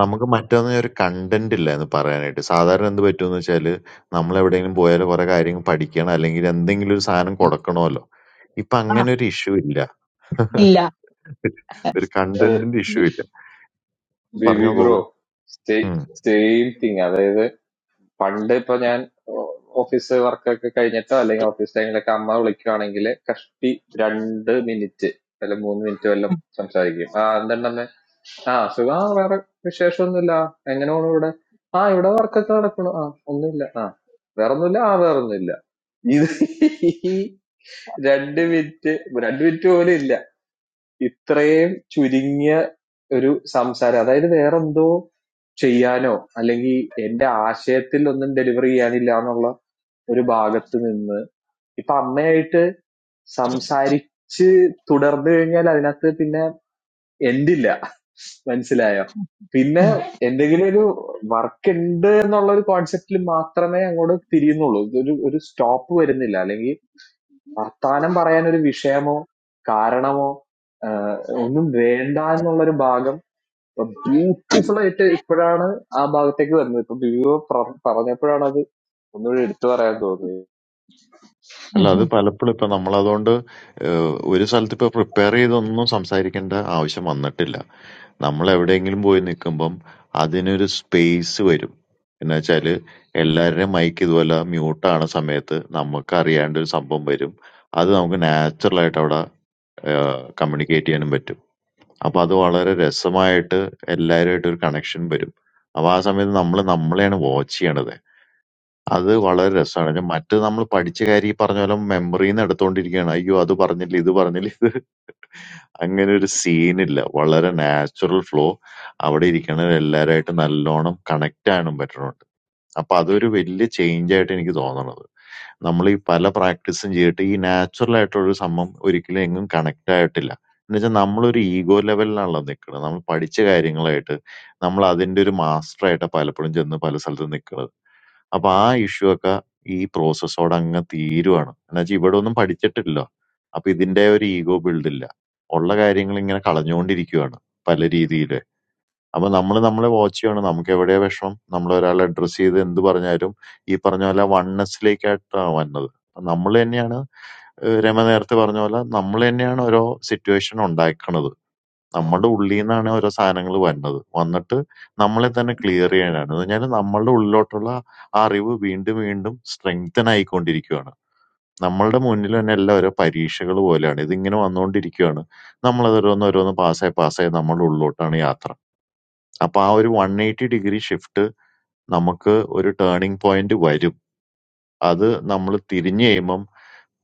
നമുക്ക് മറ്റൊന്നും ഒരു കണ്ടന്റ് ഇല്ലായിരുന്നു പറയാനായിട്ട്. സാധാരണ എന്ത് പറ്റുംന്ന് വെച്ചാല് നമ്മളെവിടെയെങ്കിലും പോയാല് കൊറേ കാര്യങ്ങൾ പഠിക്കണം അല്ലെങ്കിൽ എന്തെങ്കിലും ഒരു സാധനം കൊടുക്കണമല്ലോ. ഇപ്പൊ
ആ
അങ്ങനെ ഒരു ഇഷ്യൂ ഇല്ല.
ഇല്ല.
ഒരു കണ്ടന്റിന്റെ ഇഷ്യൂ ഇല്ല. പറഞ്ഞോ
Baby
ഗോകുൽ.
bro,
ഉം.
same thing. That is, when I am in office work, I am doing office work. The work is like 30 minutes, 30 minutes, sorry. Ah, what is it? Ah, so, ah, we are not saying that. How many? Ah, that work is not done. Ah, no. Ah, there is no. Ah, there is no. ഇത് ഈ രണ്ട് minute രണ്ട് minute പോലും ഇല്ല ഇത്രയും ചുരുങ്ങിയ ഒരു സംസാരം അതായത് വേറെന്തോ ചെയ്യാനോ അല്ലെങ്കിൽ എന്റെ ആശയത്തിൽ ഒന്നും ഡെലിവർ ചെയ്യാനില്ല എന്നുള്ള ഒരു ഭാഗത്ത് നിന്ന് ഇപ്പൊ അമ്മയായിട്ട് സംസാരിച്ച് തുടർന്നു കഴിഞ്ഞാൽ അതിനകത്ത് പിന്നെ എൻഡില്ല മനസ്സിലായോ പിന്നെ എന്തെങ്കിലും ഒരു വർക്ക് ഉണ്ട് എന്നുള്ള ഒരു കോൺസെപ്റ്റിൽ മാത്രമേ അങ്ങോട്ട് തിരിയുന്നുള്ളൂ ഒരു ഒരു സ്റ്റോപ്പ് വരുന്നില്ല അല്ലെങ്കിൽ വർത്താനം പറയാനൊരു വിഷയമോ കാരണമോ ആഹ് ഒന്നും വേണ്ട എന്നുള്ളൊരു ഭാഗം ബ്യൂട്ടിഫുൾ ആയിട്ട് ഇപ്പോഴാണ് ആ ഭാഗത്തേക്ക് വരുന്നത് ഇപ്പൊ ബിബിയോ പറഞ്ഞപ്പോഴാണ് അത് ഒന്നുകൂടി എടുത്തു പറയാൻ തോന്നുന്നത്
അല്ല അത്
ഉം.
പലപ്പോഴും ഇപ്പൊ നമ്മളതുകൊണ്ട് ഏഹ് ഒരു സ്ഥലത്ത് ഇപ്പൊ പ്രിപ്പയർ ചെയ്തൊന്നും സംസാരിക്കേണ്ട ആവശ്യം വന്നിട്ടില്ല. നമ്മളെവിടെയെങ്കിലും പോയി നിക്കുമ്പം അതിനൊരു സ്പേസ് വരും. എന്നുവെച്ചാല് എല്ലാവരുടെയും മൈക്ക് ഇതുപോലെ മ്യൂട്ടാവണ സമയത്ത് നമ്മക്കറിയാണ്ട് ഒരു സംഭവം വരും. അത് നമുക്ക് നാച്ചുറലായിട്ട് അവിടെ ഏഹ് കമ്മ്യൂണിക്കേറ്റ് ചെയ്യാനും പറ്റും. അപ്പൊ അത് വളരെ രസമായിട്ട് എല്ലാവരുമായിട്ട് ഒരു കണക്ഷൻ വരും. അപ്പൊ ആ സമയത്ത് നമ്മള് നമ്മളെയാണ് വാച്ച് ചെയ്യണത്. അത് വളരെ രസാണ്. മറ്റേത് നമ്മള് പഠിച്ച കാര്യം ഈ പറഞ്ഞ പോലെ മെമ്മറിന്ന് എടുത്തോണ്ടിരിക്കുകയാണ്. അയ്യോ അത് പറഞ്ഞില്ല, ഇത് പറഞ്ഞില്ല അങ്ങനൊരു സീനില്ല. വളരെ നാച്ചുറൽ ഫ്ലോ. അവിടെ ഇരിക്കണ എല്ലാവരുമായിട്ട് നല്ലോണം കണക്ട് ആകാനും പറ്റുന്നുണ്ട്. അപ്പൊ അതൊരു വലിയ ചേഞ്ച് ആയിട്ട് എനിക്ക് തോന്നണത്. നമ്മളീ പല പ്രാക്ടീസും ചെയ്തിട്ട് ഈ നാച്ചുറൽ ആയിട്ടുള്ളൊരു സംഭവം ഒരിക്കലും എങ്ങും കണക്ട് ആയിട്ടില്ല. എന്നുവെച്ചാൽ നമ്മളൊരു ഈഗോ ലെവലിലാണല്ലോ നിൽക്കണത്. നമ്മൾ പഠിച്ച കാര്യങ്ങളായിട്ട് നമ്മൾ അതിന്റെ ഒരു മാസ്റ്റർ ആയിട്ടാ പലപ്പോഴും ചെന്ന് പല സ്ഥലത്തും നിൽക്കണത്. അപ്പൊ ആ ഇഷ്യൂ ഒക്കെ ഈ പ്രോസസ്സോടെ അങ്ങ് തീരുവാണ് എന്നുവെച്ചാൽ ഇവിടെ ഒന്നും പഠിച്ചിട്ടില്ല അപ്പൊ ഇതിന്റെ ഒരു ഈഗോ ബിൽഡ് ഇല്ല ഉള്ള കാര്യങ്ങൾ ഇങ്ങനെ കളഞ്ഞുകൊണ്ടിരിക്കുവാണ് പല രീതിയിൽ അപ്പൊ നമ്മൾ നമ്മളെ വാച്ച് ചെയ്യണം നമുക്ക് എവിടെയാ വിഷമം നമ്മൾ ഒരാളെ അഡ്രസ് ചെയ്ത് എന്ത് പറഞ്ഞാലും ഈ പറഞ്ഞ പോലെ വണ്ണസിലേക്കായിട്ടാണ് വന്നത് നമ്മൾ തന്നെയാണ് ഏഹ് രമ നേരത്തെ പറഞ്ഞ പോലെ നമ്മൾ തന്നെയാണ് ഓരോ സിറ്റുവേഷൻ ഉണ്ടാക്കണത് നമ്മുടെ ഉള്ളീന്നാണ് ഓരോ സാധനങ്ങൾ വരുന്നത്. വന്നിട്ട് നമ്മളെ തന്നെ ക്ലിയർ ചെയ്യാനാണ്. എന്ന് പറഞ്ഞാല് നമ്മളുടെ ഉള്ളിലോട്ടുള്ള ആ അറിവ് വീണ്ടും വീണ്ടും സ്ട്രെങ്തൻ ആയിക്കൊണ്ടിരിക്കുകയാണ്. നമ്മളുടെ മുന്നിൽ തന്നെ എല്ലാം ഓരോ പരീക്ഷകൾ പോലെയാണ്. ഇതിങ്ങനെ വന്നുകൊണ്ടിരിക്കുകയാണ്. നമ്മളത് ഓരോന്ന് ഓരോന്ന് പാസ്സായി പാസ്സായി നമ്മളുടെ ഉള്ളിലോട്ടാണ് യാത്ര. അപ്പൊ ആ ഒരു 180 ഡിഗ്രി ഷിഫ്റ്റ് നമുക്ക് ഒരു ടേണിംഗ് പോയിന്റ് വരും. അത് നമ്മള് തിരിഞ്ഞ് കഴിയുമ്പം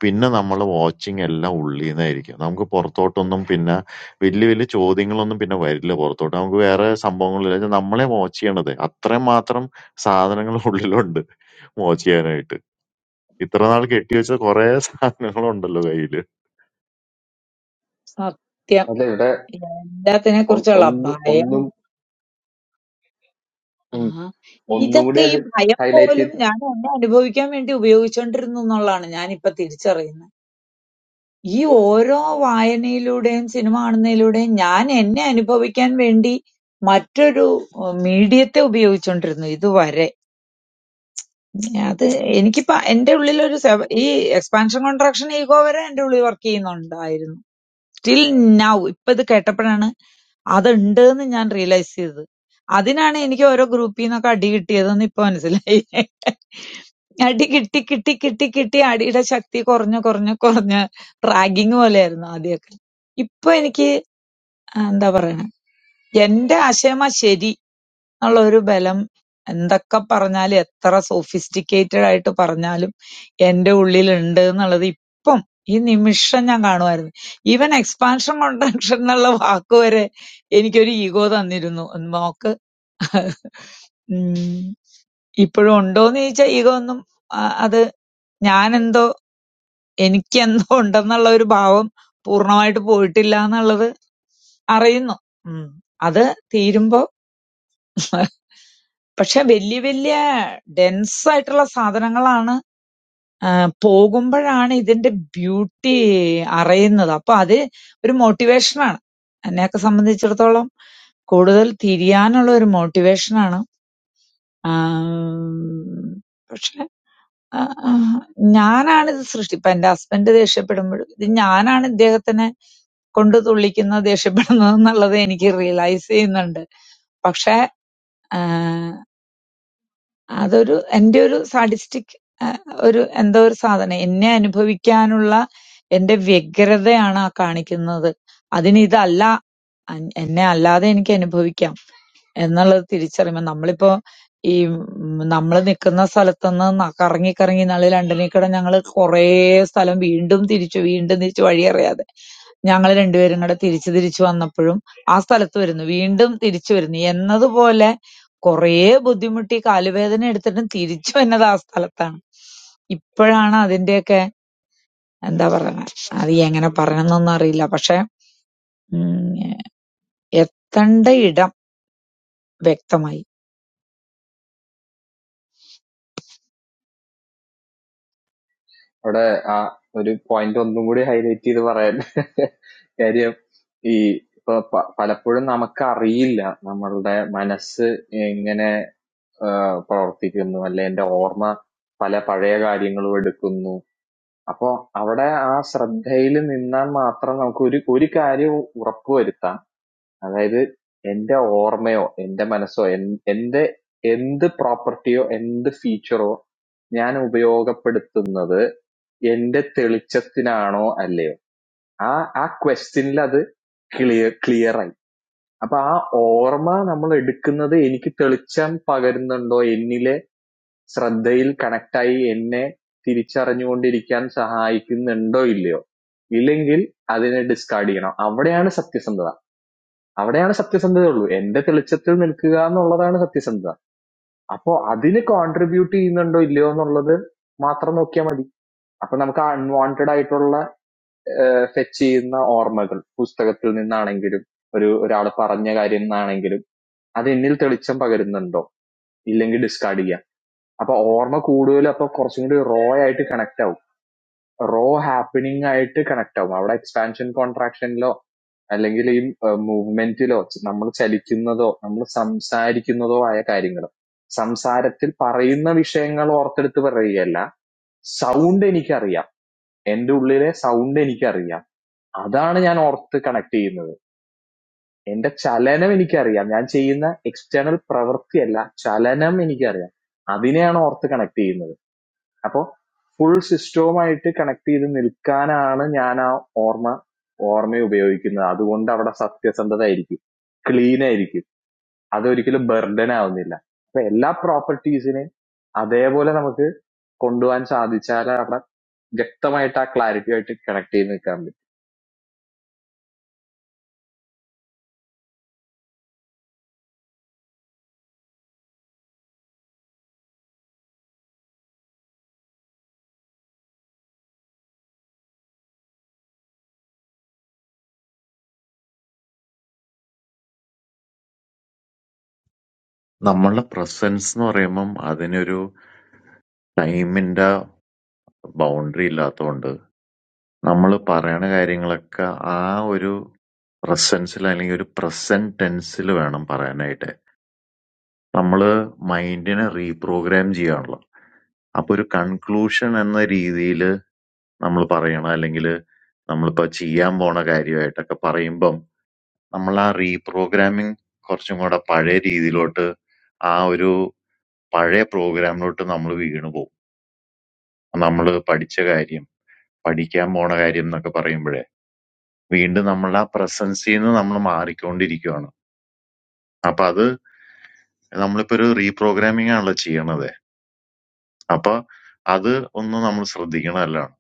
പിന്നെ നമ്മളെ വാച്ചിങ് എല്ലാം ഉള്ളീന്നായിരിക്കും. നമുക്ക് പുറത്തോട്ടൊന്നും പിന്നെ വല്യ വല്യ ചോദ്യങ്ങളൊന്നും പിന്നെ വരില്ല പുറത്തോട്ട്. നമുക്ക് വേറെ സംഭവങ്ങളില്ല. ഇത് നമ്മളെ വാച്ച് ചെയ്യണത്. അത്രയും മാത്രം സാധനങ്ങൾ ഉള്ളിലുണ്ട് വാച്ച് ചെയ്യാനായിട്ട്. ഇത്ര നാൾ കെട്ടിവെച്ച കുറേ സാധനങ്ങളുണ്ടല്ലോ കയ്യില്.
സത്യം.
അല്ല ഇവിടെ
എല്ലാത്തിനെ
ഒ-
കുറിച്ചുള്ള
ഒന്ന്
ഭയം.
ഒന്നും
ആ.
ഉം, ഒന്നും കൂടി
ഇതൊക്കെ ഈ
അത്
ഭയം
ഹൈലൈറ്റ്
പോലും
ചെയ്ത്
ഞാൻ എന്നെ അനുഭവിക്കാൻ വേണ്ടി ഉപയോഗിച്ചോണ്ടിരുന്നു എന്നുള്ളതാണ് ഞാൻ ഇപ്പൊ തിരിച്ചറിയുന്നത്. ഈ ഓരോ വായനയിലൂടെയും സിനിമ കാണുന്നതിലൂടെയും ഞാൻ എന്നെ അനുഭവിക്കാൻ വേണ്ടി മറ്റൊരു ഏഹ് മീഡിയത്തെ ഉപയോഗിച്ചോണ്ടിരുന്നു ഇതുവരെ. അത് എനിക്കിപ്പോ എന്റെ ഉള്ളിൽ ഒരു ഈ എക്സ്പാൻഷൻ കോൺട്രാക്ഷൻ ഈഗോ വരെ എന്റെ ഉള്ളിൽ വർക്ക് ചെയ്യുന്നുണ്ടായിരുന്നു സ്റ്റിൽ നൗ ഇപ്പൊ ഇത് കേട്ടപ്പോഴാണ് അതുണ്ട് എന്ന് ഞാൻ റിയലൈസ് ചെയ്തത് അതിനാണ് എനിക്ക് ഓരോ ഗ്രൂപ്പിൽ നിന്നൊക്കെ അടി കിട്ടിയതെന്ന് ഇപ്പൊ മനസ്സിലായി അടി കിട്ടി കിട്ടി കിട്ടി കിട്ടി അടിയുടെ ശക്തി കുറഞ്ഞ് കുറഞ്ഞ് കുറഞ്ഞ് റാഗിങ് പോലെയായിരുന്നു ആദ്യമൊക്കെ ഇപ്പൊ എനിക്ക് ആ, എന്താ പറയണേ എന്റെ ആശയമാ ശരി എന്നുള്ളൊരു ബലം എന്തൊക്കെ പറഞ്ഞാലും എത്ര സോഫിസ്റ്റിക്കേറ്റഡ് ആയിട്ട് പറഞ്ഞാലും എന്റെ ഉള്ളിലുണ്ട് എന്നുള്ളത് ഇപ്പം ഈ നിമിഷം ഞാൻ കാണുമായിരുന്നു ഈവൻ എക്സ്പാൻഷൻ കോൺട്രാക്ഷൻ എന്നുള്ള വാക്ക് വരെ എനിക്കൊരു ഈഗോ തന്നിരുന്നു നോക്ക് ഉം. ഇപ്പോഴും ഉണ്ടോന്ന് ചോദിച്ചാൽ ഈഗോ ഒന്നും ആ, അത് ഞാനെന്തോ എനിക്കെന്തോ ഉണ്ടെന്നുള്ള ഒരു ഭാവം പൂർണ്ണമായിട്ട് പോയിട്ടില്ല എന്നുള്ളത് അറിയുന്നു ഉം. അത് തീരുമ്പോ പക്ഷെ വല്യ വല്യ ഡെൻസ് ആയിട്ടുള്ള സാധനങ്ങളാണ് ആ, പോകുമ്പഴാണ് ഇതിന്റെ ബ്യൂട്ടി അറിയുന്നത്. അപ്പൊ അത് ഒരു മോട്ടിവേഷനാണ്. എന്നെയൊക്കെ സംബന്ധിച്ചിടത്തോളം കൂടുതൽ തിരിയാനുള്ള ഒരു മോട്ടിവേഷനാണ്. ആം, പക്ഷെ ആ, ആ, ഞാനാണിത് സൃഷ്ടി ഇപ്പൊ എന്റെ ഹസ്ബൻഡ് ദേഷ്യപ്പെടുമ്പോഴും ഇത് ഞാനാണ് ഇദ്ദേഹത്തിനെ കൊണ്ട് തുള്ളിക്കുന്നത് ദേഷ്യപ്പെടുന്നത് എന്നുള്ളത് എനിക്ക് റിയലൈസ് ചെയ്യുന്നുണ്ട്. പക്ഷെ അതൊരു എന്റെ ഒരു സാഡിസ്റ്റിക് ഒരു എന്തോ ഒരു സാധനം എന്നെ അനുഭവിക്കാനുള്ള എന്റെ വ്യഗ്രതയാണ് ആ കാണിക്കുന്നത് അതിന് ഇതല്ല അൻ- എന്നെ അല്ലാതെ എനിക്ക് അനുഭവിക്കാം എന്നുള്ളത് തിരിച്ചറിയുമ്പം നമ്മളിപ്പോ ഈ നമ്മൾ നിൽക്കുന്ന സ്ഥലത്തുനിന്ന് ന- കറങ്ങി കറങ്ങി നാള് ലണ്ടനിൽ കൂടെ ഞങ്ങൾ കുറേ സ്ഥലം വീണ്ടും തിരിച്ചു വീണ്ടും തിരിച്ചു വഴിയറിയാതെ ഞങ്ങൾ രണ്ടുപേരും കൂടെ തിരിച്ചു തിരിച്ചു വന്നപ്പോഴും ആ സ്ഥലത്ത് വരുന്നു വീണ്ടും തിരിച്ചു വരുന്നു എന്നതുപോലെ കുറേ ബുദ്ധിമുട്ടി കാലുവേദന എടുത്തിട്ടും തിരിച്ചു വന്നത് ആ സ്ഥലത്താണ് ഇപ്പോഴാണ് അതിന്റെയൊക്കെ എന്താ പറയണെ അത് എങ്ങനെ പറയണമെന്നൊന്നും അറിയില്ല പക്ഷെ ഉം എത്തേണ്ട ഇടം വ്യക്തമായി
അവിടെ ആ ഒരു പോയിന്റ് ഒന്നും കൂടി ഹൈലൈറ്റ് ചെയ്ത് പറയാൻ കാര്യം ഈ ഇപ്പൊ പ- പലപ്പോഴും നമുക്ക് അറിയില്ല നമ്മളുടെ മനസ്സ് എങ്ങനെ ഏഹ് പ്രവർത്തിക്കുന്നു അല്ലെ എന്റെ ഓർമ്മ പല പഴയ കാര്യങ്ങളും എടുക്കുന്നു അപ്പൊ അവിടെ ആ ശ്രദ്ധയിൽ നിന്നാൽ മാത്രം നമുക്ക് ഒരു ഒരു കാര്യം ഉറപ്പുവരുത്താം അതായത് എന്റെ ഓർമ്മയോ എന്റെ മനസ്സോ എൻ- എന്റെ എന്ത് പ്രോപ്പർട്ടിയോ എന്ത് ഫീച്ചറോ ഞാൻ ഉപയോഗപ്പെടുത്തുന്നത് എന്റെ തെളിച്ചത്തിനാണോ അല്ലയോ ആ ആ ക്വസ്റ്റ്യനിൽ അത് ക്ലിയർ ക്ലിയർ ആയി അപ്പൊ ആ ഓർമ്മ നമ്മൾ എടുക്കുന്നത് എനിക്ക് തെളിച്ചം പകരുന്നുണ്ടോ എന്നിൽ ശ്രദ്ധയിൽ കണക്റ്റായി എന്നെ തിരിച്ചറിഞ്ഞുകൊണ്ടിരിക്കാൻ സഹായിക്കുന്നുണ്ടോ ഇല്ലയോ ഇല്ലെങ്കിൽ അതിനെ ഡിസ്കാർഡ് ചെയ്യണം അവിടെയാണ് സത്യസന്ധത അവിടെയാണ് സത്യസന്ധത ഉള്ളൂ എന്റെ തെളിച്ചത്തിൽ നിൽക്കുക എന്നുള്ളതാണ് സത്യസന്ധത അപ്പോ അതിന് കോൺട്രിബ്യൂട്ട് ചെയ്യുന്നുണ്ടോ ഇല്ലയോ എന്നുള്ളത് മാത്രം നോക്കിയാൽ മതി അപ്പൊ നമുക്ക് അൺവാണ്ടഡ് ആയിട്ടുള്ള ഫെച്ച് ചെയ്യുന്ന ഓർമ്മകൾ പുസ്തകത്തിൽ നിന്നാണെങ്കിലും ഒരു ഒരാൾ പറഞ്ഞ കാര്യം നിന്നാണെങ്കിലും അത് എന്നിൽ തെളിച്ചം പകരുന്നുണ്ടോ ഇല്ലെങ്കിൽ ഡിസ്കാർഡ് ചെയ്യാം അപ്പൊ ഓർമ്മ കൂടുതൽ അപ്പൊ കുറച്ചും കൂടി റോ ആയിട്ട് കണക്ട് ആവും റോ ഹാപ്പനിങ് ആയിട്ട് കണക്ട് ആവും അവിടെ എക്സ്പാൻഷൻ കോൺട്രാക്ഷനിലോ അല്ലെങ്കിൽ ഈ മൂവ്മെന്റിലോ നമ്മൾ ചലിക്കുന്നതോ നമ്മൾ സംസാരിക്കുന്നതോ ആയ കാര്യങ്ങൾ സംസാരത്തിൽ പറയുന്ന വിഷയങ്ങൾ ഓർത്തെടുത്ത് പറയുകയല്ല സൗണ്ട് എനിക്കറിയാം എന്റെ ഉള്ളിലെ സൗണ്ട് എനിക്കറിയാം അതാണ് ഞാൻ ഓർത്ത് കണക്ട് ചെയ്യുന്നത് എന്റെ ചലനം എനിക്കറിയാം ഞാൻ ചെയ്യുന്ന എക്സ്റ്റേണൽ പ്രവൃത്തിയല്ല ചലനം എനിക്കറിയാം അതിനെയാണ് ഓർത്ത് കണക്ട് ചെയ്യുന്നത് അപ്പൊ ഫുൾ സിസ്റ്റവുമായിട്ട് കണക്ട് ചെയ്ത് നിൽക്കാനാണ് ഞാൻ ആ ഓർമ്മ ഓർമ്മ ഉപയോഗിക്കുന്നത് അതുകൊണ്ട് അവിടെ സത്യസന്ധത ആയിരിക്കും ക്ലീൻ ആയിരിക്കും അതൊരിക്കലും ബർഡൻ ആവുന്നില്ല അപ്പൊ എല്ലാ പ്രോപ്പർട്ടീസിനെയും അതേപോലെ നമുക്ക് കൊണ്ടുപോകാൻ സാധിച്ചാൽ അവിടെ വ്യക്തമായിട്ട് ആ ക്ലാരിറ്റി ആയിട്ട് കണക്ട് ചെയ്ത് നിൽക്കാൻ പറ്റും
നമ്മളുടെ പ്രസൻസ് എന്ന് പറയുമ്പം അതിനൊരു ടൈമിന്റെ ബൗണ്ടറി ഇല്ലാത്തതുകൊണ്ട് നമ്മള് പറയണ കാര്യങ്ങളൊക്കെ ആ ഒരു പ്രസൻസിൽ അല്ലെങ്കിൽ ഒരു പ്രസന്റ് ടെൻസിൽ വേണം പറയാനായിട്ട്. നമ്മള് മൈൻഡിനെ റീപ്രോഗ്രാം ചെയ്യാണല്ലോ. അപ്പൊ ഒരു കൺക്ലൂഷൻ എന്ന രീതിയില് നമ്മൾ പറയണം അല്ലെങ്കിൽ നമ്മളിപ്പോ ചെയ്യാൻ പോണ കാര്യമായിട്ടൊക്കെ പറയുമ്പം നമ്മൾ ആ റീപ്രോഗ്രാമിംഗ് കുറച്ചും കൂടെ പഴയ രീതിയിലോട്ട് ആ ഒരു പഴയ പ്രോഗ്രാമിലോട്ട് നമ്മൾ വീണു പോകും നമ്മൾ പഠിച്ച കാര്യം പഠിക്കാൻ പോണ കാര്യം എന്നൊക്കെ പറയുമ്പോഴേ വീണ്ടും നമ്മൾ ആ പ്രസൻസിൽ നിന്ന് നമ്മൾ മാറിക്കൊണ്ടിരിക്കുകയാണ് അപ്പൊ അത് നമ്മളിപ്പോ ഒരു റീപ്രോഗ്രാമിംഗ് ആണല്ലോ ചെയ്യണത് അപ്പൊ അത് ഒന്ന് നമ്മൾ ശ്രദ്ധിക്കണമല്ലാണ്.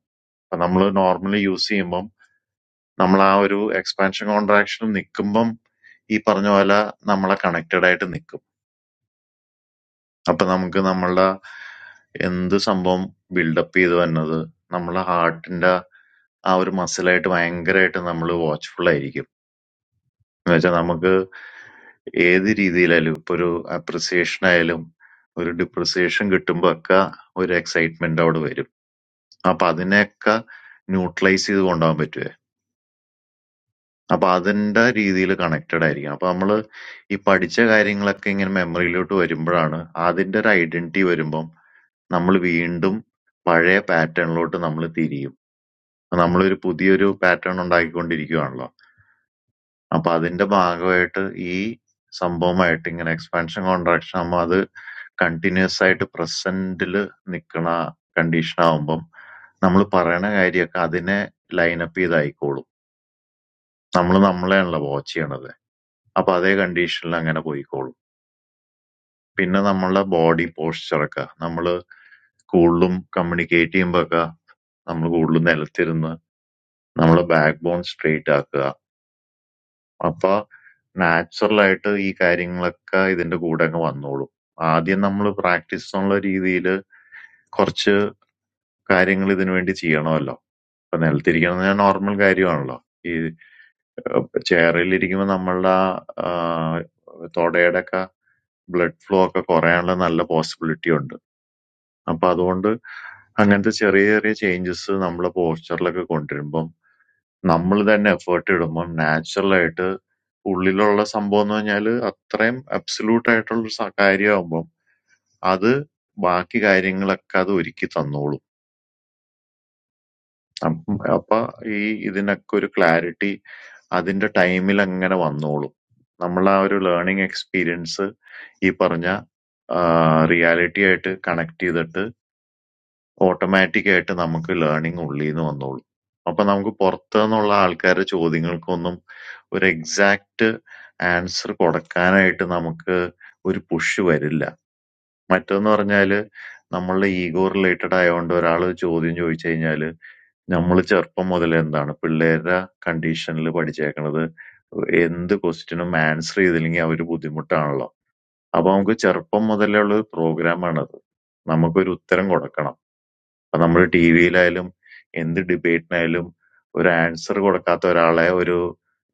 അപ്പൊ നമ്മൾ നോർമലി യൂസ് ചെയ്യുമ്പം നമ്മൾ ആ ഒരു എക്സ്പാൻഷൻ കോൺട്രാക്ഷൻ നിൽക്കുമ്പം ഈ പറഞ്ഞ പോലെ നമ്മളെ കണക്റ്റഡ് ആയിട്ട് നിൽക്കും. അപ്പൊ നമുക്ക് നമ്മളുടെ എന്ത് സംഭവം ബിൽഡപ്പ് ചെയ്ത് വരുന്നത് നമ്മളെ ഹാർട്ടിന്റെ ആ ഒരു മസിലായിട്ട് ഭയങ്കരമായിട്ട് നമ്മൾ വാച്ച്ഫുൾ ആയിരിക്കും. എന്ന് വെച്ചാൽ നമുക്ക് ഏത് രീതിയിലായാലും ഇപ്പൊ ഒരു അപ്രിസിയേഷൻ ആയാലും ഒരു ഡിപ്രിസിയേഷൻ കിട്ടുമ്പോ ഒക്കെ ഒരു എക്സൈറ്റ്മെന്റ് അവിടെ വരും. അപ്പൊ അതിനെയൊക്കെ ന്യൂട്രലൈസ് ചെയ്ത് കൊണ്ടുപോകാൻ പറ്റുവേ. അപ്പൊ അതിന്റെ രീതിയിൽ കണക്റ്റഡ് ആയിരിക്കണം. അപ്പൊ നമ്മള് ഈ പഠിച്ച കാര്യങ്ങളൊക്കെ ഇങ്ങനെ മെമ്മറിയിലോട്ട് വരുമ്പോഴാണ് അതിന്റെ ഒരു ഐഡന്റിറ്റി വരുമ്പം നമ്മൾ വീണ്ടും പഴയ പാറ്റേണിലോട്ട് നമ്മൾ തിരിയും. അപ്പൊ നമ്മളൊരു പുതിയൊരു പാറ്റേൺ ഉണ്ടാക്കിക്കൊണ്ടിരിക്കുകയാണല്ലോ. അപ്പൊ അതിന്റെ ഭാഗമായിട്ട് ഈ സംഭവമായിട്ട് ഇങ്ങനെ എക്സ്പാൻഷൻ കോൺട്രാക്ഷൻ ആകുമ്പോൾ അത് കണ്ടിന്യൂസ് ആയിട്ട് പ്രസന്റിൽ നിൽക്കണ കണ്ടീഷൻ ആകുമ്പം നമ്മൾ പറയണ കാര്യമൊക്കെ അതിനെ ലൈനപ്പ് ചെയ്തായിക്കോളും. നമ്മള് നമ്മളെയാണല്ലോ വാച്ച് ചെയ്യണത്. അപ്പൊ അതേ കണ്ടീഷനിൽ അങ്ങനെ പോയിക്കോളും. പിന്നെ നമ്മളുടെ ബോഡി പോസ്ചർ ഒക്കെ നമ്മള് കൂടുതലും കമ്മ്യൂണിക്കേറ്റ് ചെയ്യുമ്പോ ഒക്കെ നമ്മൾ കൂടുതലും നിലത്തിരുന്ന് നമ്മളെ ബാക്ക് ബോൺ സ്ട്രെയിറ്റ് ആക്കുക. അപ്പൊ നാച്ചുറൽ ആയിട്ട് ഈ കാര്യങ്ങളൊക്കെ ഇതിന്റെ കൂടെ അങ്ങ് വന്നോളും. ആദ്യം നമ്മൾ പ്രാക്ടീസ് എന്നുള്ള രീതിയിൽ കുറച്ച് കാര്യങ്ങൾ ഇതിനു വേണ്ടി ചെയ്യണമല്ലോ. ഇപ്പൊ നിലത്തിരിക്കണത് നോർമൽ കാര്യമാണല്ലോ. ഈ ചെയറിൽ ഇരിക്കുമ്പോൾ നമ്മളുടെ ആ, ആ, തുടയുടെ ഒക്കെ blood flow ഒക്കെ കുറയാനുള്ള നല്ല possibility ഉണ്ട്. അപ്പൊ അതുകൊണ്ട് അങ്ങനത്തെ ചെറിയ ചെറിയ changes നമ്മളെ posture ലൊക്കെ കൊണ്ടുവരുമ്പം നമ്മള് തന്നെ effort ഇടുമ്പം natural ആയിട്ട് ഉള്ളിലുള്ള സംഭവം എന്ന് പറഞ്ഞാല് അത്രയും absolute ആയിട്ടുള്ള സ- കാര്യമാകുമ്പം അത് ബാക്കി കാര്യങ്ങളൊക്കെ അത് ഒരുക്കി തന്നോളും. അപ്പം അപ്പൊ ഈ ഇതിനൊക്കെ ഒരു clarity അതിന്റെ ടൈമിൽ അങ്ങനെ വന്നോളും. നമ്മളാ ഒരു learning experience ഈ പറഞ്ഞ reality ആയിട്ട് connect ചെയ്തിട്ട് ഓട്ടോമാറ്റിക് ആയിട്ട് നമുക്ക് ലേണിംഗ് ഉള്ളീന്ന് വന്നോളും. അപ്പൊ നമുക്ക് പുറത്തുന്നുള്ള ആൾക്കാരുടെ ചോദ്യങ്ങൾക്കൊന്നും ഒരു എക്സാക്ട് ആൻസർ കൊടുക്കാനായിട്ട് നമുക്ക് ഒരു പുഷ് വരില്ല. മറ്റേന്ന് പറഞ്ഞാല് നമ്മളുടെ ഈഗോ റിലേറ്റഡ് ആയതുകൊണ്ട് ഒരാള് ചോദ്യം ചോദിച്ചു കഴിഞ്ഞാല് നമ്മള് ചെറുപ്പം മുതലേ എന്താണ് പിള്ളേരുടെ കണ്ടീഷനിൽ പഠിച്ചേക്കണത് എന്ത് ക്വസ്റ്റിനും ആൻസർ ചെയ്തില്ലെങ്കിൽ അവര് ബുദ്ധിമുട്ടാണല്ലോ. അപ്പൊ നമുക്ക് ചെറുപ്പം മുതലേ ഉള്ള ഒരു പ്രോഗ്രാമാണത്. നമുക്കൊരു ഉത്തരം കൊടുക്കണം. അപ്പൊ നമ്മൾ ടി വിയിലായാലും എന്ത് ഡിബേറ്റിനായാലും ഒരു ആൻസർ കൊടുക്കാത്ത ഒരാളെ ഒരു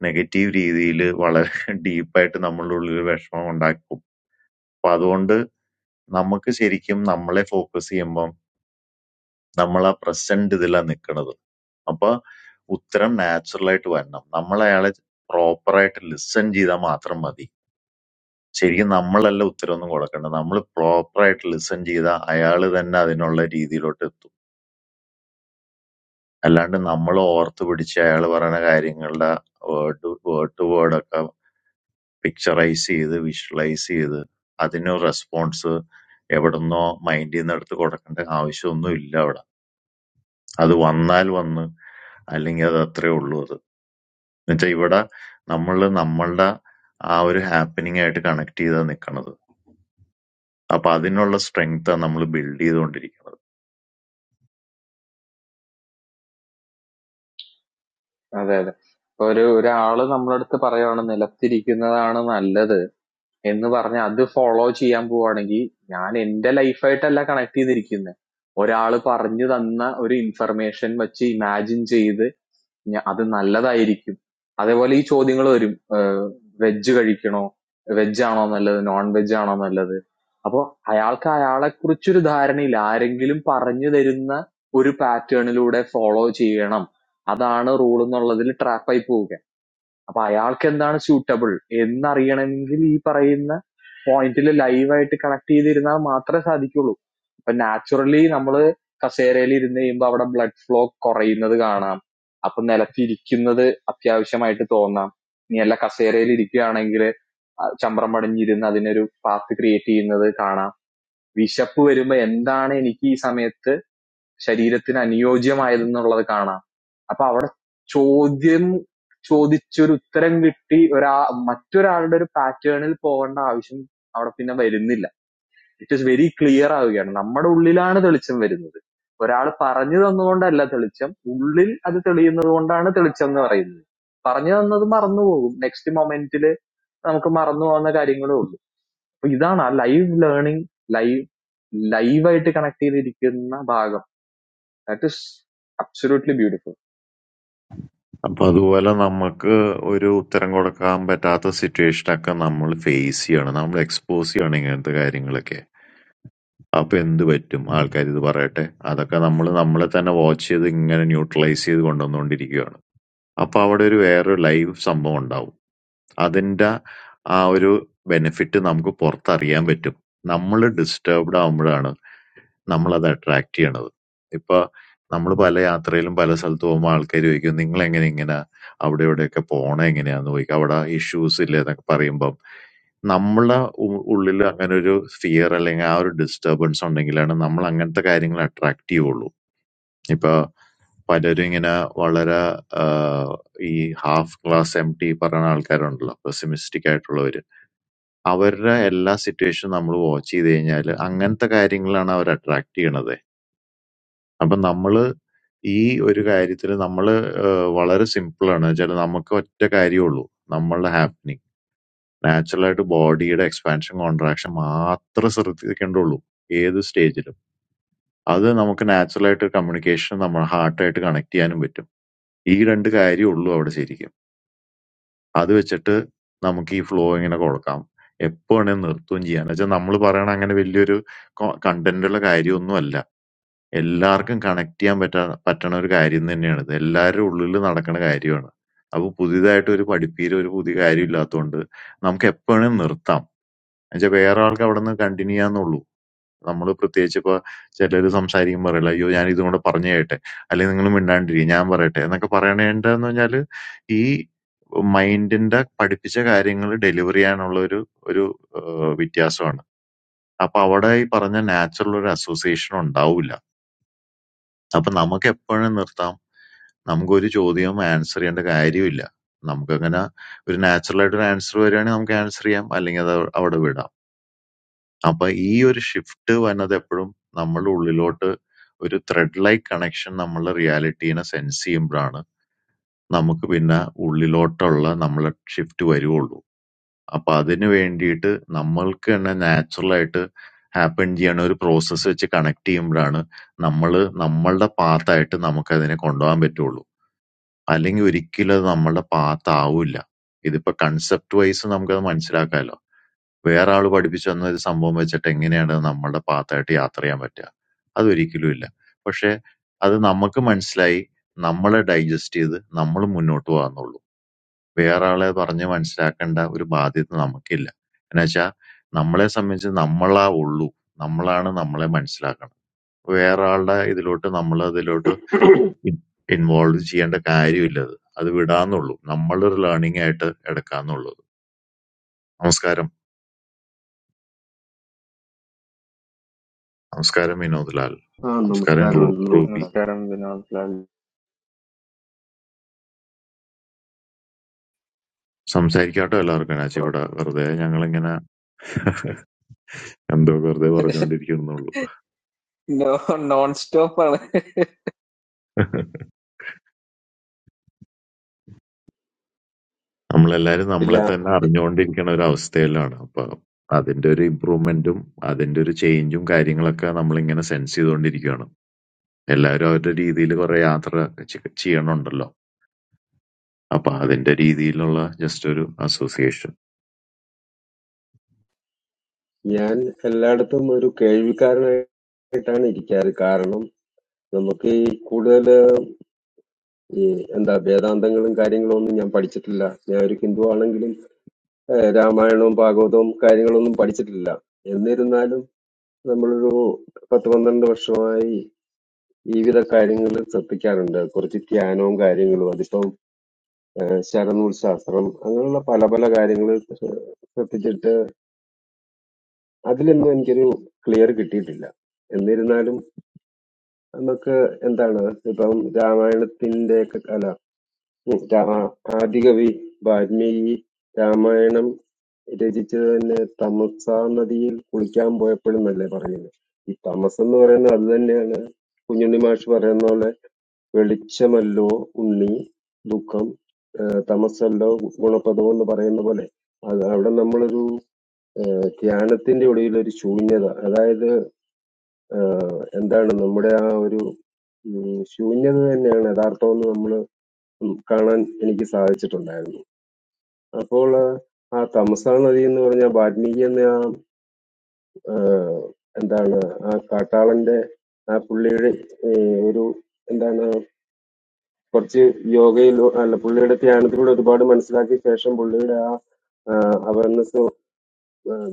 നെഗറ്റീവ് രീതിയിൽ വളരെ ഡീപ്പായിട്ട് നമ്മളുടെ ഉള്ളിൽ വിഷമം ഉണ്ടാക്കും അപ്പൊ അതുകൊണ്ട് നമുക്ക് ശരിക്കും നമ്മളെ ഫോക്കസ് ചെയ്യുമ്പം നമ്മൾ ആ പ്രസന്റ് ഇതിലാണ് നിൽക്കുന്നത് അപ്പൊ ഉത്തരം natural ആയിട്ട് വരണം നമ്മൾ അയാളെ പ്രോപ്പറായിട്ട് ലിസൺ ചെയ്താൽ മാത്രം മതി ശരിക്കും നമ്മളല്ല ഉത്തരം ഒന്നും കൊടുക്കേണ്ടത് നമ്മൾ പ്രോപ്പറായിട്ട് ലിസൺ ചെയ്താൽ അയാൾ തന്നെ അതിനുള്ള രീതിയിലോട്ട് എത്തും അല്ലാണ്ട് നമ്മൾ ഓർത്ത് പിടിച്ച് അയാൾ പറയുന്ന കാര്യങ്ങളുടെ വേർഡ് വേർഡ് ടു വേർഡൊക്കെ പിക്ചറൈസ് ചെയ്ത് വിഷ്വലൈസ് ചെയ്ത് അതിന് റെസ്പോൺസ് എവിടുന്നോ മൈൻഡിൽ നിന്ന് എടുത്ത് കൊടുക്കേണ്ട ആവശ്യമൊന്നും ഇല്ല അവിടെ അത് വന്നാൽ വന്ന് അല്ലെങ്കിൽ അത് അത്രേ ഉള്ളൂ അത് എന്നുവെച്ചാൽ ഇവിടെ നമ്മൾ നമ്മളുടെ ആ ഒരു ഹാപ്പനിങ് ആയിട്ട് കണക്ട് ചെയ്താ നിൽക്കണത് അപ്പൊ അതിനുള്ള സ്ട്രെങ്ത്താണ് നമ്മൾ ബിൽഡ് ചെയ്തുകൊണ്ടിരിക്കുന്നത്
അതെ അതെ ഇപ്പൊ ഒരു ഒരാള് നമ്മളടുത്ത് പറയുവാണ് നിലത്തിരിക്കുന്നതാണ് നല്ലത് എന്ന് പറഞ്ഞ് അത് ഫോളോ ചെയ്യാൻ പോവാണെങ്കിൽ ഞാൻ എന്റെ ലൈഫായിട്ടല്ല കണക്ട് ചെയ്തിരിക്കുന്നത് ഒരാള് പറഞ്ഞു തന്ന ഒരു ഇൻഫർമേഷൻ വെച്ച് ഇമാജിൻ ചെയ്ത് ഞ- അത് നല്ലതായിരിക്കും അതേപോലെ ഈ ചോദ്യങ്ങൾ വരും വെജ് കഴിക്കണോ വെജ് ആണോ നല്ലത് നോൺ വെജ് ആണോ നല്ലത് അപ്പൊ അയാൾക്ക് അയാളെ കുറിച്ചൊരു ധാരണയില്ല ആരെങ്കിലും പറഞ്ഞു തരുന്ന ഒരു പാറ്റേണിലൂടെ ഫോളോ ചെയ്യണം അതാണ് റൂൾ എന്നുള്ളതിൽ ട്രാപ്പായി പോവുക അപ്പൊ അയാൾക്കെന്താണ് സ്യൂട്ടബിൾ എന്നറിയണമെങ്കിൽ ഈ പറയുന്ന പോയിന്റിൽ ലൈവായിട്ട് കണക്ട് ചെയ്തിരുന്നാൽ മാത്രമേ സാധിക്കുള്ളൂ അപ്പൊ നാച്ചുറലി നമ്മള് കസേരയിൽ ഇരുന്ന് കഴിയുമ്പോൾ അവിടെ ബ്ലഡ് ഫ്ലോ കുറയുന്നത് കാണാം അപ്പൊ നിലത്തിരിക്കുന്നത് അത്യാവശ്യമായിട്ട് തോന്നാം ഇനി അല്ല കസേരയിൽ ഇരിക്കുകയാണെങ്കിൽ ചമ്രം പടിഞ്ഞിരുന്ന് അതിനൊരു പാത്ത് ക്രിയേറ്റ് ചെയ്യുന്നത് കാണാം വിശപ്പ് വരുമ്പോ എന്താണ് എനിക്ക് ഈ സമയത്ത് ശരീരത്തിന് അനുയോജ്യമായതെന്നുള്ളത് കാണാം അപ്പൊ അവിടെ ചോദ്യം ചോദിച്ചൊരു ഉത്തരം കിട്ടി ഒരാ മറ്റൊരാളുടെ ഒരു പാറ്റേണിൽ പോകേണ്ട ആവശ്യം അവിടെ പിന്നെ വരുന്നില്ല ഇറ്റ് ഈസ് വെരി ക്ലിയർ ആവുകയാണ് നമ്മുടെ ഉള്ളിലാണ് തെളിച്ചം വരുന്നത് ഒരാൾ പറഞ്ഞു തന്നുകൊണ്ടല്ല തെളിച്ചം ഉള്ളിൽ അത് തെളിയുന്നത് കൊണ്ടാണ് തെളിച്ചം എന്ന് പറയുന്നത് പറഞ്ഞു തന്നത് മറന്നുപോകും നെക്സ്റ്റ് മൊമെന്റിൽ നമുക്ക് മറന്നു പോകുന്ന കാര്യങ്ങളേ ഉള്ളൂ അപ്പൊ ഇതാണ് ആ ലൈവ് ലേണിംഗ് ലൈവ് ലൈവായിട്ട് കണക്ട് ചെയ്തിരിക്കുന്ന ഭാഗം ദാറ്റ് ഇസ് അബ്സൊല്യൂട്ട്ലി ബ്യൂട്ടിഫുൾ
അപ്പൊ അതുപോലെ നമുക്ക് ഒരു ഉത്തരം കൊടുക്കാൻ പറ്റാത്ത സിറ്റുവേഷനൊക്കെ നമ്മൾ ഫേസ് ചെയ്യണം. നമ്മൾ എക്സ്പോസ് ചെയ്യണം ഇങ്ങനത്തെ കാര്യങ്ങളൊക്കെ. അപ്പൊ എന്ത് പറ്റും? ആൾക്കാർ ഇത് പറയട്ടെ. അതൊക്കെ നമ്മൾ നമ്മളെ തന്നെ വാച്ച് ചെയ്ത് ഇങ്ങനെ ന്യൂട്രലൈസ് ചെയ്ത് കൊണ്ടുവന്നുകൊണ്ടിരിക്കുകയാണ്. അപ്പൊ അവിടെ ഒരു വേറൊരു ലൈവ് സംഭവം ഉണ്ടാവും. അതിന്റെ ആ ഒരു ബെനിഫിറ്റ് നമുക്ക് പുറത്തറിയാൻ പറ്റും. നമ്മൾ ഡിസ്റ്റർബ്ഡ് ആവുമ്പോഴാണ് Namla that attractiyanado. Ipa, namalu palle, antreilyam palle salto, amal kairu ikun. Ninglenge ningena, abdre abdre ka pona ingena. Andu ikha vada issuesile thak paremba. Namla, um, ullilu anganu jo fear alenga, aur disturbance ningila na. Namla angantha kairingla attracti bolu. Ipa, paderingena, vallara, ah, i half class empty paranal kairondla, pessimistic arolo ide. Avarra, ulla situation namru vachi deyngaile. Angantha kairingla na aur attractiyanade. അപ്പൊ നമ്മള് ഈ ഒരു കാര്യത്തില് നമ്മള് ഏഹ്, വളരെ സിമ്പിളാണ്. വെച്ചാല് നമുക്ക് ഒറ്റ കാര്യമുള്ളൂ. നമ്മളുടെ ഹാപ്പനിങ്. നാച്ചുറലായിട്ട് ബോഡിയുടെ എക്സ്പാൻഷൻ കോൺട്രാക്ഷൻ മാത്രം ശ്രദ്ധിക്കേണ്ടുള്ളൂ. ഏത് സ്റ്റേജിലും. അത് നമുക്ക് നാച്ചുറലായിട്ട് കമ്മ്യൂണിക്കേഷൻ നമ്മുടെ ഹാർട്ടായിട്ട് കണക്ട് ചെയ്യാനും പറ്റും. ഈ രണ്ട് കാര്യമുള്ളൂ അവിടെ ശരിക്കും. അത് വെച്ചിട്ട് നമുക്ക് ഈ ഫ്ലോ ഇങ്ങനെ കൊടുക്കാം. എപ്പോ വേണേലും നിർത്തുകയും ചെയ്യാം. എന്ന് നമ്മൾ പറയണ അങ്ങനെ വലിയൊരു കണ്ടന്റുള്ള കാര്യമൊന്നുമല്ല. എല്ലാവർക്കും കണക്ട് ചെയ്യാൻ പറ്റ പറ്റണ ഒരു കാര്യം തന്നെയാണ്. ഇത് എല്ലാരുടെ ഉള്ളില് നടക്കണ കാര്യമാണ്. അപ്പൊ പുതിയതായിട്ട് ഒരു പഠിപ്പീര് ഒരു പുതിയ കാര്യം ഇല്ലാത്തതുകൊണ്ട് നമുക്ക് എപ്പോഴും നിർത്താം. എന്നുവെച്ചാൽ വേറെ ആൾക്ക് അവിടെ നിന്ന് കണ്ടിന്യൂ ചെയ്യാന്നുള്ളൂ. നമ്മള് പ്രത്യേകിച്ച് ഇപ്പൊ ചിലര് സംസാരിക്കുമ്പോൾ പറയില്ല അയ്യോ ഞാൻ ഇതും കൂടെ പറഞ്ഞു കേട്ടെ അല്ലെങ്കിൽ നിങ്ങൾ മിണ്ടാണ്ടിരിക്കുക ഞാൻ പറയട്ടെ എന്നൊക്കെ പറയണേണ്ടെന്ന് പറഞ്ഞാല് ഈ മൈൻഡിന്റെ പഠിപ്പിച്ച കാര്യങ്ങൾ ഡെലിവർ ചെയ്യാനുള്ള ഒരു ഒരു ഏഹ് വ്യത്യാസമാണ്. അപ്പൊ അവിടെ ഈ പറഞ്ഞ നാച്ചുറൽ ഒരു അസോസിയേഷൻ ഉണ്ടാവില്ല. അപ്പൊ നമുക്ക് എപ്പോഴും നിർത്താം. നമുക്കൊരു ചോദ്യവും ആൻസർ ചെയ്യേണ്ട കാര്യമില്ല. നമുക്കങ്ങനെ ഒരു നാച്ചുറൽ ആയിട്ട് ഒരു ആൻസർ വരുവാണെങ്കിൽ നമുക്ക് ആൻസർ ചെയ്യാം. അല്ലെങ്കിൽ അത് അവിടെ വിടാം. അപ്പൊ ഈ ഒരു ഷിഫ്റ്റ് വന്നത് എപ്പോഴും നമ്മളുടെ ഉള്ളിലോട്ട് ഒരു ത്രെഡ് ലൈക്ക് കണക്ഷൻ നമ്മളുടെ റിയാലിറ്റീനെ സെൻസ് ചെയ്യുമ്പോഴാണ് നമുക്ക് പിന്നെ ഉള്ളിലോട്ടുള്ള നമ്മളെ ഷിഫ്റ്റ് വരുവുള്ളൂ. അപ്പൊ അതിന് വേണ്ടിയിട്ട് നമ്മൾക്ക് തന്നെ നാച്ചുറൽ ആയിട്ട് ഹാപ്പൻ ചെയ്യണ ഒരു പ്രോസസ്സ് വെച്ച് കണക്ട് ചെയ്യുമ്പോഴാണ് നമ്മള് നമ്മളുടെ പാത്തായിട്ട് നമുക്ക് അതിനെ കൊണ്ടുപോകാൻ പറ്റുള്ളൂ. അല്ലെങ്കി ഒരിക്കലും അത് നമ്മളുടെ പാത്താവൂല്ല. ഇതിപ്പോ കൺസെപ്റ്റ് വൈസ് നമുക്കത് മനസ്സിലാക്കാലോ. വേറെ ആള് പഠിപ്പിച്ചു തന്ന ഒരു സംഭവം വെച്ചിട്ട് എങ്ങനെയാണ് അത് നമ്മളുടെ പാത്തായിട്ട് യാത്ര ചെയ്യാൻ പറ്റുക? അതൊരിക്കലും ഇല്ല. പക്ഷെ അത് നമുക്ക് മനസ്സിലായി നമ്മള് ഡൈജസ്റ്റ് ചെയ്ത് നമ്മള് മുന്നോട്ട് പോകാന്നുള്ളൂ. വേറെ ആളെ പറഞ്ഞ് മനസ്സിലാക്കേണ്ട ഒരു ബാധ്യത നമുക്കില്ല. എന്നുവെച്ചാ നമ്മളെ സംബന്ധിച്ച് നമ്മളാ ഉള്ളൂ. നമ്മളാണ് നമ്മളെ മനസ്സിലാക്കണം. വേറെ ആളുടെ ഇതിലോട്ട് നമ്മള് അതിലോട്ട്
ആ
Involved, involve ചെയ്യേണ്ട കാര്യമില്ല അത്. അത് വിടാന്നുള്ളൂ. നമ്മളുടെ ഒരു learning ആയിട്ട് എടുക്കാന്നുള്ളത്. നമസ്കാരം. നമസ്കാരം വിനോദ് ലാൽ. നമസ്കാരം റൂ-
നമസ്കാരമുണ്ട്
റൂബി.
നമസ്കാരം
നമസ്കാരം വിനോദ് ലാൽ
സംസാരിക്കാട്ടോ എല്ലാവർക്കും. നാച്ചി ഇവിടെ വെറുതെ ഞങ്ങളിങ്ങനെ എന്തോ വെറുതെ പറഞ്ഞുകൊണ്ടിരിക്കുന്നുള്ളൂ.
No non stopper.
നമ്മളെല്ലാരും
ഇല്ല
നമ്മളെ തന്നെ
അത്
അറിഞ്ഞുകൊണ്ടിരിക്കണ ഒരു അവസ്ഥയിലാണ്. അപ്പൊ അതിന്റെ ഒരു improvement ഉം അതിന്റെ ഒരു change ഉം കാര്യങ്ങളൊക്കെ നമ്മളിങ്ങനെ sense ചെയ്തുകൊണ്ടിരിക്കുകയാണ്. എല്ലാവരും അവരുടെ രീതിയിൽ കുറെ യാത്ര ചെ- ചെയ്യണുണ്ടല്ലോ. അപ്പൊ അതിന്റെ രീതിയിലുള്ള ജസ്റ്റ് ഒരു അസോസിയേഷൻ
ഞാൻ എല്ലായിടത്തും ഒരു കേൾവിക്കാരനായിട്ടാണ് ഇരിക്കാറ് കാരണം നമുക്ക് ഈ കൂടുതൽ ഈ എന്താ വേദാന്തങ്ങളും കാര്യങ്ങളും ഒന്നും ഞാൻ പഠിച്ചിട്ടില്ല ഞാൻ ഒരു ഹിന്ദു ആണെങ്കിലും ഏഹ്, രാമായണവും ഭാഗവതവും കാര്യങ്ങളൊന്നും പഠിച്ചിട്ടില്ല എന്നിരുന്നാലും നമ്മളൊരു പത്ത് പന്ത്രണ്ട് വർഷമായി വിവിധ കാര്യങ്ങൾ ശ്രദ്ധിക്കാറുണ്ട് കുറച്ച് ധ്യാനവും കാര്യങ്ങളും അതിപ്പം ഏഹ്, ശരനൂൽ ശാസ്ത്രം അങ്ങനെയുള്ള പല പല കാര്യങ്ങൾ ശ്രദ്ധിച്ചിട്ട് അതിലൊന്നും എനിക്കൊരു ക്ലിയർ കിട്ടിയിട്ടില്ല. എന്നിരുന്നാലും നമുക്ക് എന്താണ് ഇപ്പം രാമായണത്തിന്റെ ഒക്കെ അല്ല ഉം, രാ- ആ, ആദികവി വാൽമീകി രാമായണം രചിച്ചത് തന്നെ തമസ നദിയിൽ കുളിക്കാൻ പോയപ്പോഴെന്നല്ലേ പറയുന്നത്. ഈ തമസ് എന്ന് പറയുന്നത് അത് തന്നെയാണ് കുഞ്ഞുണ്ണി മാഷ് പറയുന്ന പോലെ വെളിച്ചമല്ലോ ഉണ്ണി ദുഃഖം ഏഹ് തമസ്സല്ലോ ഗുണപദം എന്ന് പറയുന്ന പോലെ അത് അവിടെ നമ്മളൊരു ഏഹ് ധ്യാനത്തിന്റെ ഒടുവിൽ ഒരു ശൂന്യത അതായത് ആഹ് എന്താണ് നമ്മുടെ ആ ഒരു ഉം, ശൂന്യത തന്നെയാണ് യഥാർത്ഥമെന്ന് നമ്മൾ കാണാൻ എനിക്ക് സാധിച്ചിട്ടുണ്ടായിരുന്നു. അപ്പോൾ ആ ആ തമസാ നദി എന്ന് പറഞ്ഞ വാൽമീകി എന്ന ആ ആഹ്, എന്താണ് ആ കാട്ടാളന്റെ ആ പുള്ളിയുടെ ഏഹ്, ഒരു എന്താണ് കുറച്ച് യോഗയിൽ അല്ല പുള്ളിയുടെ ധ്യാനത്തിലൂടെ ഒരുപാട് മനസ്സിലാക്കിയ ശേഷം പുള്ളിയുടെ ആ അവയർനെസ്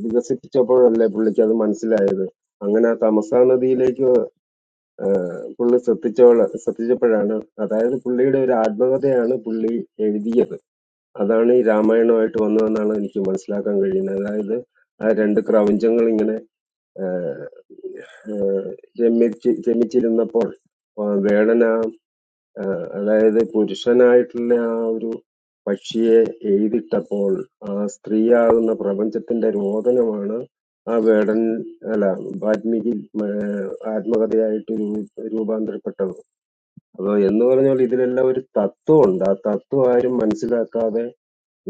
വികസിപ്പിച്ചപ്പോഴല്ലേ പുള്ളിക്ക് അത് മനസ്സിലായത് അങ്ങനെ ആ തമസാ നദിയിലേക്ക് പുള്ളി ശ്രദ്ധിച്ചോള ശ്രദ്ധിച്ചപ്പോഴാണ് അതായത് പുള്ളിയുടെ ഒരു ആത്മകഥയാണ് പുള്ളി എഴുതിയത് അതാണ് ഈ രാമായണമായിട്ട് വന്നതെന്നാണ് എനിക്ക് മനസ്സിലാക്കാൻ കഴിയുന്നത് അതായത് ആ രണ്ട് പ്രപഞ്ചങ്ങൾ ഇങ്ങനെ ആ, ആ, രമിച്ചി- രമിച്ചിരുന്നപ്പോൾ ആ, വേടന ആഹ് അതായത് പുരുഷനായിട്ടുള്ള ആ ഒരു പക്ഷിയെ എയ്തിട്ടപ്പോൾ ആ സ്ത്രീയാകുന്ന പ്രപഞ്ചത്തിന്റെ രോദനമാണ് ആ വേടൻ അല്ല വാൽമീകി ഏഹ് ആത്മകഥയായിട്ട് രൂ- രൂപാന്തരപ്പെട്ടത് അതോ എന്ന് പറഞ്ഞാൽ ഇതിലെല്ലാം ഒരു തത്വമുണ്ട് ആ തത്വം ആരും മനസ്സിലാക്കാതെ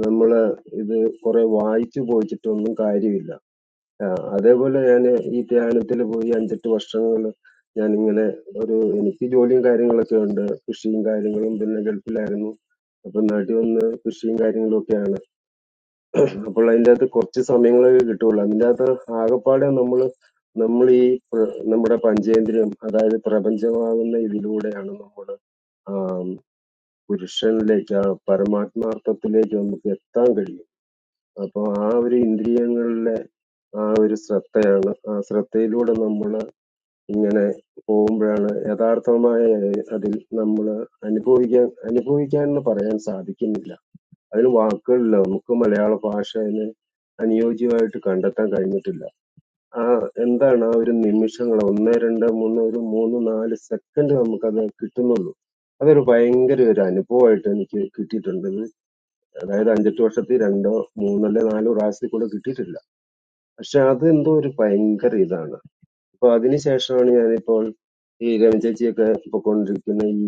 നമ്മള് ഇത് കുറെ വായിച്ചു പോയിച്ചിട്ടൊന്നും കാര്യമില്ല ആ, അതേപോലെ ഞാൻ ഈ ധ്യാനത്തിൽ പോയി അഞ്ചെട്ട് വർഷങ്ങൾ ഞാനിങ്ങനെ ഒരു എനിക്ക് ജോലിയും കാര്യങ്ങളൊക്കെ ഉണ്ട് കൃഷിയും കാര്യങ്ങളും പിന്നെ ഗൾഫിലായിരുന്നു അപ്പൊ നാട്ടിൽ വന്ന് കൃഷിയും കാര്യങ്ങളും ഒക്കെയാണ് അപ്പോൾ അതിൻ്റെ അകത്ത് കുറച്ച് സമയങ്ങളൊക്കെ കിട്ടുള്ളൂ അതിൻ്റെ അകത്ത് ആകെപ്പാടെ നമ്മൾ നമ്മൾ ഈ പ്ര- നമ്മുടെ പഞ്ചേന്ദ്രിയം അതായത് പ്രപഞ്ചമാകുന്ന ഇതിലൂടെയാണ് നമ്മൾ പുരുഷനിലേക്ക് ആ പരമാത്മാർത്ഥത്തിലേക്ക് നമുക്ക് എത്താൻ കഴിയും അപ്പൊ ആ ഒരു ഇന്ദ്രിയങ്ങളിലെ ആ ഒരു ശ്രദ്ധയാണ്. ആ ശ്രദ്ധയിലൂടെ നമ്മള് ഇങ്ങനെ പോകുമ്പോഴാണ് യഥാർത്ഥമായ അതിൽ നമ്മള് അനുഭവിക്കാൻ അനുഭവിക്കാൻ എന്ന് പറയാൻ സാധിക്കുന്നില്ല. അതിന് വാക്കുകളില്ല. നമുക്ക് മലയാള ഭാഷേനെ അനുയോജ്യമായിട്ട് കണ്ടെത്താൻ കഴിഞ്ഞിട്ടില്ല. ആ എന്താണ് ആ ഒരു നിമിഷങ്ങൾ ഒന്ന് രണ്ട് മൂന്ന് ഒരു മൂന്ന് നാല് സെക്കൻഡ് നമുക്കത് കിട്ടുന്നുള്ളൂ. അതൊരു ഭയങ്കര ഒരു അനുഭവമായിട്ട് എനിക്ക് കിട്ടിയിട്ടുണ്ട്. ഇത് അതായത് അഞ്ചെട്ട് വർഷത്തിൽ രണ്ടോ മൂന്നോ അല്ലെ നാലോ പ്രാവശ്യത്തിൽ കൂടെ കിട്ടിയിട്ടില്ല. പക്ഷെ അത് എന്തോ ഒരു ഭയങ്കര ഇതാണ്. അപ്പൊ അതിന് ശേഷമാണ് ഞാനിപ്പോൾ ഈ രമ ചേച്ചിയൊക്കെ പൊക്കോണ്ടിരിക്കുന്ന ഈ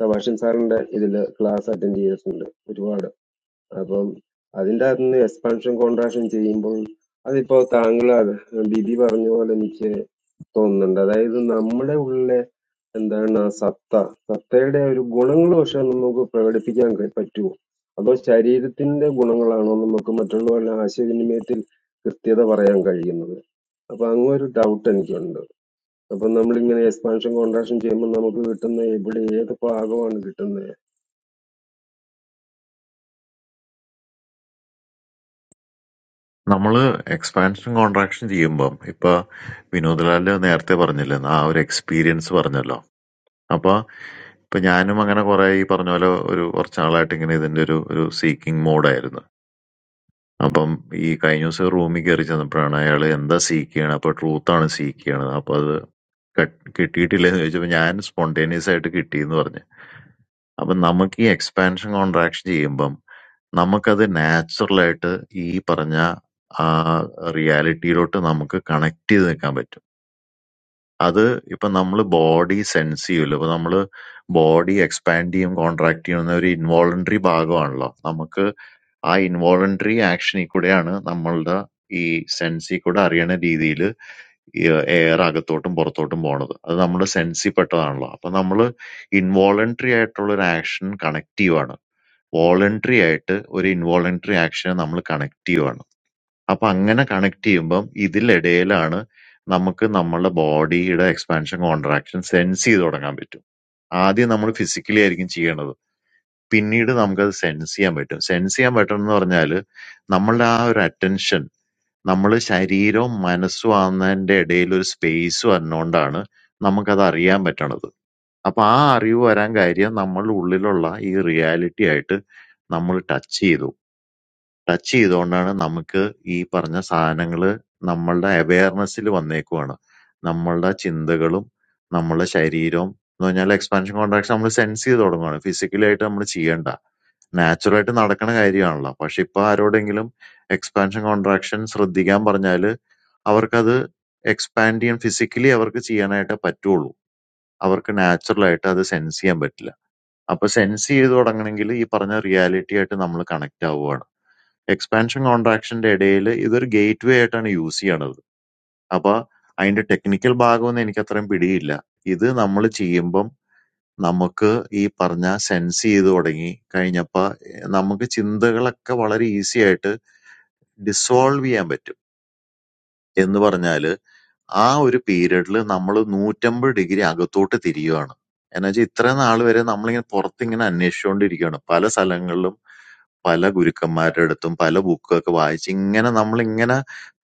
സബാഷൻ സാറിന്റെ ഇതില് ക്ലാസ് അറ്റൻഡ് ചെയ്തിട്ടുണ്ട് ഒരുപാട് അപ്പം അതിന്റെ അകത്തുനിന്ന് എക്സ്പാൻഷൻ കോൺട്രാക്ഷൻ ചെയ്യുമ്പോൾ അതിപ്പോ താങ്കൾ അത് ബിബി പറഞ്ഞ പോലെ എനിക്ക് തോന്നുന്നുണ്ട് അതായത് നമ്മുടെ ഉള്ളിലെ എന്താണ് ആ സത്ത സത്തയുടെ ഒരു ഗുണങ്ങൾ പക്ഷെ നമുക്ക് പ്രകടിപ്പിക്കാൻ കഴി- പറ്റുമോ അതോ ശരീരത്തിന്റെ ഗുണങ്ങളാണോ നമുക്ക് മറ്റുള്ളവരുടെ ആശയവിനിമയത്തിൽ കൃത്യത പറയാൻ കഴിയുന്നത് അപ്പൊ അങ്ങൊരു ഡൗട്ട് എനിക്കുണ്ട് അപ്പൊ നമ്മളിങ്ങനെ എക്സ്പാൻഷൻ കോൺട്രാക്ഷൻ ചെയ്യുമ്പോൾ നമുക്ക് കിട്ടുന്ന ഇവിടെ ഏത് ഭാഗമാണ് കിട്ടുന്നത്
നമ്മള് എക്സ്പാൻഷൻ കോൺട്രാക്ഷൻ ചെയ്യുമ്പം ഇപ്പൊ വിനോദ്ലാല് നേരത്തെ പറഞ്ഞില്ലേ ആ ഒരു എക്സ്പീരിയൻസ് പറഞ്ഞല്ലോ അപ്പൊ ഇപ്പൊ ഞാനും അങ്ങനെ കുറെ ഈ പറഞ്ഞ പോലെ ഒരു കുറച്ചാളായിട്ട് ഇങ്ങനെ ഇതിന്റെ ഒരു ഒരു സീക്കിംഗ് മോഡായിരുന്നു അപ്പം ഈ കഴിഞ്ഞ ദിവസം റൂമിൽ കയറി ചെന്നപ്പോഴാണ് അയാൾ എന്താ സീക്ക് ചെയ്യണത് അപ്പൊ ട്രൂത്ത് സീക്ക് ചെയ്യണത് അപ്പൊ അത് കട്ട്- കിട്ടിയിട്ടില്ലെന്ന് ചോദിച്ചപ്പോ ഞാൻ സ്പോണ്ടേനിയസ് ആയിട്ട് കിട്ടിയെന്ന് പറഞ്ഞു അപ്പൊ നമുക്ക് ഈ എക്സ്പാൻഷൻ കോൺട്രാക്ഷൻ ചെയ്യുമ്പം നമുക്കത് നാച്ചുറലായിട്ട് ഈ പറഞ്ഞ ആ റിയാലിറ്റിയിലോട്ട് നമുക്ക് കണക്ട് ചെയ്ത് നിൽക്കാൻ പറ്റും. അത് ഇപ്പൊ നമ്മള് ബോഡി സെൻസ് ചെയ്യൂലോ. ഇപ്പൊ നമ്മള് ബോഡി എക്സ്പാൻഡ് ചെയ്യും കോൺട്രാക്ട് ചെയ്യുന്ന ഒരു ഇൻവോളണ്ടറി ഭാഗമാണല്ലോ. നമുക്ക് ആ ഇൻവോളണ്ടറി ആക്ഷനിൽ കൂടെയാണ് നമ്മളുടെ ഈ സെൻസിൽ കൂടെ അറിയണ രീതിയിൽ എയർ അകത്തോട്ടും പുറത്തോട്ടും പോണത്. അത് നമ്മുടെ സെൻസിൽ Voluntary or involuntary action, we are connected. So, when we are connected, this is also our body's expansion, contraction, senses. That is our physical area. Pinning is our senses. Senses means that our attention, our body, minus some area, some space, some non-darner, our area. So, the area we are in, we touch it. Touch ചെയ്തുകൊണ്ടാണ് നമുക്ക് ഈ പറഞ്ഞ സാധനങ്ങള് നമ്മളുടെ അവയർനെസ്സിൽ വന്നേക്കുവാണ്. നമ്മളുടെ ചിന്തകളും നമ്മളുടെ ശരീരവും എന്ന് പറഞ്ഞാൽ എക്സ്പാൻഷൻ കോൺട്രാക്ഷൻ നമ്മൾ സെൻസ് ചെയ്ത് തുടങ്ങുവാണ്. ഫിസിക്കലായിട്ട് നമ്മൾ ചെയ്യണ്ട. നാച്ചുറൽ ആയിട്ട് നടക്കണ കാര്യമാണല്ലോ. പക്ഷെ ഇപ്പൊ ആരോടെങ്കിലും എക്സ്പാൻഷൻ കോൺട്രാക്ഷൻ ശ്രദ്ധിക്കാൻ പറഞ്ഞാല് അവർക്കത് എക്സ്പാൻഡ് ചെയ്യാൻ ഫിസിക്കലി അവർക്ക് ചെയ്യാനായിട്ടേ പറ്റുള്ളൂ. അവർക്ക് നാച്ചുറൽ അത് സെൻസ് ചെയ്യാൻ പറ്റില്ല. അപ്പൊ സെൻസ് ചെയ്ത് തുടങ്ങണമെങ്കിൽ ഈ പറഞ്ഞ റിയാലിറ്റി ആയിട്ട് നമ്മൾ കണക്ട് ആവുകയാണ്. എക്സ്പാൻഷൻ കോൺട്രാക്ഷന്റെ ഇടയിൽ ഇതൊരു ഗേറ്റ് വേ ആയിട്ടാണ് യൂസ് ചെയ്യണത്. അപ്പൊ അതിന്റെ ടെക്നിക്കൽ ഭാഗമൊന്നും എനിക്കത്രയും പിടിയില്ല. ഇത് നമ്മൾ ചെയ്യുമ്പം നമുക്ക് ഈ പറഞ്ഞ സെൻസ് ചെയ്ത് തുടങ്ങി കഴിഞ്ഞപ്പോ നമുക്ക് ചിന്തകളൊക്കെ വളരെ ഈസി ആയിട്ട് ഡിസോൾവ് ചെയ്യാൻ പറ്റും. എന്ന് പറഞ്ഞാല് ആ ഒരു പീരീഡിൽ നമ്മൾ 180 ഡിഗ്രി അകത്തോട്ട് തിരിയുവാണ്. എന്നുവെച്ചാൽ ഇത്രയും നാൾ വരെ നമ്മളിങ്ങനെ പുറത്തിങ്ങനെ അന്വേഷിച്ചുകൊണ്ടിരിക്കുകയാണ്. പല സ്ഥലങ്ങളിലും പല ഗുരുക്കന്മാരുടെ അടുത്തും പല ബുക്കൊക്കെ വായിച്ച് ഇങ്ങനെ നമ്മളിങ്ങനെ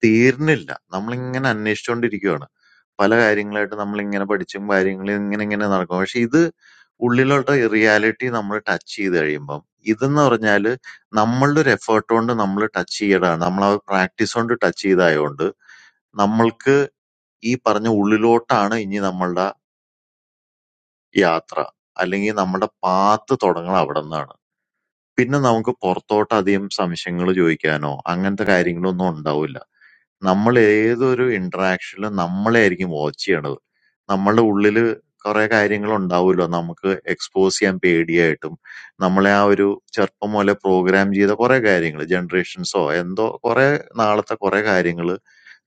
തീർന്നില്ല. നമ്മളിങ്ങനെ അന്വേഷിച്ചുകൊണ്ടിരിക്കുകയാണ്. പല കാര്യങ്ങളായിട്ട് നമ്മളിങ്ങനെ പഠിച്ചും കാര്യങ്ങളും ഇങ്ങനെ ഇങ്ങനെ നടക്കും. പക്ഷെ ഇത് ഉള്ളിലോട്ട് റിയാലിറ്റി നമ്മള് ടച്ച് ചെയ്ത് കഴിയുമ്പം ഇതെന്ന് പറഞ്ഞാല് നമ്മളുടെ ഒരു എഫേർട്ട് കൊണ്ട് നമ്മള് ടച്ച് ചെയ്യലാണ്. നമ്മളാ പ്രാക്ടീസ് കൊണ്ട് ടച്ച് ചെയ്തതായതുകൊണ്ട് നമ്മൾക്ക് ഈ പറഞ്ഞ ഉള്ളിലോട്ടാണ് ഇനി നമ്മളുടെ യാത്ര. അല്ലെങ്കിൽ നമ്മുടെ പാത്ത് തുടങ്ങണത് അവിടുന്നാണ്. പിന്നെ നമുക്ക് പുറത്തോട്ടധികം സംശയങ്ങള് ചോദിക്കാനോ അങ്ങനത്തെ കാര്യങ്ങളൊന്നും ഉണ്ടാവില്ല. നമ്മളേതൊരു ഇന്ററാക്ഷനിലും നമ്മളെയായിരിക്കും വാച്ച് ചെയ്യണത്. നമ്മളുടെ ഉള്ളില് കൊറേ കാര്യങ്ങളുണ്ടാവുമല്ലോ നമുക്ക് എക്സ്പോസ് ചെയ്യാൻ പേടിയായിട്ടും നമ്മളെ ആ ഒരു ചെറുപ്പം മുതലേ പ്രോഗ്രാം ചെയ്ത കൊറേ കാര്യങ്ങള് ജനറേഷൻസോ എന്തോ കൊറേ നാളത്തെ കൊറേ കാര്യങ്ങള്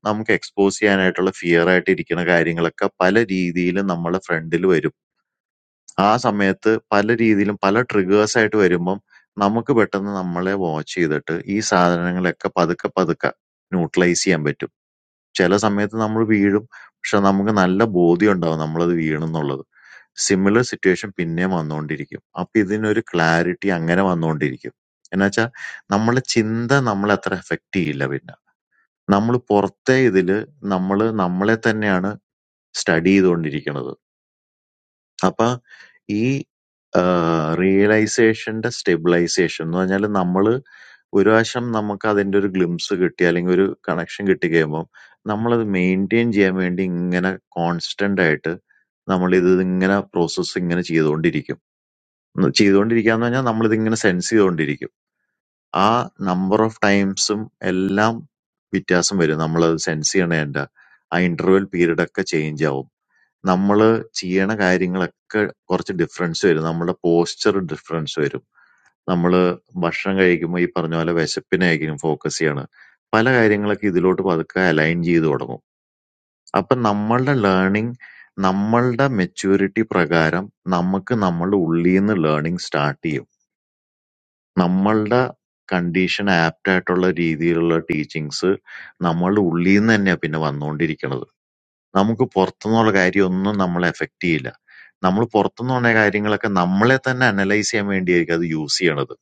നമുക്ക് എക്സ്പോസ് ചെയ്യാനായിട്ടുള്ള ഫിയറായിട്ട് ഇരിക്കണ കാര്യങ്ങളൊക്കെ പല രീതിയിലും നമ്മളുടെ ഫ്രണ്ടില് വരും. ആ സമയത്ത് പല രീതിയിലും പല ട്രിഗേഴ്സ് ആയിട്ട് വരുമ്പം നമുക്ക് പെട്ടെന്ന് നമ്മളെ വാച്ച് ചെയ്തിട്ട് ഈ സാധനങ്ങളെയൊക്കെ പതുക്കെ പതുക്കെ ന്യൂട്രലൈസ് ചെയ്യാൻ പറ്റും. ചെല സമയത്ത് നമ്മള് വീഴും. പക്ഷെ നമുക്ക് നല്ല ബോധ്യം ഉണ്ടാവും നമ്മളത് വീണെന്നുള്ളത്. സിമിലർ സിറ്റുവേഷൻ പിന്നെയും വന്നുകൊണ്ടിരിക്കും. അപ്പൊ ഇതിനൊരു ക്ലാരിറ്റി അങ്ങനെ വന്നുകൊണ്ടിരിക്കും. എന്നുവെച്ചാ നമ്മളെ ചിന്ത നമ്മളെ അത്ര എഫക്ട് ചെയ്യില്ല പിന്നെ. നമ്മള് പുറത്തെ ഇതില് നമ്മള് നമ്മളെ തന്നെയാണ് സ്റ്റഡി ചെയ്തുകൊണ്ടിരിക്കണത്. അപ്പൊ ഈ ആഹ് റിയലൈസേഷന്റെ സ്റ്റെബിലൈസേഷൻ എന്ന് പറഞ്ഞാൽ നമ്മള് ഒരു പ്രാവശ്യം നമുക്ക് അതിന്റെ ഒരു ഗ്ലിംസ് കിട്ടി അല്ലെങ്കിൽ ഒരു കണക്ഷൻ കിട്ടി കഴിയുമ്പോൾ നമ്മളത് മെയിൻറ്റെയിൻ ചെയ്യാൻ വേണ്ടി ഇങ്ങനെ കോൺസ്റ്റന്റ് ആയിട്ട് നമ്മൾ ഇത് ഇങ്ങനെ പ്രോസസ്സ് ഇങ്ങനെ ചെയ്തുകൊണ്ടിരിക്കും ഉം ചെയ്തുകൊണ്ടിരിക്കുക എന്ന് പറഞ്ഞാൽ നമ്മളിത് ഇങ്ങനെ സെൻസ് ചെയ്തുകൊണ്ടിരിക്കും ആ നമ്പർ ഓഫ് ടൈംസും എല്ലാം വ്യത്യാസം വരും നമ്മളത് സെൻസ് ചെയ്യണതിന്റെ ആ ഇന്റർവെൽ പീരീഡ് ഒക്കെ ചേഞ്ച് ആവും നമ്മള് ചെയ്യണ കാര്യങ്ങളൊക്കെ കുറച്ച് ഡിഫറൻസ് വരും. നമ്മളുടെ പോസ്ചർ ഡിഫറൻസ് വരും. നമ്മള് ഭക്ഷണം കഴിക്കുമ്പോ ഈ പറഞ്ഞ പോലെ വിശപ്പിനായിരിക്കും ഫോക്കസ് ചെയ്യണെ. പല കാര്യങ്ങളൊക്കെ ഇതിലോട്ട് പതുക്കെ അലൈൻ ചെയ്ത് തുടങ്ങും. അപ്പൊ നമ്മളുടെ ലേണിംഗ് നമ്മളുടെ മെച്യൂരിറ്റി പ്രകാരം നമുക്ക് നമ്മളുടെ ഉള്ളീന്ന് ലേണിംഗ് സ്റ്റാർട്ട് ചെയ്യും. നമ്മളുടെ കണ്ടീഷൻ ആപ്റ്റ് ആയിട്ടുള്ള രീതിയിലുള്ള ടീച്ചിങ്സ് നമ്മളുടെ ഉള്ളീന്ന് തന്നെയാ പിന്നെ വന്നുകൊണ്ടിരിക്കണത്. നമുക്ക് പുറത്തുനിന്നുള്ള കാര്യമൊന്നും നമ്മളെ എഫക്ട് ചെയ്യില്ല. നമ്മള് പുറത്തുനിന്നുകൊണ്ടുവരുന്ന കാര്യങ്ങളൊക്കെ നമ്മളെ തന്നെ അനലൈസ് ചെയ്യാൻ വേണ്ടിയായിരിക്കും അത് യൂസ് ചെയ്യണത്.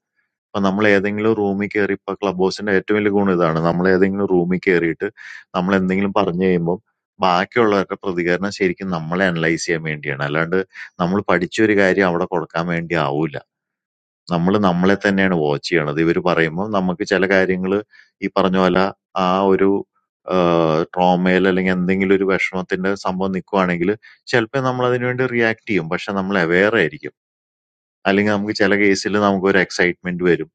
അപ്പൊ നമ്മൾ ഏതെങ്കിലും റൂമിൽ കയറി ഇപ്പൊ ക്ലബ് ഹൗസിന്റെ ഏറ്റവും വലിയ ഗുണം ഇതാണ്. നമ്മൾ ഏതെങ്കിലും റൂമിൽ കയറിയിട്ട് നമ്മൾ എന്തെങ്കിലും പറഞ്ഞു കഴിയുമ്പോൾ ബാക്കിയുള്ളവരുടെ പ്രതികരണം ശരിക്കും നമ്മളെ അനലൈസ് ചെയ്യാൻ വേണ്ടിയാണ്. അല്ലാണ്ട് നമ്മൾ പഠിച്ച കാര്യം അവിടെ കൊടുക്കാൻ വേണ്ടി ആവൂല. നമ്മള് നമ്മളെ തന്നെയാണ് വാച്ച് ചെയ്യണത്. ഇവര് പറയുമ്പം നമുക്ക് ചില കാര്യങ്ങള് ഈ പറഞ്ഞ പോലെ ആ ഒരു ആഹ് ട്രോമയില് അല്ലെങ്കി എന്തെങ്കിലും ഒരു വിഷമത്തിന്റെ സംഭവം നിക്കുവാണെങ്കില് ചെലപ്പോ നമ്മളതിന് വേണ്ടി റിയാക്ട് ചെയ്യും. പക്ഷെ നമ്മള് അവെയറായിരിക്കും. അല്ലെങ്കി നമുക്ക് ചില കേസില് നമുക്കൊരു എക്സൈറ്റ്മെന്റ് വരും.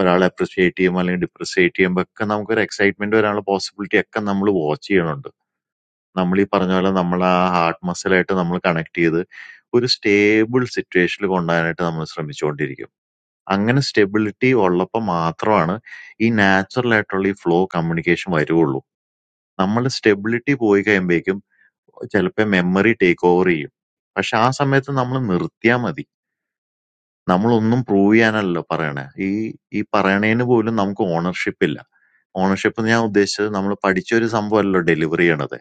ഒരാളെ അപ്രിസിയേറ്റ് ചെയ്യുമ്പോ അല്ലെങ്കിൽ ഡിപ്രിസിയേറ്റ് ചെയ്യുമ്പോ ഒക്കെ നമുക്കൊരു എക്സൈറ്റ്മെന്റ് വരാനുള്ള പോസിബിലിറ്റി ഒക്കെ നമ്മള് വാച്ച് ചെയ്യണുണ്ട്. നമ്മളീ പറഞ്ഞ പോലെ നമ്മളെ ആ ഹാർട്ട് മസിലായിട്ട് നമ്മള് കണക്ട് ചെയ്ത് ഒരു സ്റ്റേബിൾ സിറ്റുവേഷനിൽ കൊണ്ടുപോകാനായിട്ട് നമ്മള് ശ്രമിച്ചുകൊണ്ടിരിക്കണം. Angan stability orla pamathro ana. This naturally flow communication vaiyiruolo. Nammal stability boike embeke. Chelpe memory take overiyu. But shasaametu nammal mritiamadi. Nammal unnnu proveyanaal parena. This paraneinu boilo namko ownership illa. Ownership niya udeshcha nammal padichori samvayilal deliveryyanadai.